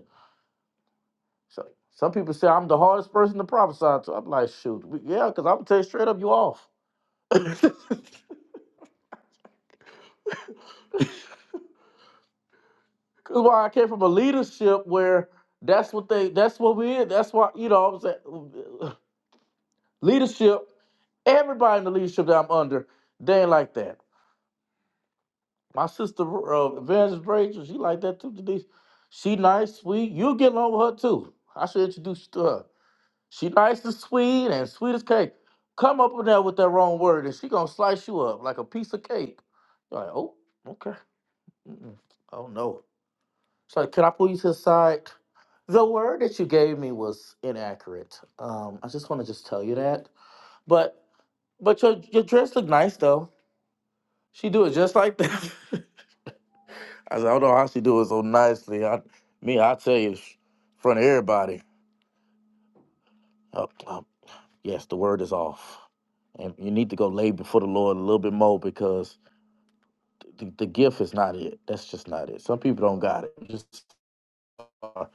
some people say I'm the hardest person to prophesy to. I'm like, shoot, we- yeah, because I'm gonna tell you straight up, you off. Cause why I came from a leadership where that's what they that's what we in. That's why, you know, I'm saying leadership, everybody in the leadership that I'm under, they ain't like that. My sister, uh, Evangelist Rachel, she like that too, Denise. She nice, sweet. You will get along with her too. I should introduce you to her. She nice and sweet and sweet as cake. Come up in there with that wrong word and she gonna slice you up like a piece of cake. You're like, oh, okay. Mm-mm. Oh no. She's like, can I pull you to the side? The word that you gave me was inaccurate. Um, I just want to just tell you that. But but your your dress look nice though. She do it just like that. I said, I don't know how she do it so nicely. I, me, I tell you, in front of everybody. Uh, uh, yes, the word is off, and you need to go lay before the Lord a little bit more because the, the gift is not it. That's just not it. Some people don't got it. Just uh,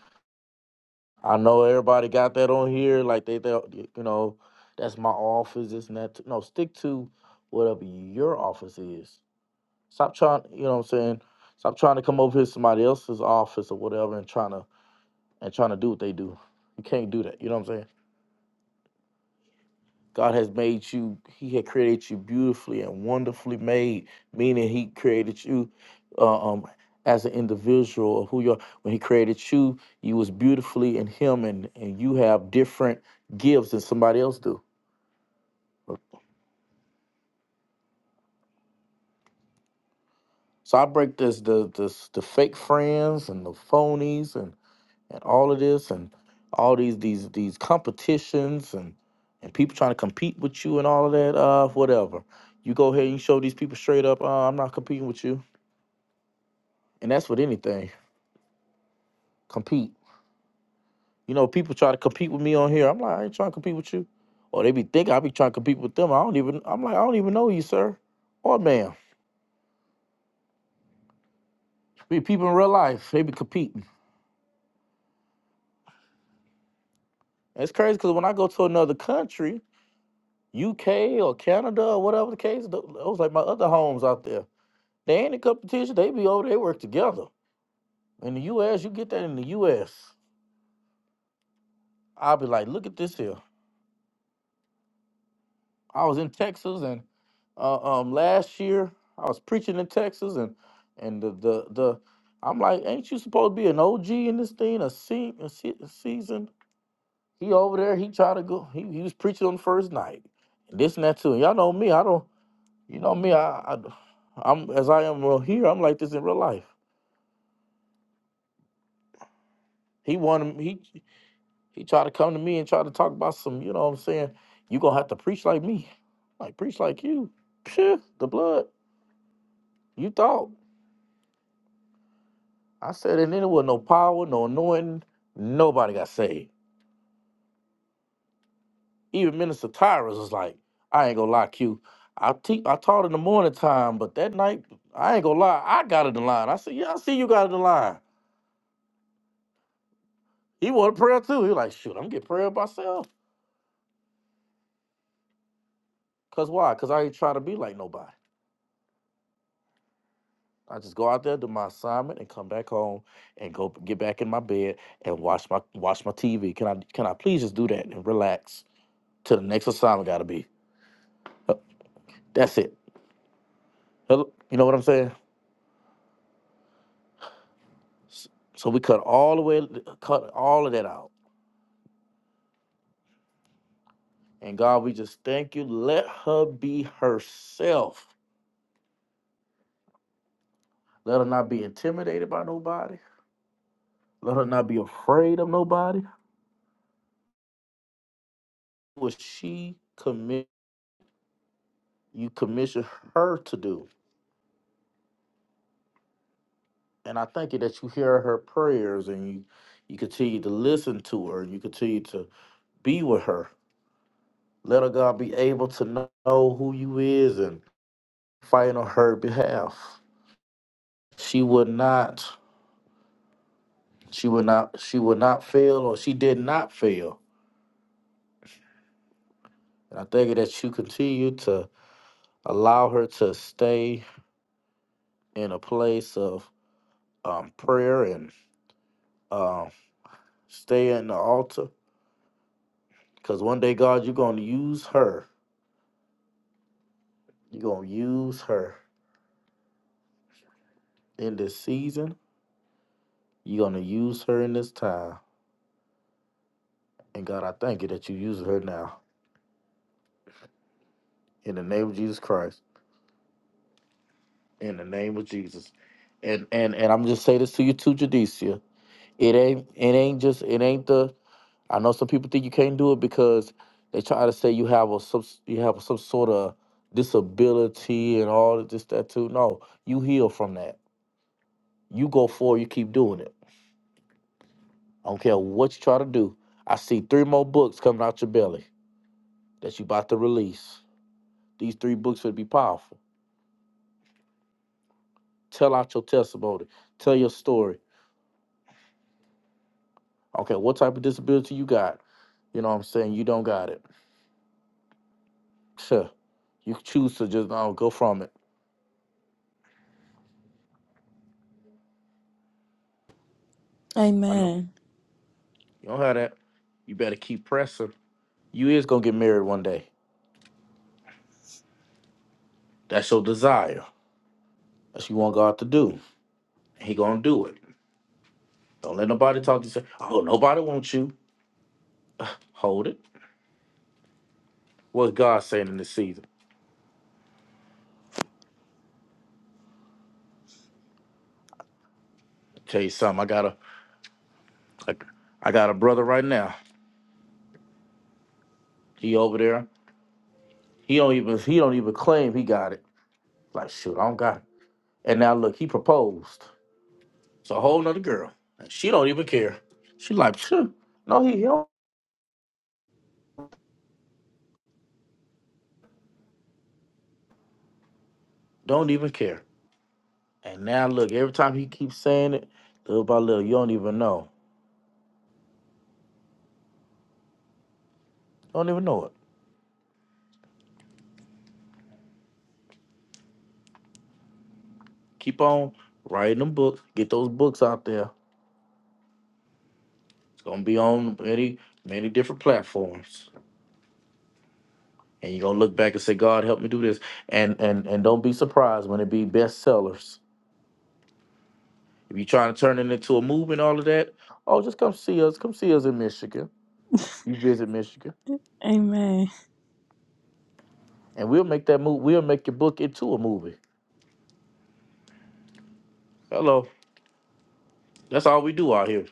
I know everybody got that on here, like they, they, you know, that's my office. This and that. No, stick to whatever your office is. Stop trying. You know what I'm saying? Stop trying to come over here to somebody else's office or whatever and trying to and trying to do what they do. You can't do that. You know what I'm saying? God has made you, He had created you beautifully and wonderfully made, meaning He created you uh, um, as an individual of who you are. When He created you, you was beautifully in Him and, and you have different gifts than somebody else do. So I break this the, the the fake friends and the phonies and. and all of this and all these these these competitions and and people trying to compete with you and all of that uh whatever you go ahead and you show these people straight up uh, i'm not competing with you and that's with anything compete you know people try to compete with me on here i'm like i ain't trying to compete with you or they be thinking i be trying to compete with them i don't even i'm like i don't even know you sir or ma'am be people in real life they be competing And it's crazy because when i go to another country uk or canada or whatever the case th- those like my other homes out there They ain't in competition. They be over. They work together. In the U.S., you get that in the U.S. I'll be like, look at this here. I was in Texas, and uh, um, last year I was preaching in Texas, and and the the the I'm like, ain't you supposed to be an OG in this thing, a, se- a, se- a season? He over there. He tried to go. He, he was preaching on the first night, and this and that too. And y'all know me. I don't. You know me. I, I I'm as I am real here. I'm like this in real life. He wanted He. He tried to come to me and try to talk about some, you know what I'm saying? You gonna have to preach like me. Like preach like you. Phew, the blood. You thought. I said, and then it was no power, no anointing. Nobody got saved. Even Minister Tyrus was like, I ain't gonna lie, Q. I te- I taught in the morning time, but that night, I ain't gonna lie, I got it in line. I said, Yeah, I see you got it in line. He wanted prayer too. He was like, shoot, I'm getting prayer by myself. Cause why? Cause I ain't trying to be like nobody. I just go out there, do my assignment, and come back home and go get back in my bed and watch my watch my TV. Can I can I please just do that and relax till the next assignment gotta be? Uh, That's it. Hello- You know what I'm saying? S- So we cut all the way, cut all of that out. And God, we just thank you. Let her be herself. Let her not be intimidated by nobody. Let her not be afraid of nobody. What she commit, you commission her to do. and I thank you that you hear her prayers and you, you continue to listen to her and you continue to be with her. Let her God be able to know who you is and fight on her behalf. She would not, she would not, she would not fail or she did not fail. And I thank you that you continue to allow her to stay in a place of um, prayer and um, stay in the altar. Because one day, God, you're going to use her. You're going to use her in this season. You're going to use her in this time. And God, I thank you that you use her now. In the name of Jesus Christ. In the name of Jesus. And and and I'm just say this to you too, Judicia. It ain't it ain't just it ain't the I know some people think you can't do it because they try to say you have a some you have some sort of disability and all of this that too. No, you heal from that. You go forward, you keep doing it. I don't care what you try to do. I see three more books coming out your belly that you about to release. These three books would be powerful. Tell out your testimony. Tell your story. Okay, what type of disability you got? You know what I'm saying? You don't got it. Sure. You choose to just no, go from it. I know.
Amen.
You don't have that. You better keep pressing. You is gonna get married one day. That's your desire. That's what you want God to do. He gonna do it. Don't let nobody talk to you. Say, oh, nobody wants you. Hold it. What's God saying in this season? I'll tell you something. I got a, I, I got a brother right now. He over there. He don't even he don't even claim he got it. Like shoot, I don't got it. And now look, he proposed. It's a whole nother girl. And she don't even care. She like, sure. No, he, he don't, don't even care. And now look, every time he keeps saying it, little by little, you don't even know. You don't even know it. Keep on writing them books. Get those books out there. It's gonna be on many, many different platforms. And you're gonna look back and say, God help me do this. And and and don't be surprised when it be bestsellers. If you're trying to turn it into a movie and all of that, oh, just come see us. Come see us in Michigan. You visit Michigan,
Amen.
and we'll make that move. We'll make your book into a movie. Hello, that's all we do out here.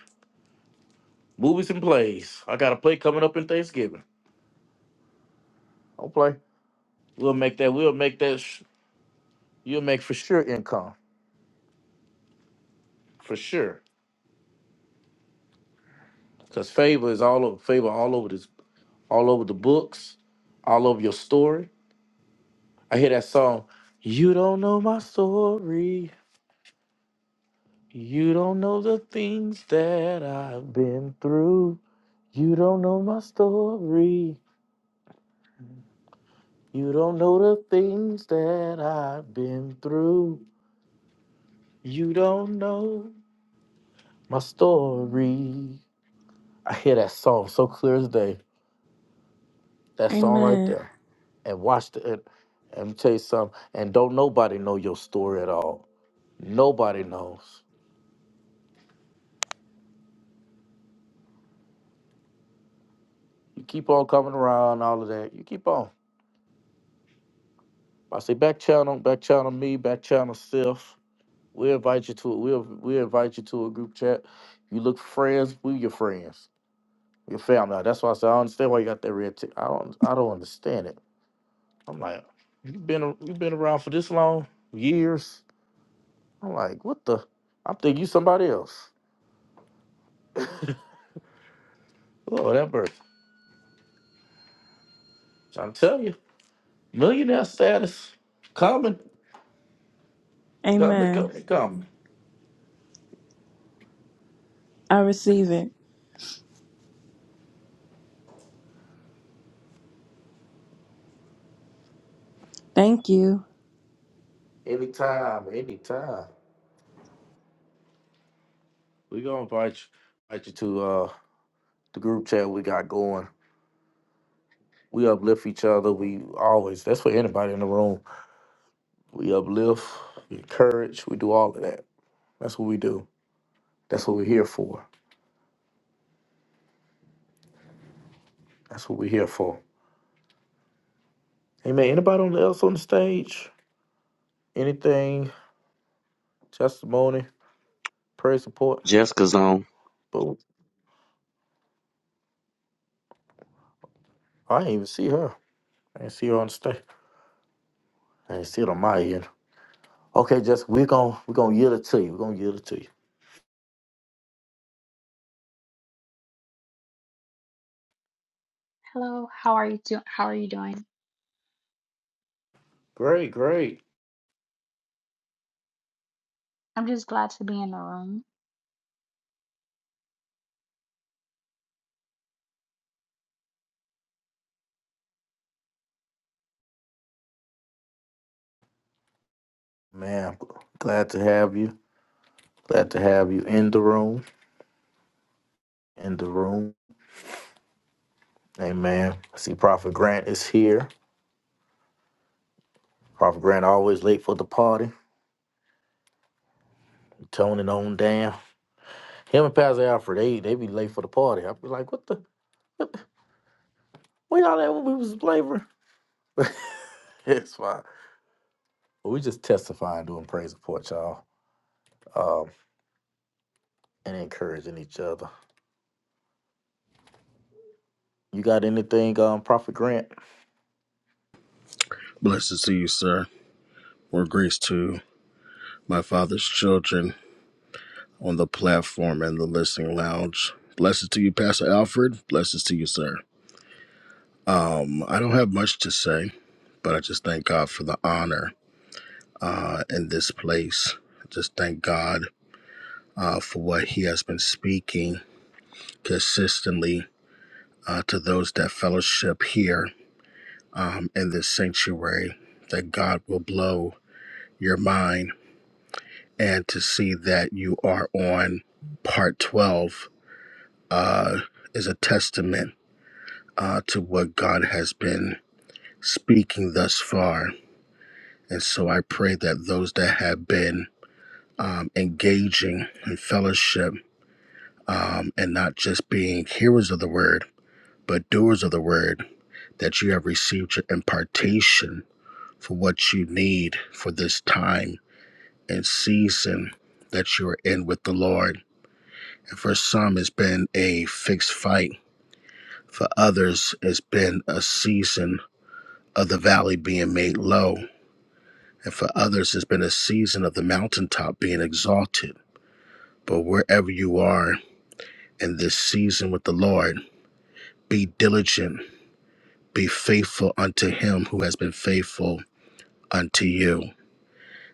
Movies and plays. I got a play coming up in Thanksgiving. Don't play. We'll make that. We'll make that. Sh- you'll make for sure income for sure. Cause favor is all over. Favor all over this. All over the books. All over your story. I hear that song. You don't know my story. You don't know the things that I've been through. You don't know my story. You don't know the things that I've been through. You don't know my story. I hear that song so clear as day. That song right
Amen.
there. And watch the and, and let me tell you something. And don't nobody know your story at all. Nobody knows. You keep on coming around all of that. You keep on. I say back channel, back channel me, back channel self. We invite you to we we invite you to a group chat. You look for friends. We your friends, your family. Now, That's why I said I don't understand why you got that red tick. I don't I don't understand it. I'm like, you've been a- you've been around for this long, years. I'm like, what the? I'm thinking you somebody else. Oh, that bird. I'm telling you, millionaire status coming, coming,
Amen.
coming, coming.
I receive it. Thank you.
Anytime, anytime. We gonna invite you, invite you to uh the group chat we got going. We uplift each other. We always, that's for anybody in the room. We uplift, we encourage, we do all of that. That's what we do. That's what we're here for. That's what we're here for. Amen. Anybody on else on the stage? Anything? Testimony? Prayer support?
Jessica's on.
But I didn't even see her. I didn't see her on the stage. I didn't see it on my end. Okay, Jessica, we're gonna we're gonna yield it to you. We're gonna yield it to you.
Hello, how are you doing? How are you doing?
Great, great.
I'm just glad to be in the room.
Man, I'm glad to have you. Glad to have you in the room. In the room. Amen. I see Prophet Grant is here. Prophet Grant always late for the party. Toning on down. Him and Pastor Alfred, they, they be late for the party. I be like, what the? We all that when we was flavoring. it's fine. But we just testifying, doing praise report, y'all, um, and encouraging each other. You got anything, um, Prophet Grant?
Blessed to you, sir. More grace to my father's children on the platform and the listening lounge. Blessed to you, Pastor Alfred. Blessed to you, sir. Um, I don't have much to say, but I just thank God for the honor uh, in this place. I just thank God uh, for what He has been speaking consistently uh, to those that fellowship here um, in this sanctuary. That God will blow your mind and to see that you are on part 12 uh, is a testament uh, to what God has been speaking thus far. And so I pray that those that have been um, engaging in fellowship um, and not just being hearers of the word, but doers of the word, that you have received your impartation for what you need for this time and season that you are in with the Lord And for some, it's been a fixed fight. For others, it's been a season of the valley being made low. And for others, it's been a season of the mountaintop being exalted. But wherever you are in this season with the Lord, be diligent, be faithful unto him who has been faithful unto you.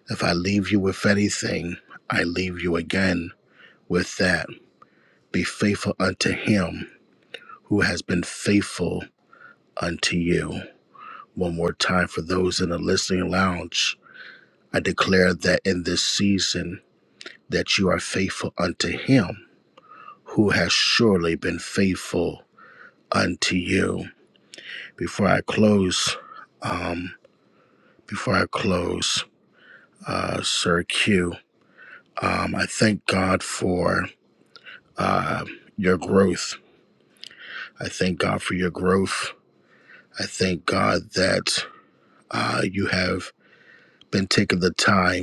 If I leave you with anything, I leave you again with that. Be faithful unto him who has been faithful unto you. One more time for those in the listening lounge, I declare that in this season that you are faithful unto him who has surely been faithful unto you. Before I close, um, before I close, uh, Sir Q, um, I thank God for uh, your growth. I thank God for your growth. I thank God that uh, you have been taking the time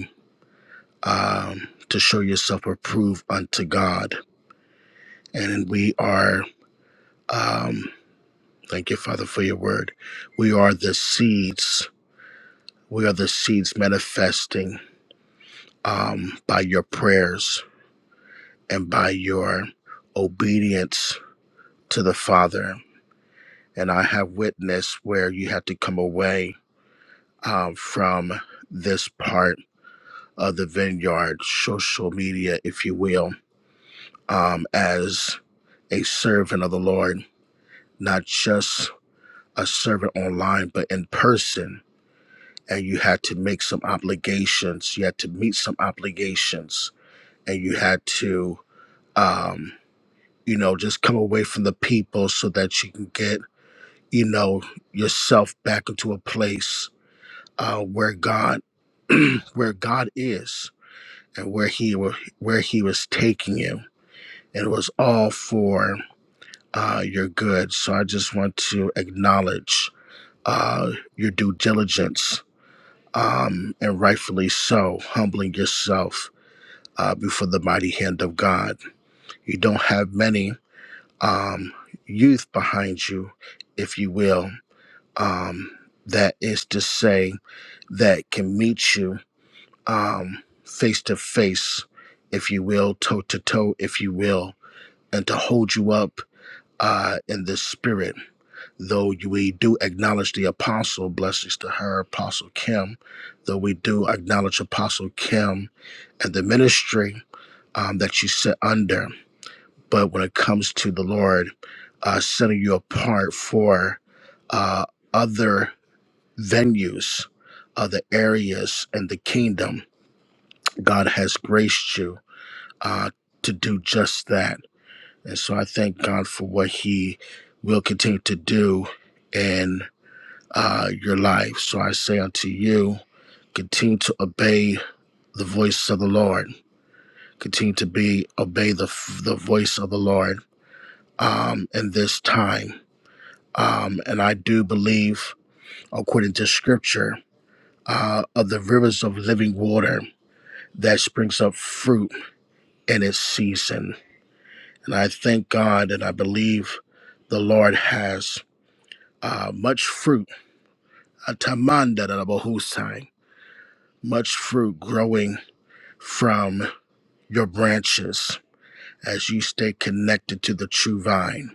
um, to show yourself approved unto God. And we are, um, thank you, Father, for your word. We are the seeds. We are the seeds manifesting um, by your prayers and by your obedience to the Father. And I have witnessed where you had to come away um, from this part of the vineyard, social media, if you will, um, as a servant of the Lord not just a servant online, but in person. And you had to make some obligations. You had to meet some obligations, and you had to, um, you know, just come away from the people so that you can get, you know, yourself back into a place uh, where God, where God is, and where He wa- where He was taking you. And it was all for uh, your good. So I just want to acknowledge uh, your due diligence, um, and rightfully so, humbling yourself uh, before the mighty hand of God. You don't have many um, youth behind you, if you will. Um, that is to say, that can meet you um, face to face, if you will, toe to toe, if you will, and to hold you up uh, in the spirit. though we do acknowledge the apostle, blessings to her, Apostle Kim, though we do acknowledge Apostle Kim and the ministry um, that she sit under. But when it comes to the Lord uh, setting you apart for uh, other venues, other areas in the kingdom, God has graced you uh, to do just that. And so I thank God for what He will continue to do. in uh, your life. So I say unto you, continue to obey the voice of the Lord. Continue to be obey the the voice of the Lord um, in this time. Um, and I do believe, according to Scripture, uh, of the rivers of living water that springs up fruit in its season. And I thank God, and I believe the Lord has uh, much fruit, a tamanda da da bohusai, much fruit growing from. your branches as you stay connected to the true vine.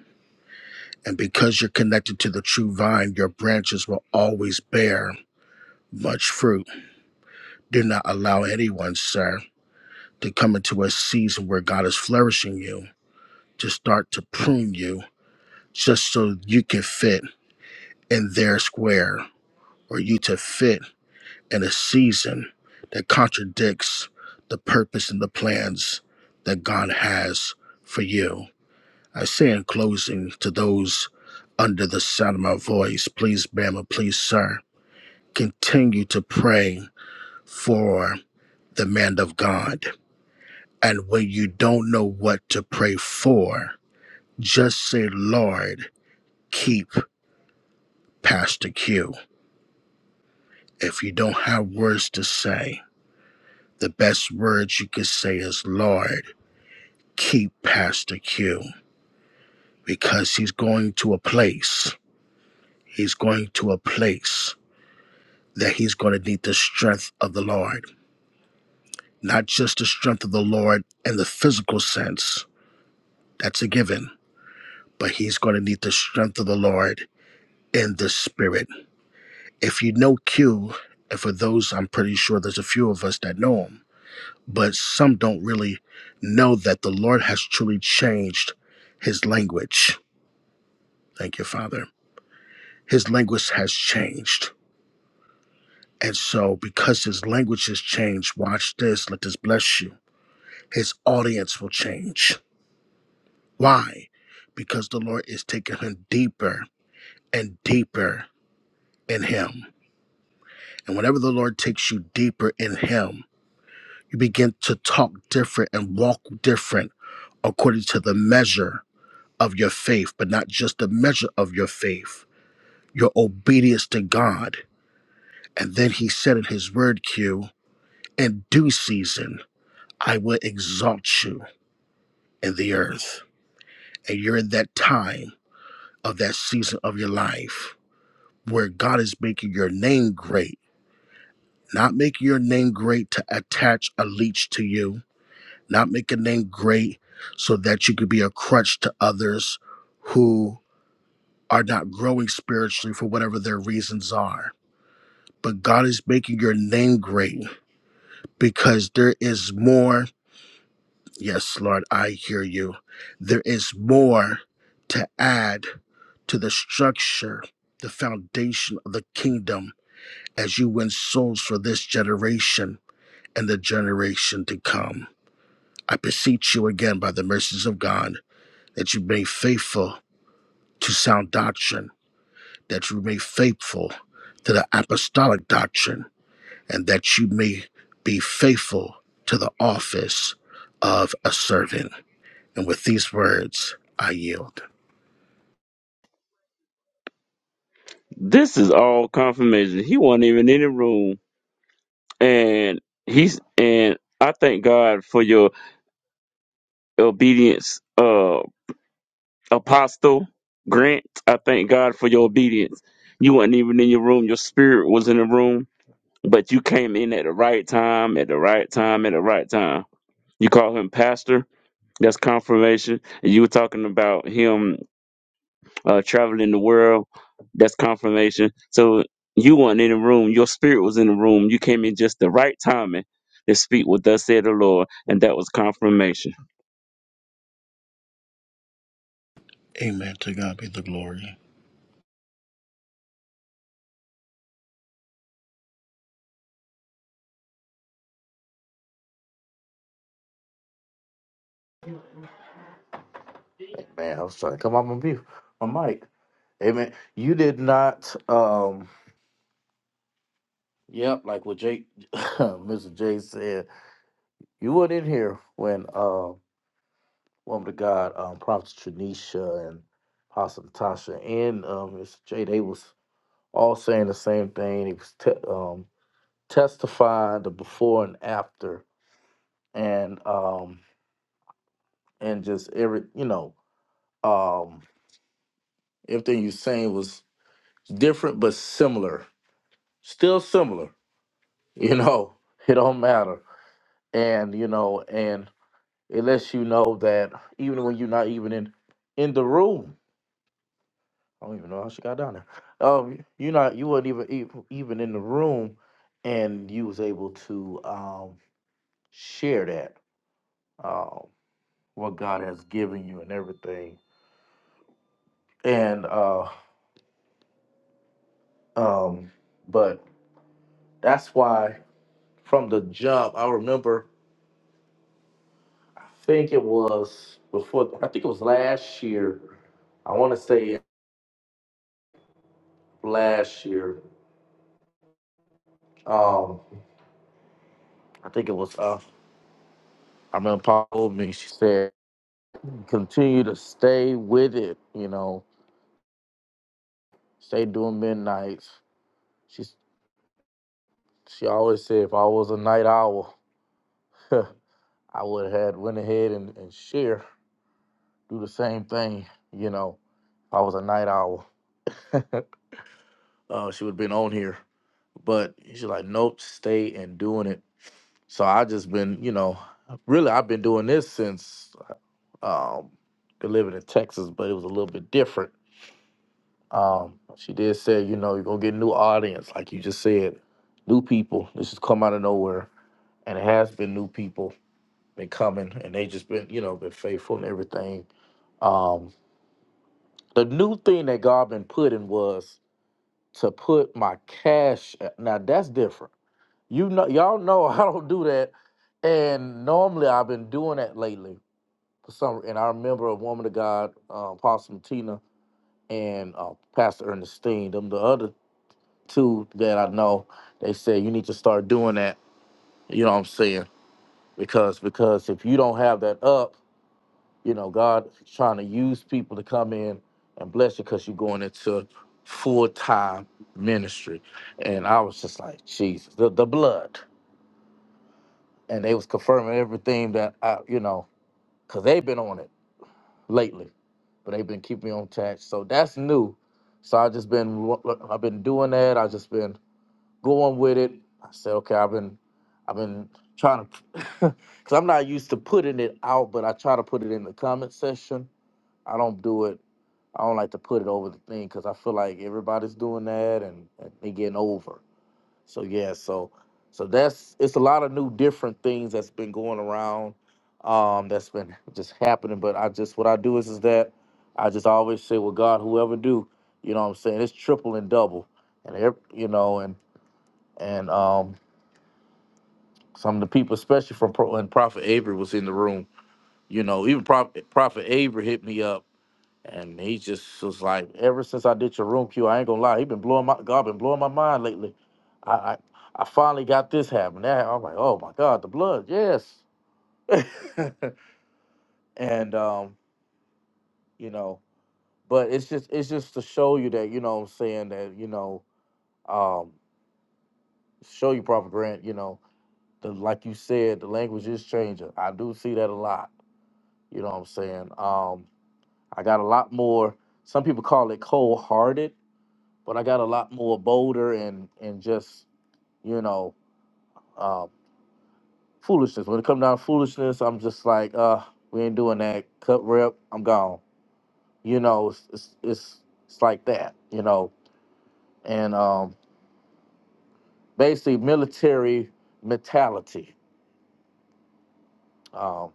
And because you're connected to the true vine, your branches will always bear much fruit. Do not allow anyone, sir, to come into a season where God is flourishing you to start to prune you just so you can fit in their square or you to fit in a season that contradicts the purpose and the plans that God has for you I say in closing to those under the sound of my voice, please, Bama, please, sir, continue to pray for the man of God. And when you don't know what to pray for, just say, Lord, keep Pastor Q. If you don't have words to say, the best words you can say is, Lord, keep Pastor Q. Because he's going to a place. He's going to a place that he's going to need the strength of the Lord. Not just the strength of the Lord in the physical sense, that's a given, but he's going to need the strength of the Lord in the spirit. If you know Q, and for those, I'm pretty sure there's a few of us that know him, but some don't really know that the Lord has truly changed his language. Thank you, Father. His language has changed. And so, because his language has changed, watch this, let this bless you. His audience will change Why? Because the Lord is taking her deeper and deeper in Him. And whenever the Lord takes you deeper in Him, you begin to talk different and walk different according to the measure of your faith, but not just the measure of your faith, your obedience to God. And then He said in His word, Q, in due season, I will exalt you in the earth. And you're in that time of that season of your life where God is making your name great, not making your name great to attach a leech to you, not make a name great so that you could be a crutch to others who are not growing spiritually for whatever their reasons are. But God is making your name great because there is more. Yes, Lord, I hear you. There is more to add to the structure, the foundation of the kingdom as you win souls for this generation and the generation to come. I beseech you again by the mercies of God that you be faithful to sound doctrine, that you remain faithful to the apostolic doctrine, and that you may be faithful to the office of a servant. And with these words, I yield.
This is all confirmation. He wasn't even in the room, and he's and I thank God for your obedience, uh, Apostle Grant. I thank God for your obedience. You weren't even in your room. Your spirit was in the room, but you came in at the right time, at the right time, at the right time. You call him pastor. That's confirmation. And you were talking about him uh, traveling the world. That's confirmation. So you weren't in the room. Your spirit was in the room. You came in just the right timing to speak with us, said the Lord, and that was confirmation.
Amen. To God be the glory.
Man, I was trying to come off my view, my mic. Amen. You did not. um Yep, like what Jake, Mr. Jay said, you weren't in here when. Um, woman of God, um, Prophet Tranisha and Pastor Natasha and um, Mr. J, they was all saying the same thing. It was te- um, testifying the before and after, and um, and just every you know um, everything you saying was different but similar, still similar. You know, it don't matter, and you know, and it lets you know that even when you're not even in in the room, I don't even know how she got down there. Um, you not you weren't even ev- even in the room, and you was able to um share that um what God has given you and everything. And uh um, but that's why from the jump, I remember. I think it was before. I think it was last year. I want to say last year. Um, I think it was. Uh, I remember Paul told me. She said. continue to stay with it, you know, stay doing midnights. She she always said if I was a night owl, I would have had went ahead and, and share, do the same thing, you know, if I was a night owl. Uh, she would have been on here. But she's like, nope, stay and doing it. So I just been, you know, really I've been doing this since um been living in Texas, but it was a little bit different Um, she did say, you know, you're gonna get a new audience, like you just said, new people. This has come out of nowhere, and it has been new people been coming, and they just been, you know, been faithful and everything. Um, the new thing that God been putting was to put my cash. Now that's different. You know, y'all know I don't do that, and normally I've been doing that lately for some. And I remember a woman of God, uh, Apostle Tina, and uh, Pastor Ernestine, them the other too that I know, they say you need to start doing that. You know what I'm saying? Because because if you don't have that up, you know God is trying to use people to come in and bless you because you're going into full time ministry. And I was just like Jesus, the, the blood, and they was confirming everything that I you know because they've been on it lately, but they've been keeping me on tax. So that's new. So I just been I've been doing that. I just been going with it. I said, okay, I've been, I've been trying to, because I'm not used to putting it out, but I try to put it in the comment section. I don't do it. I don't like to put it over the thing because I feel like everybody's doing that and, and they getting over. So yeah, so so that's it's a lot of new different things that's been going around, um, that's been just happening. But I just what I do is is that I just always say, well, God, whoever do, you know what I'm saying? It's triple and double, and every, you know, and and um some of the people, especially from Pro and Prophet Avery was in the room. You know, even Prophet, Prophet Avery hit me up, and he just was like, "Ever since I did your room, Q, I ain't gonna lie, he been blowing my God, been blowing my mind lately. I, I, I finally got this happening. That hap-" I'm like, oh my God, the blood, yes. and um, you know, but it's just it's just to show you that you know what I'm saying that you know um show you Prophet Grant, you know, the like you said, the language is changing. I do see that a lot You know what I'm saying? Um, I got a lot more. Some people call it cold hearted, but I got a lot more bolder and and just you know uh, foolishness. When it comes down to foolishness, I'm just like, uh, we ain't doing that. Cut rep, I'm gone. You know, it's it's it's, it's like that. You know, and um, basically military mentality. Um,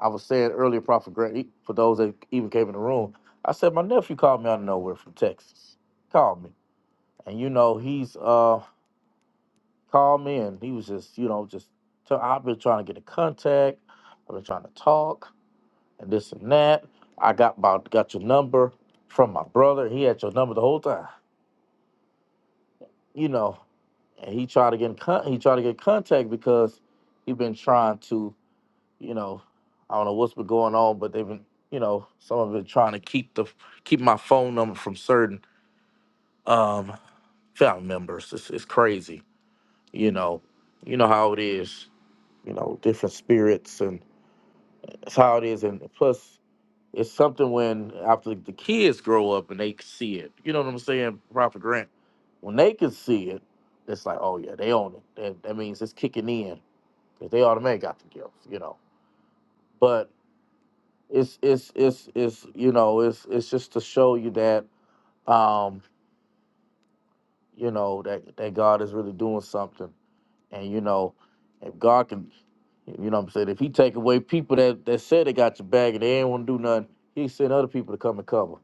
I was saying earlier, Prophet Greg, for those that even came in the room, I said my nephew called me out of nowhere from Texas. Called me. and you know he's uh called me and he was just you know just i I've been trying to get in contact I've been trying to talk and this and that I got about got your number from my brother he had your number the whole time you know and he tried to get in con- he tried to get contact because he been trying to you know I don't know what's been going on but they've been you know some of them been trying to keep the keep my phone number from certain um family members it's, it's crazy you know you know how it is you know, different spirits, and that's how it is. And plus, it's something when after the kids grow up and they see it, you know what I'm saying, Prophet Grant? When they can see it, it's like, oh yeah, they own it. That, that means it's kicking in because they automatically got the guilt, you know. But it's it's it's it's you know it's it's just to show you that um you know that that God is really doing something, and you know if God can You know what I'm saying? If he take away people that, that said they got your bag and they ain't want to do nothing, he send other people to come and cover.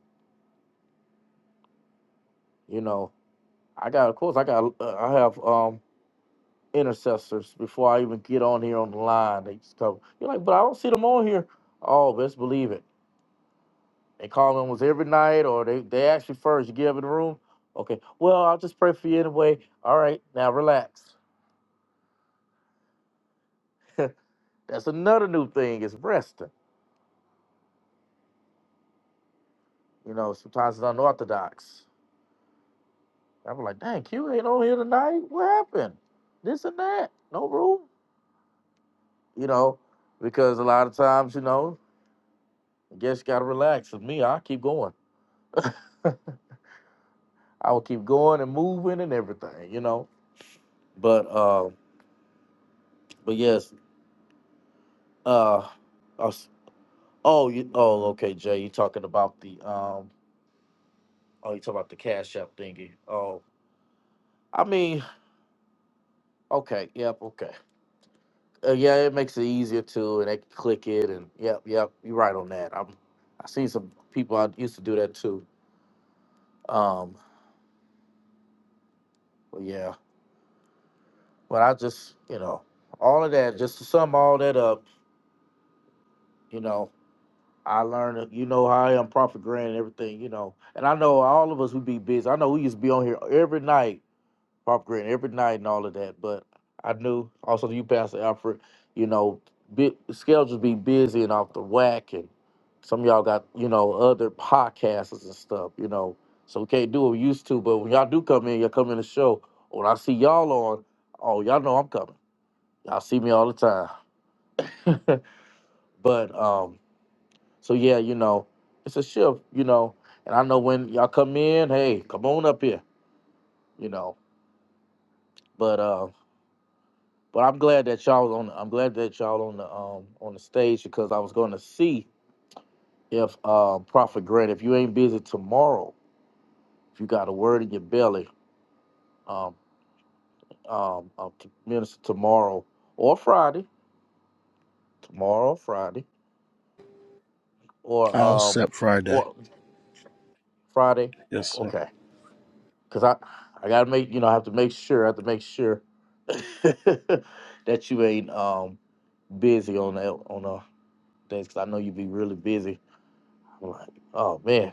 You know, I got of course I got uh, I have um intercessors before I even get on here on the line. They just cover. You're like, but I don't see them on here. Oh, best believe it. They call almost every night, or they they ask you first. You get up in the room. Okay, well I'll just pray for you anyway. All right, now relax. That's another new thing is resting. You know, sometimes it's unorthodox I was like, dang, Q ain't on here tonight. What happened? This and that. No room. You know, because a lot of times, you know, I guess you gotta relax. With me, I keep going. I will keep going and moving and everything, you know. But uh but yes, uh I s- oh you oh okay, Jay, you talking about the um oh you talking about the cash app thingy. Oh I mean, okay, yep, okay. Uh, yeah, it makes it easier too, and they can click it, and yep, yep, you're right on that. I'm, I seen some people I used to do that too. Um, but yeah, but I just, you know, all of that, just to sum all that up, you know, I learned, that- you know, how I am Prophet Grant and everything, you know, and I know all of us would be busy. I know we used to be on here every night operating every night and all of that. But I knew also you, Pastor Alfred, you know, bi- schedules be busy and off the whack, and some of y'all got you know other podcasters and stuff, you know, so we can't do what we used to. But when y'all do come in, y'all come in the show. When I see y'all on, oh y'all know I'm coming. Y'all see me all the time. but um, so yeah, you know, it's a shift, you know. And I know when y'all come in, hey, come on up here, you know. But uh, But I'm glad that y'all was on. I'm glad that y'all on the um on the stage because I was going to see if uh, Prophet Grant, if you ain't busy tomorrow, if you got a word in your belly, um um uh, to minister tomorrow or Friday, tomorrow Friday or
I'll
um
accept Friday.
or Friday,
Yes, sir.
okay? Because I I gotta make you know I have to make sure I have to make sure that you ain't um busy on that on uh days because I know you be really busy. I'm like, oh man.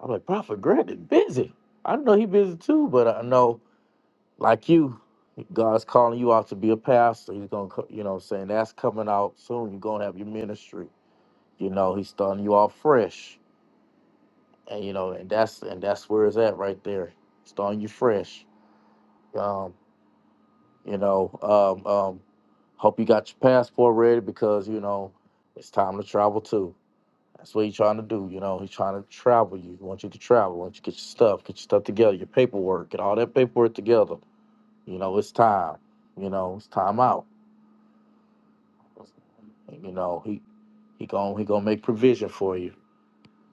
I'm like, Prophet Greg is busy. I know he busy too, but I know, like you, God's calling you out to be a pastor. He's gonna, co- you know, what I'm saying that's coming out soon. You're gonna have your ministry. You know, he's starting you off fresh, and you know, and that's and that's where it's at right there, starting you fresh. Um, you know, um, um, hope you got your passport ready because you know it's time to travel too. That's what he's trying to do. You know, he's trying to travel you. He wants you to travel. He wants you to get your stuff, get your stuff together, your paperwork, get all that paperwork together. You know, it's time. You know, it's time out. And, you know, he he gon' he gonna make provision for you.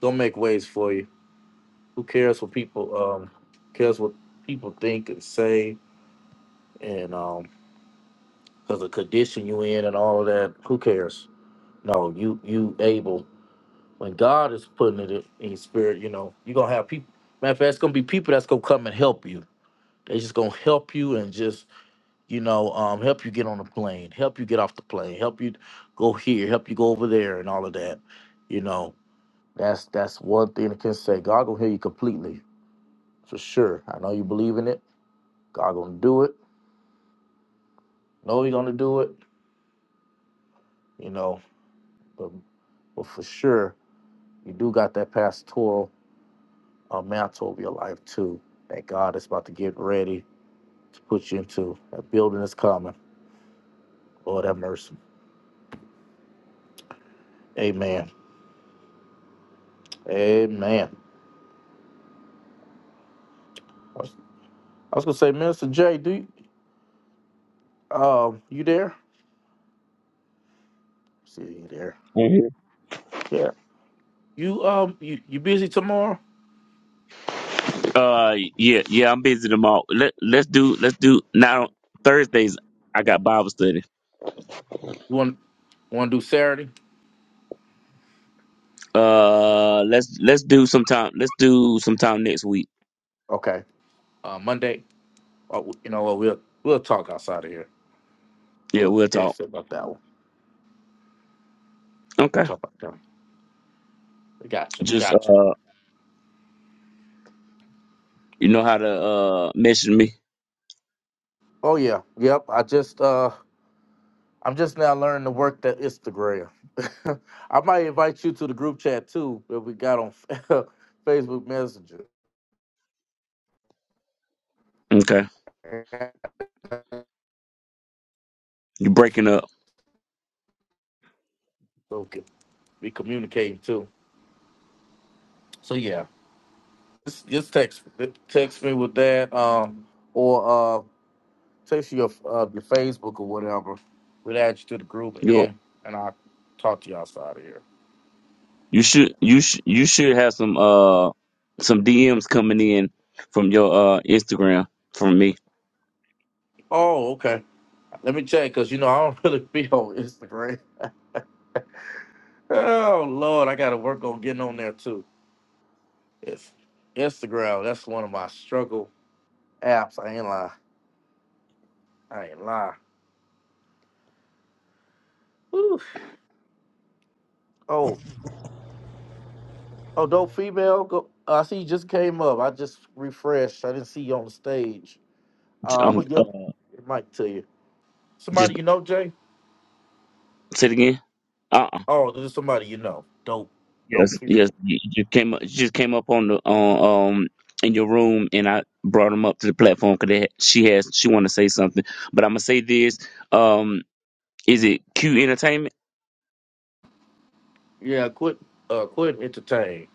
Gonna make ways for you. Who cares what people um cares what people think and say and um because the condition you in and all of that. Who cares? No, you you able. when God is putting it in in your spirit, you know, you're gonna have people matter of fact, it's gonna be people that's gonna come and help you. They just gonna help you and just, you know, um, help you get on the plane, help you get off the plane, help you go here, help you go over there and all of that. You know, that's that's one thing I can say. God gonna hear you completely, for sure. I know you believe in it, God gonna do it, know He gonna do it, you know, but but for sure, you do got that pastoral uh, mantle over your life too. That God is about to get ready to put you into. That building is coming. Lord have mercy. Amen. Amen. I was, I was gonna say, Minister Jay, do you, um you there? See you there.
Mhm.
Yeah. You um you, you busy tomorrow?
Uh, yeah, yeah. I'm busy tomorrow. Let Let's do Let's do now. Thursdays, I got Bible study.
You want want to do Saturday?
Uh, let's Let's do sometime. Let's do sometime next week.
Okay. Uh, Monday. Oh, you know what? We'll we'll talk outside of here.
Yeah,
We'll
we'll
yeah.
talk.
see about that one.
Okay.
Talk about that. One. Gotcha.
Just
Gotcha.
uh, you know how to uh message me.
Oh yeah. Yep. I just uh I'm just now learning to work that Instagram. I might invite you to the group chat too that we got on Facebook Messenger.
Okay. you breaking up.
Okay, we communicating too. So yeah, just just text text me with that, um, or uh, text your uh, your Facebook or whatever. We'll add you to the group, and
You're
then and I'll talk to you outside of here.
You should you should you should have some uh some DMs coming in from your uh Instagram from me.
Oh, okay. Let me check because you know I don't really be on Instagram. Oh Lord, I got to work on getting on there too. It's Instagram. That's one of my struggle apps. I ain't lie. I ain't lie. Whew. Oh, oh, dope female. Go. uh, I see you just came up. I just refreshed. I didn't see you on the stage.
J-
Uh, I'm
Um,
gonna
uh,
give the mic to you.
just
Somebody you know, Jay?
say it again. Uh uh
Oh, this is somebody you know. Dope,
Yes,
dope female.
yes. You you just came up. You just came up on the on um in your room, and I brought them up to the platform because she has she want to say something. But I'm gonna say this. Um, is it Q Entertainment?
Yeah, quit. Uh, quit entertain.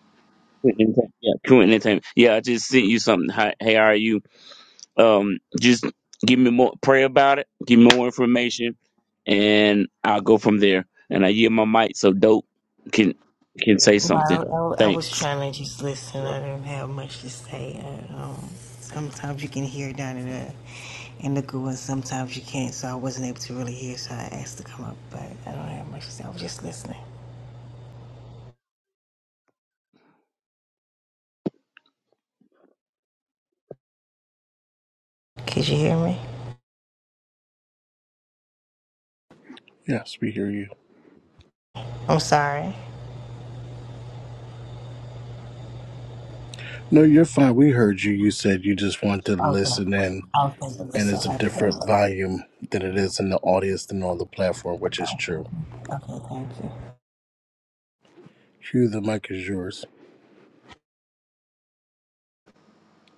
Q Entertainment. Yeah, Q Entertainment. Yeah, I just sent you something. Hi, hey, how are you? Um, just give me more, pray about it, give me more information, and I'll go from there. And I yield my mic so dope can can say something.
Well, I, I was
Thanks.
trying to just listen.
Yeah.
I didn't have much to say. Uh, um, sometimes you can hear down in the in the goo, and sometimes you can't. So I wasn't able to really hear. So I asked to come up, but I don't have much to say. I was just listening. Could you hear me?
Yes, we hear you.
I'm sorry.
No, you're fine. We heard you. You said you just want to
Okay.
listen in,
Okay.
and
That's
it's
all
a
right. That was
different
all
volume than it is in the audience than on the platform, which is true.
right. Okay. Thank you.
Hugh, the mic is yours.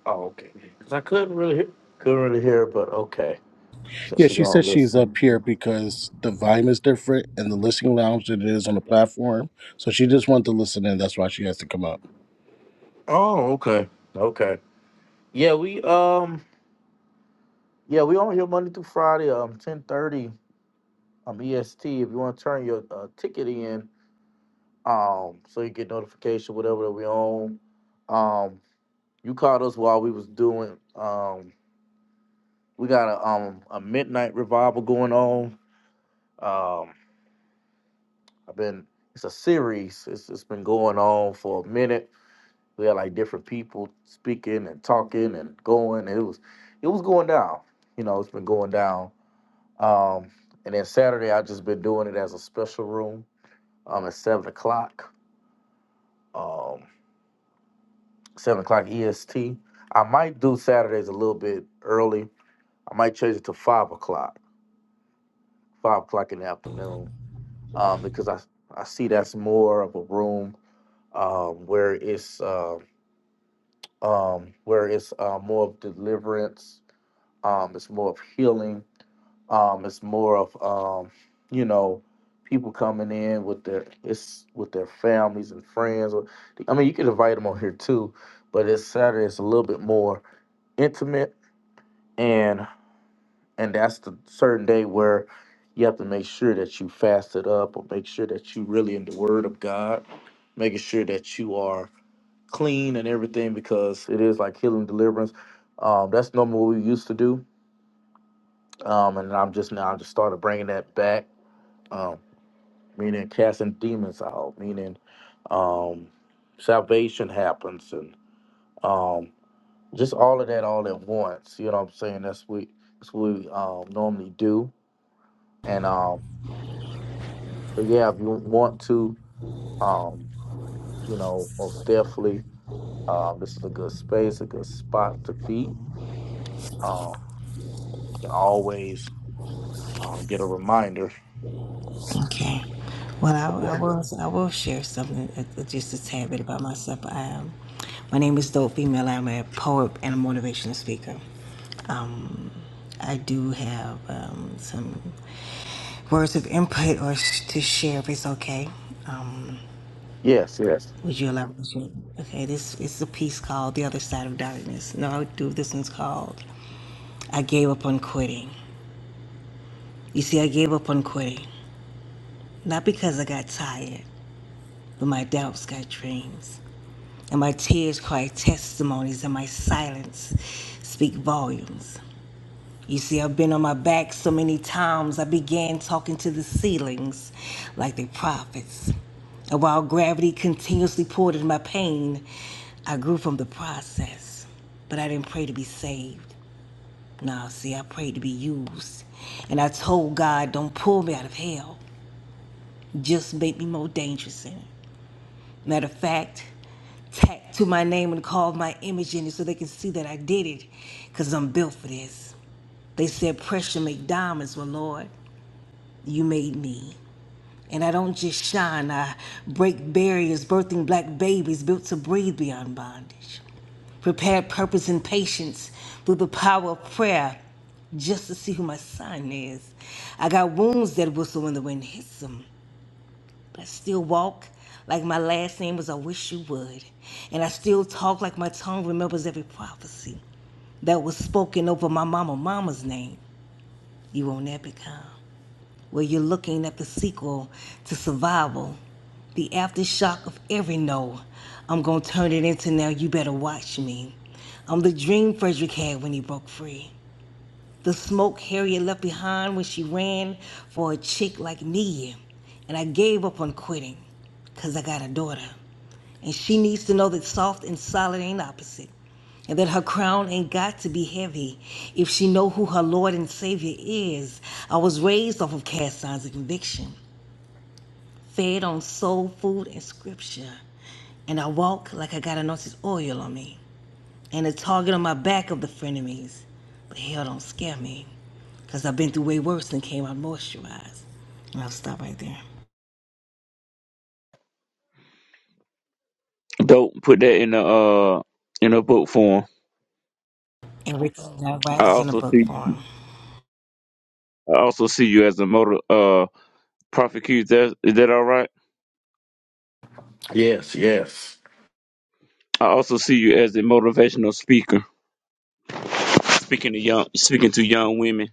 Oh, okay. Cause I couldn't really hear. Couldn't really hear, but okay. So
Yeah,
she
she said
gonna
she's
listen.
up here because the volume is different in the listening lounge than it is on the platform. So she just wanted to listen in. That's why she has to come up.
Oh, okay. Okay. Yeah, we um. Yeah, we on here Monday through Friday, um, ten thirty, um, EST. If you want to turn your uh, ticket in, um, so you get notification whatever that we on. Um, you called us while we was doing. Um, we got a um a midnight revival going on. Um, I've been it's a series. It's it's been going on for a minute. We had like different people speaking and talking and going. And it was it was going down. You know, it's been going down. Um, and then Saturday, I've just been doing it as a special room um, at 7 o'clock, um, 7 o'clock EST. I might do Saturdays a little bit early. I might change it to 5 o'clock, 5 o'clock in the afternoon, um, because I, I see that's more of a room um, where it's, uh, um, where it's uh, more of deliverance, um, it's more of healing Um, it's more of um, you know, people coming in with their it's with their families and friends. Or I mean, you can invite them on here too, but it's Saturday. It's a little bit more intimate, and and that's the certain day where you have to make sure that you fasted up, or make sure that you really in the Word of God, making sure that you are clean and everything because it is like healing deliverance. Um, that's normally what we used to do. Um, and I'm just now I just started bringing that back Um, meaning casting demons out, meaning um, salvation happens, and um, just all of that all at once. You know what I'm saying? That's we that's what we um, normally do. And um, but yeah, if you want to, um, you know, most definitely, um, this is a good space, a good spot to be. Um, you can always um, get a reminder.
Okay. Well,
of
I, I
that.
will. I will share something, uh, uh, just a tad bit about myself. I am. My name is Dope Female. I'm a poet and a motivational speaker. Um, I do have um, some words of input or sh- to share if it's okay. Um,
Yes, yes,
would you allow me to? share? Okay, this is a piece called The Other Side of Darkness. No, I do. This one's called I Gave Up on Quitting. You see, I gave up on quitting, not because I got tired, but my doubts got dreams. And my tears cry testimonies, and my silence speak volumes. You see, I've been on my back so many times, I began talking to the ceilings like the prophets. And while gravity continuously poured into my pain, I grew from the process. But I didn't pray to be saved. Nah, see, I prayed to be used. And I told God, don't pull me out of hell, just make me more dangerous in it. Matter of fact, tattoo my name and carve my image in it so they can see that I did it because I'm built for this. They said pressure make diamonds, well, Lord, You made me. And I don't just shine, I break barriers, birthing black babies built to breathe beyond bondage. Prepared purpose and patience through the power of prayer just to see who my son is. I got wounds that whistle when the wind hits them, but I still walk like my last name was I wish you would. And I still talk like my tongue remembers every prophecy that was spoken over my mama, mama's name. You won't ever come where you're looking at the sequel to Survival, the aftershock of every no. I'm gonna turn it into now, you better watch me. I'm the dream Frederick had when he broke free. The smoke Harriet left behind when she ran for a chick like me. And I gave up on quitting, cause I got a daughter. And she needs to know that soft and solid ain't opposite. And that her crown ain't got to be heavy if she know who her Lord and Savior is. I was raised off of cast signs of conviction, fed on soul food and scripture. And I walk like I got anointed oil on me and a target on my back of the frenemies. But hell don't scare me because I've been through way worse than came out moisturized. And I'll stop right there.
Dope, put that in the uh in a book form.
Everything that
I
rises in a
also
book
see
form.
I also see you as a motor uh prosecutor. Is that is that all right?
yes, yes.
I also see you as a motivational speaker, speaking to young speaking to young women,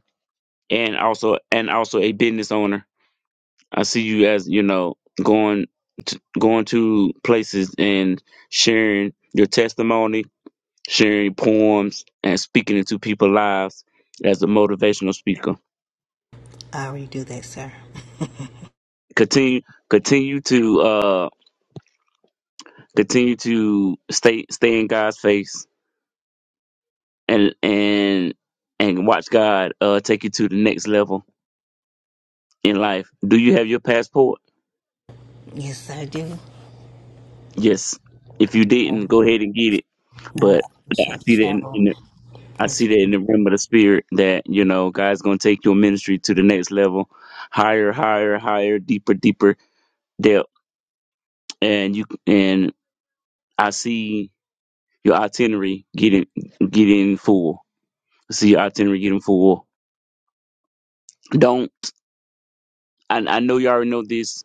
and also and also a business owner. I see you as you know going to, going to places and sharing your testimony, sharing poems, and speaking into people's lives as a motivational speaker.
I already do that, sir.
Continue continue to uh continue to stay stay in God's face and and and watch God uh take you to the next level in life. Do you have your passport?
Yes, I do.
Yes. If you didn't, go ahead and get it.
No,
But I
she had
see
to
that in,
travel.
in I
It's-
see that in the realm of the spirit that, you know, God's going to take your ministry to the next level, higher, higher, higher, deeper, deeper depth. And you, and I see your itinerary getting, getting full. I see your itinerary getting full. Don't, I, I know you already know this,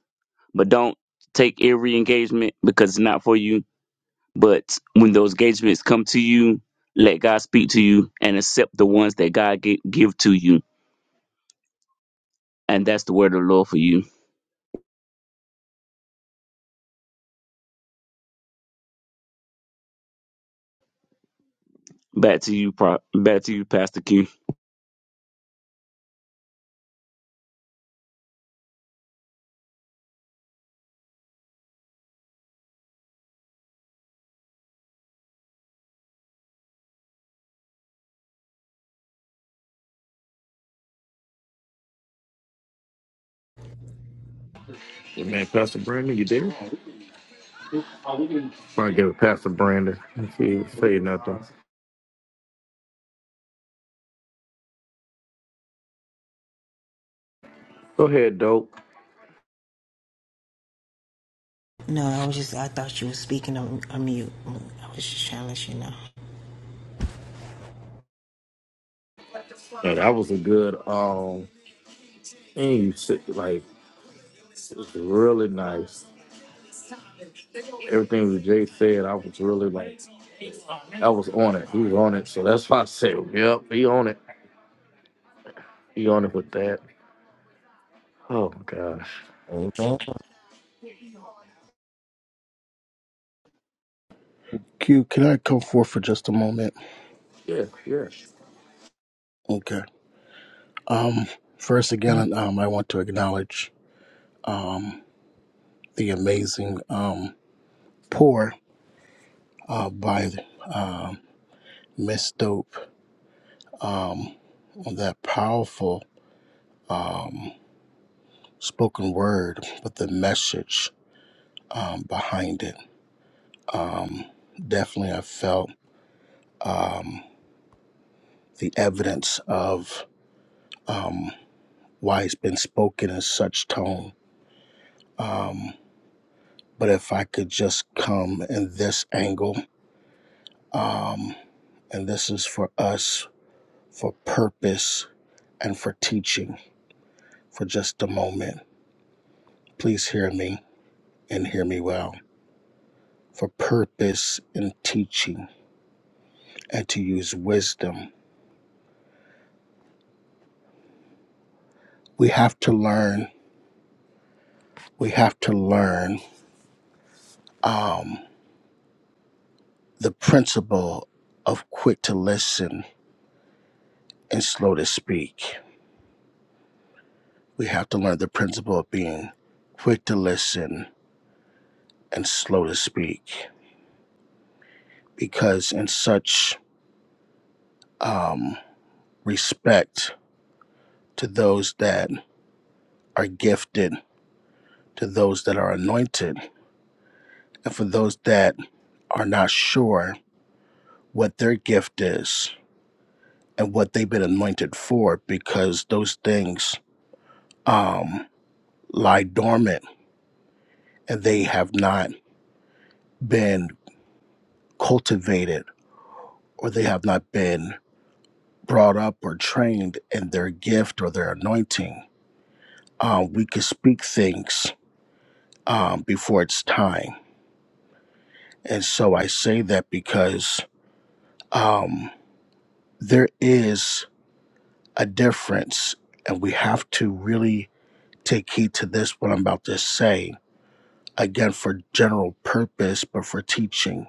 but don't take every engagement because it's not for you. But when those engagements come to you, let God speak to you and accept the ones that God gi- give to you. And that's the word of the Lord for you Back to you, Pro- back to you, Pastor Q.
Your Man, Pastor Brandon, you there? Might give it past to Brandon. If he say nothing. Go ahead, dope.
No, I was just, I thought you were speaking on, on mute. I was just trying to let you know.
Yeah, that was a good um and you said like it was really nice. Everything that Jay said, I was really like I was on it. He was on it. So that's why I said, Yep, he on it. He on it with that. Oh gosh.
Amen.
Q, can I come forth for just a moment?
Yeah, yeah.
Okay. Um, first again, um, I want to acknowledge um the amazing um pour uh by um Miss Dope um, on that powerful um, spoken word, but the message um, behind it. Um, definitely, I felt um, the evidence of um, why it's been spoken in such tone. Um, but if I could just come in this angle, um, and this is for us, for purpose, and for teaching for just a moment, please hear me and hear me well. for purpose in teaching and to use wisdom. We have to learn, we have to learn um, the principle of quick to listen and slow to speak. We have to learn the principle of being quick to listen and slow to speak because, in such um, respect to those that are gifted, to those that are anointed, and for those that are not sure what their gift is, and what they've been anointed for because those things um, lie dormant and they have not been cultivated or they have not been brought up or trained in their gift or their anointing. Um, we can speak things um, before it's time. And so I say that because um, there is a difference, and we have to really take heed to this, what I'm about to say again for general purpose, but for teaching.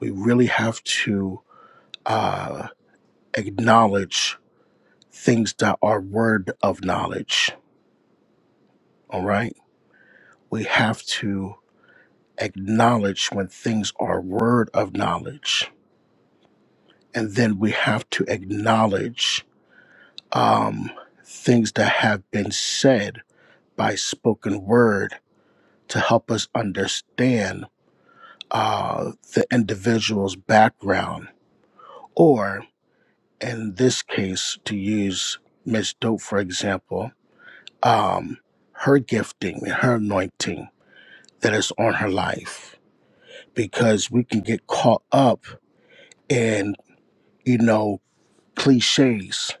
We really have to uh, acknowledge things that are word of knowledge. All right, we have to acknowledge when things are word of knowledge, and then we have to acknowledge um, things that have been said by spoken word to help us understand uh, the individual's background or in this case, to use Miss Dope for example, um, her gifting and her anointing that is on her life, because we can get caught up in you know cliches.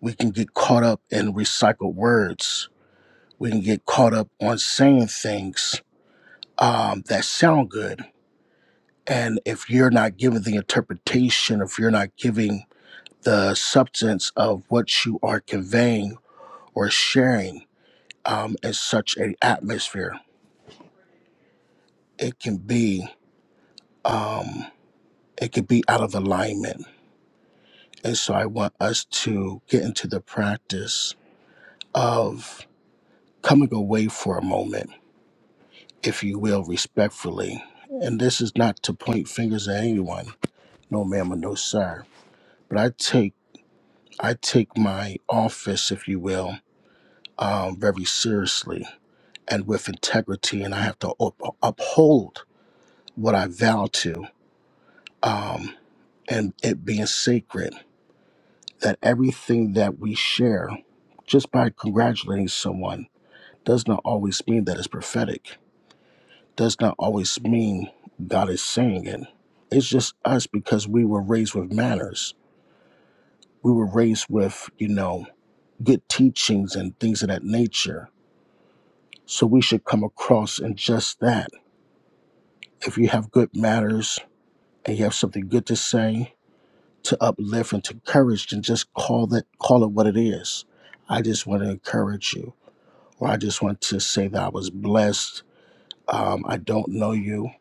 We can get caught up in recycled words. We can get caught up on saying things um, that sound good. And if you're not giving the interpretation, if you're not giving the substance of what you are conveying or sharing, um, in such a atmosphere, it can be um, it can be out of alignment. And so I want us to get into the practice of coming away for a moment, if you will, respectfully. And this is not to point fingers at anyone, no ma'am or no sir. But I take I take my office, if you will, um, very seriously and with integrity, and I have to up- uphold what I vow to. Um, and it being sacred, that everything that we share, just by congratulating someone, does not always mean that it's prophetic, does not always mean God is saying it. It's just us because we were raised with manners. We were raised with, you know, good teachings and things of that nature. So we should come across in just that. If you have good manners and you have something good to say, to uplift and to encourage and just call that call it what it is. I just want to encourage you, or I just want to say that I was blessed. Um, I don't know you,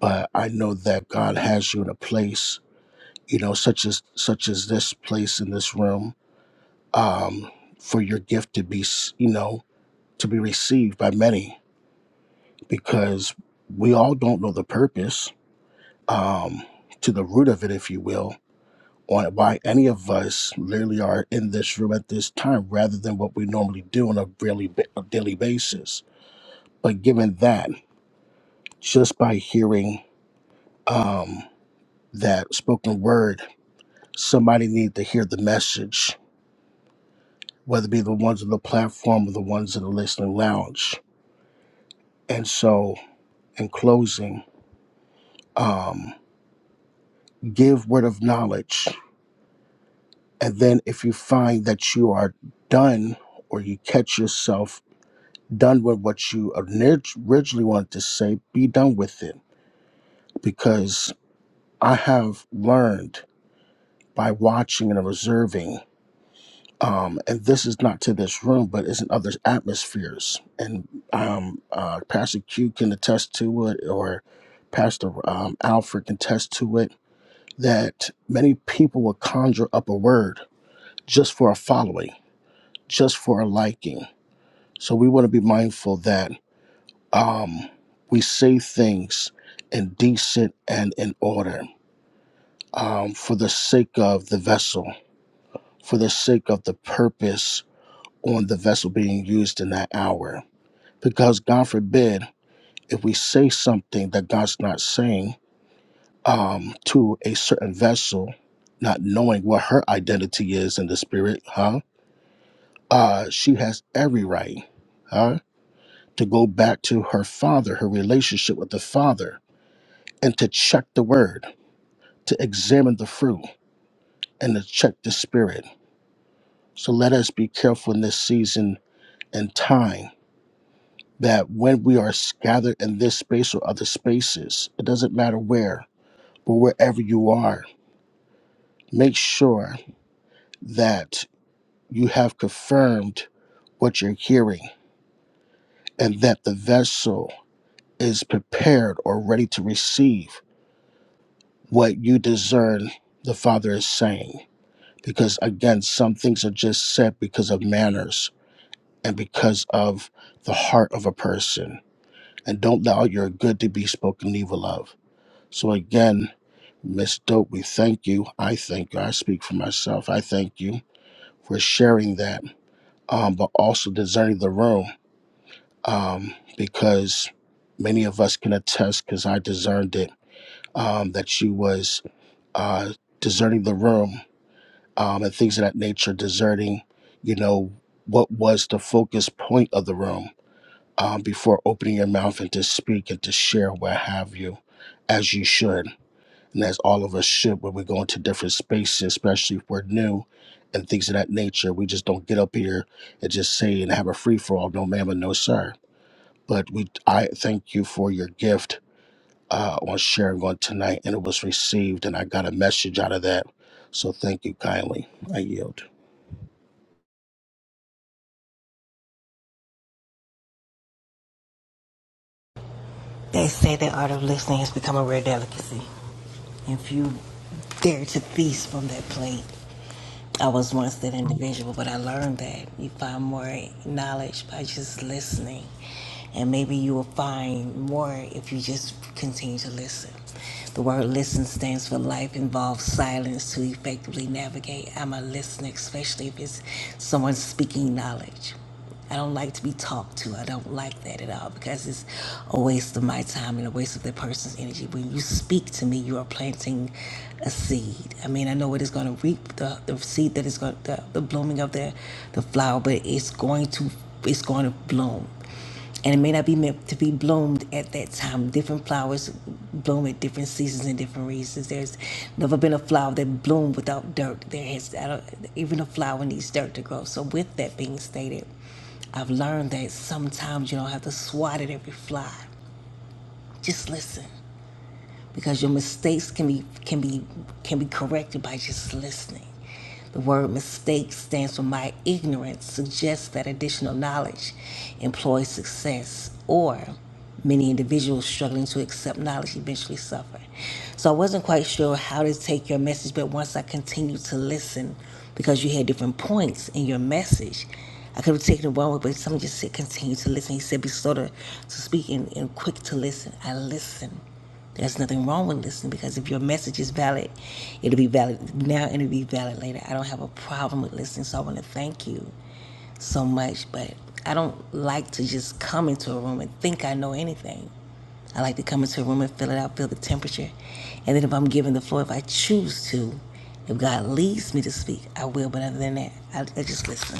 but I know that God has you in a place, you know, such as such as this place in this room, um, for your gift to be, s- you know, to be received by many, because we all don't know the purpose um, to the root of it, if you will on why any of us literally are in this room at this time rather than what we normally do on a really ba- a daily basis. But given that, just by hearing um, that spoken word, somebody needed to hear the message, whether it be the ones on the platform or the ones in the listening lounge. And so, in closing, um, give word of knowledge. And then, if you find that you are done or you catch yourself done with what you orig- originally wanted to say, be done with it. Because I have learned by watching and observing, um, and this is not to this room, but it's in other atmospheres. And um, uh, Pastor Q can attest to it, or Pastor um, Alfred can attest to it, that many people will conjure up a word just for a following, just for a liking. So we want to be mindful that um, we say things in decent and in order um, for the sake of the vessel, for the sake of the purpose on the vessel being used in that hour. Because God forbid if we say something that God's not saying um, to a certain vessel, not knowing what her identity is in the spirit, huh? Uh, she has every right, huh, to go back to her father, her relationship with the father, and to check the word to examine the fruit and to check the spirit. So let us be careful in this season and time that when we are gathered in this space or other spaces, it doesn't matter where, but wherever you are, make sure that you have confirmed what you're hearing and that the vessel is prepared or ready to receive what you discern the Father is saying. Because again, some things are just said because of manners and because of the heart of a person. And don't allow your good to be spoken evil of. So again, Miss Dope, we thank you. I thank you. I speak for myself. I thank you for sharing that, um, but also discerning the room um, because many of us can attest, because I discerned it, um, that she was uh, discerning the room um, and things of that nature, discerning, you know, what was the focus point of the room um, before opening your mouth and to speak and to share what have you, as you should, and as all of us should when we go into different spaces, especially if we're new and things of that nature. We just don't get up here and just say and have a free for all, no ma'am and no sir. But we, I thank you for your gift uh, on sharing on tonight, and it was received, and I got a message out of that. So thank you kindly. I yield.
They say the art of listening has become a rare delicacy. If you dare to feast from that plate, I was once that individual, but I learned that you find more knowledge by just listening. And maybe you will find more if you just continue to listen. The word listen stands for life involves silence to effectively navigate. I'm a listener, especially if it's someone speaking knowledge. I don't like to be talked to. I don't like that at all because it's a waste of my time and a waste of that person's energy. When you speak to me, you are planting a seed. I mean, I know it is going to reap the, the seed that is going the, the blooming of the the flower, but it's going to it's going to bloom and it may not be meant to be bloomed at that time. Different flowers bloom at different seasons and different reasons. There's never been a flower that bloomed without dirt. There has I don't, even a flower needs dirt to grow. So with that being stated, I've learned that sometimes you don't have to swat at every fly. Just listen because your mistakes can be can be can be corrected by just listening. The word mistake stands for my ignorance suggests that additional knowledge employs success or many individuals struggling to accept knowledge eventually suffer. So I wasn't quite sure how to take your message, but once I continued to listen, because you had different points in your message, I could have taken it one way, but someone just said continue to listen. He said be sort of to speak and, and quick to listen. I listened. There's nothing wrong with listening because if your message is valid, it'll be valid now and it'll be valid later. I don't have a problem with listening, so I want to thank you so much, but I don't like to just come into a room and think I know anything. I like to come into a room and feel it out, feel the temperature. And then if I'm given the floor, if I choose to, if God leads me to speak, I will. But other than that, I, I just listen.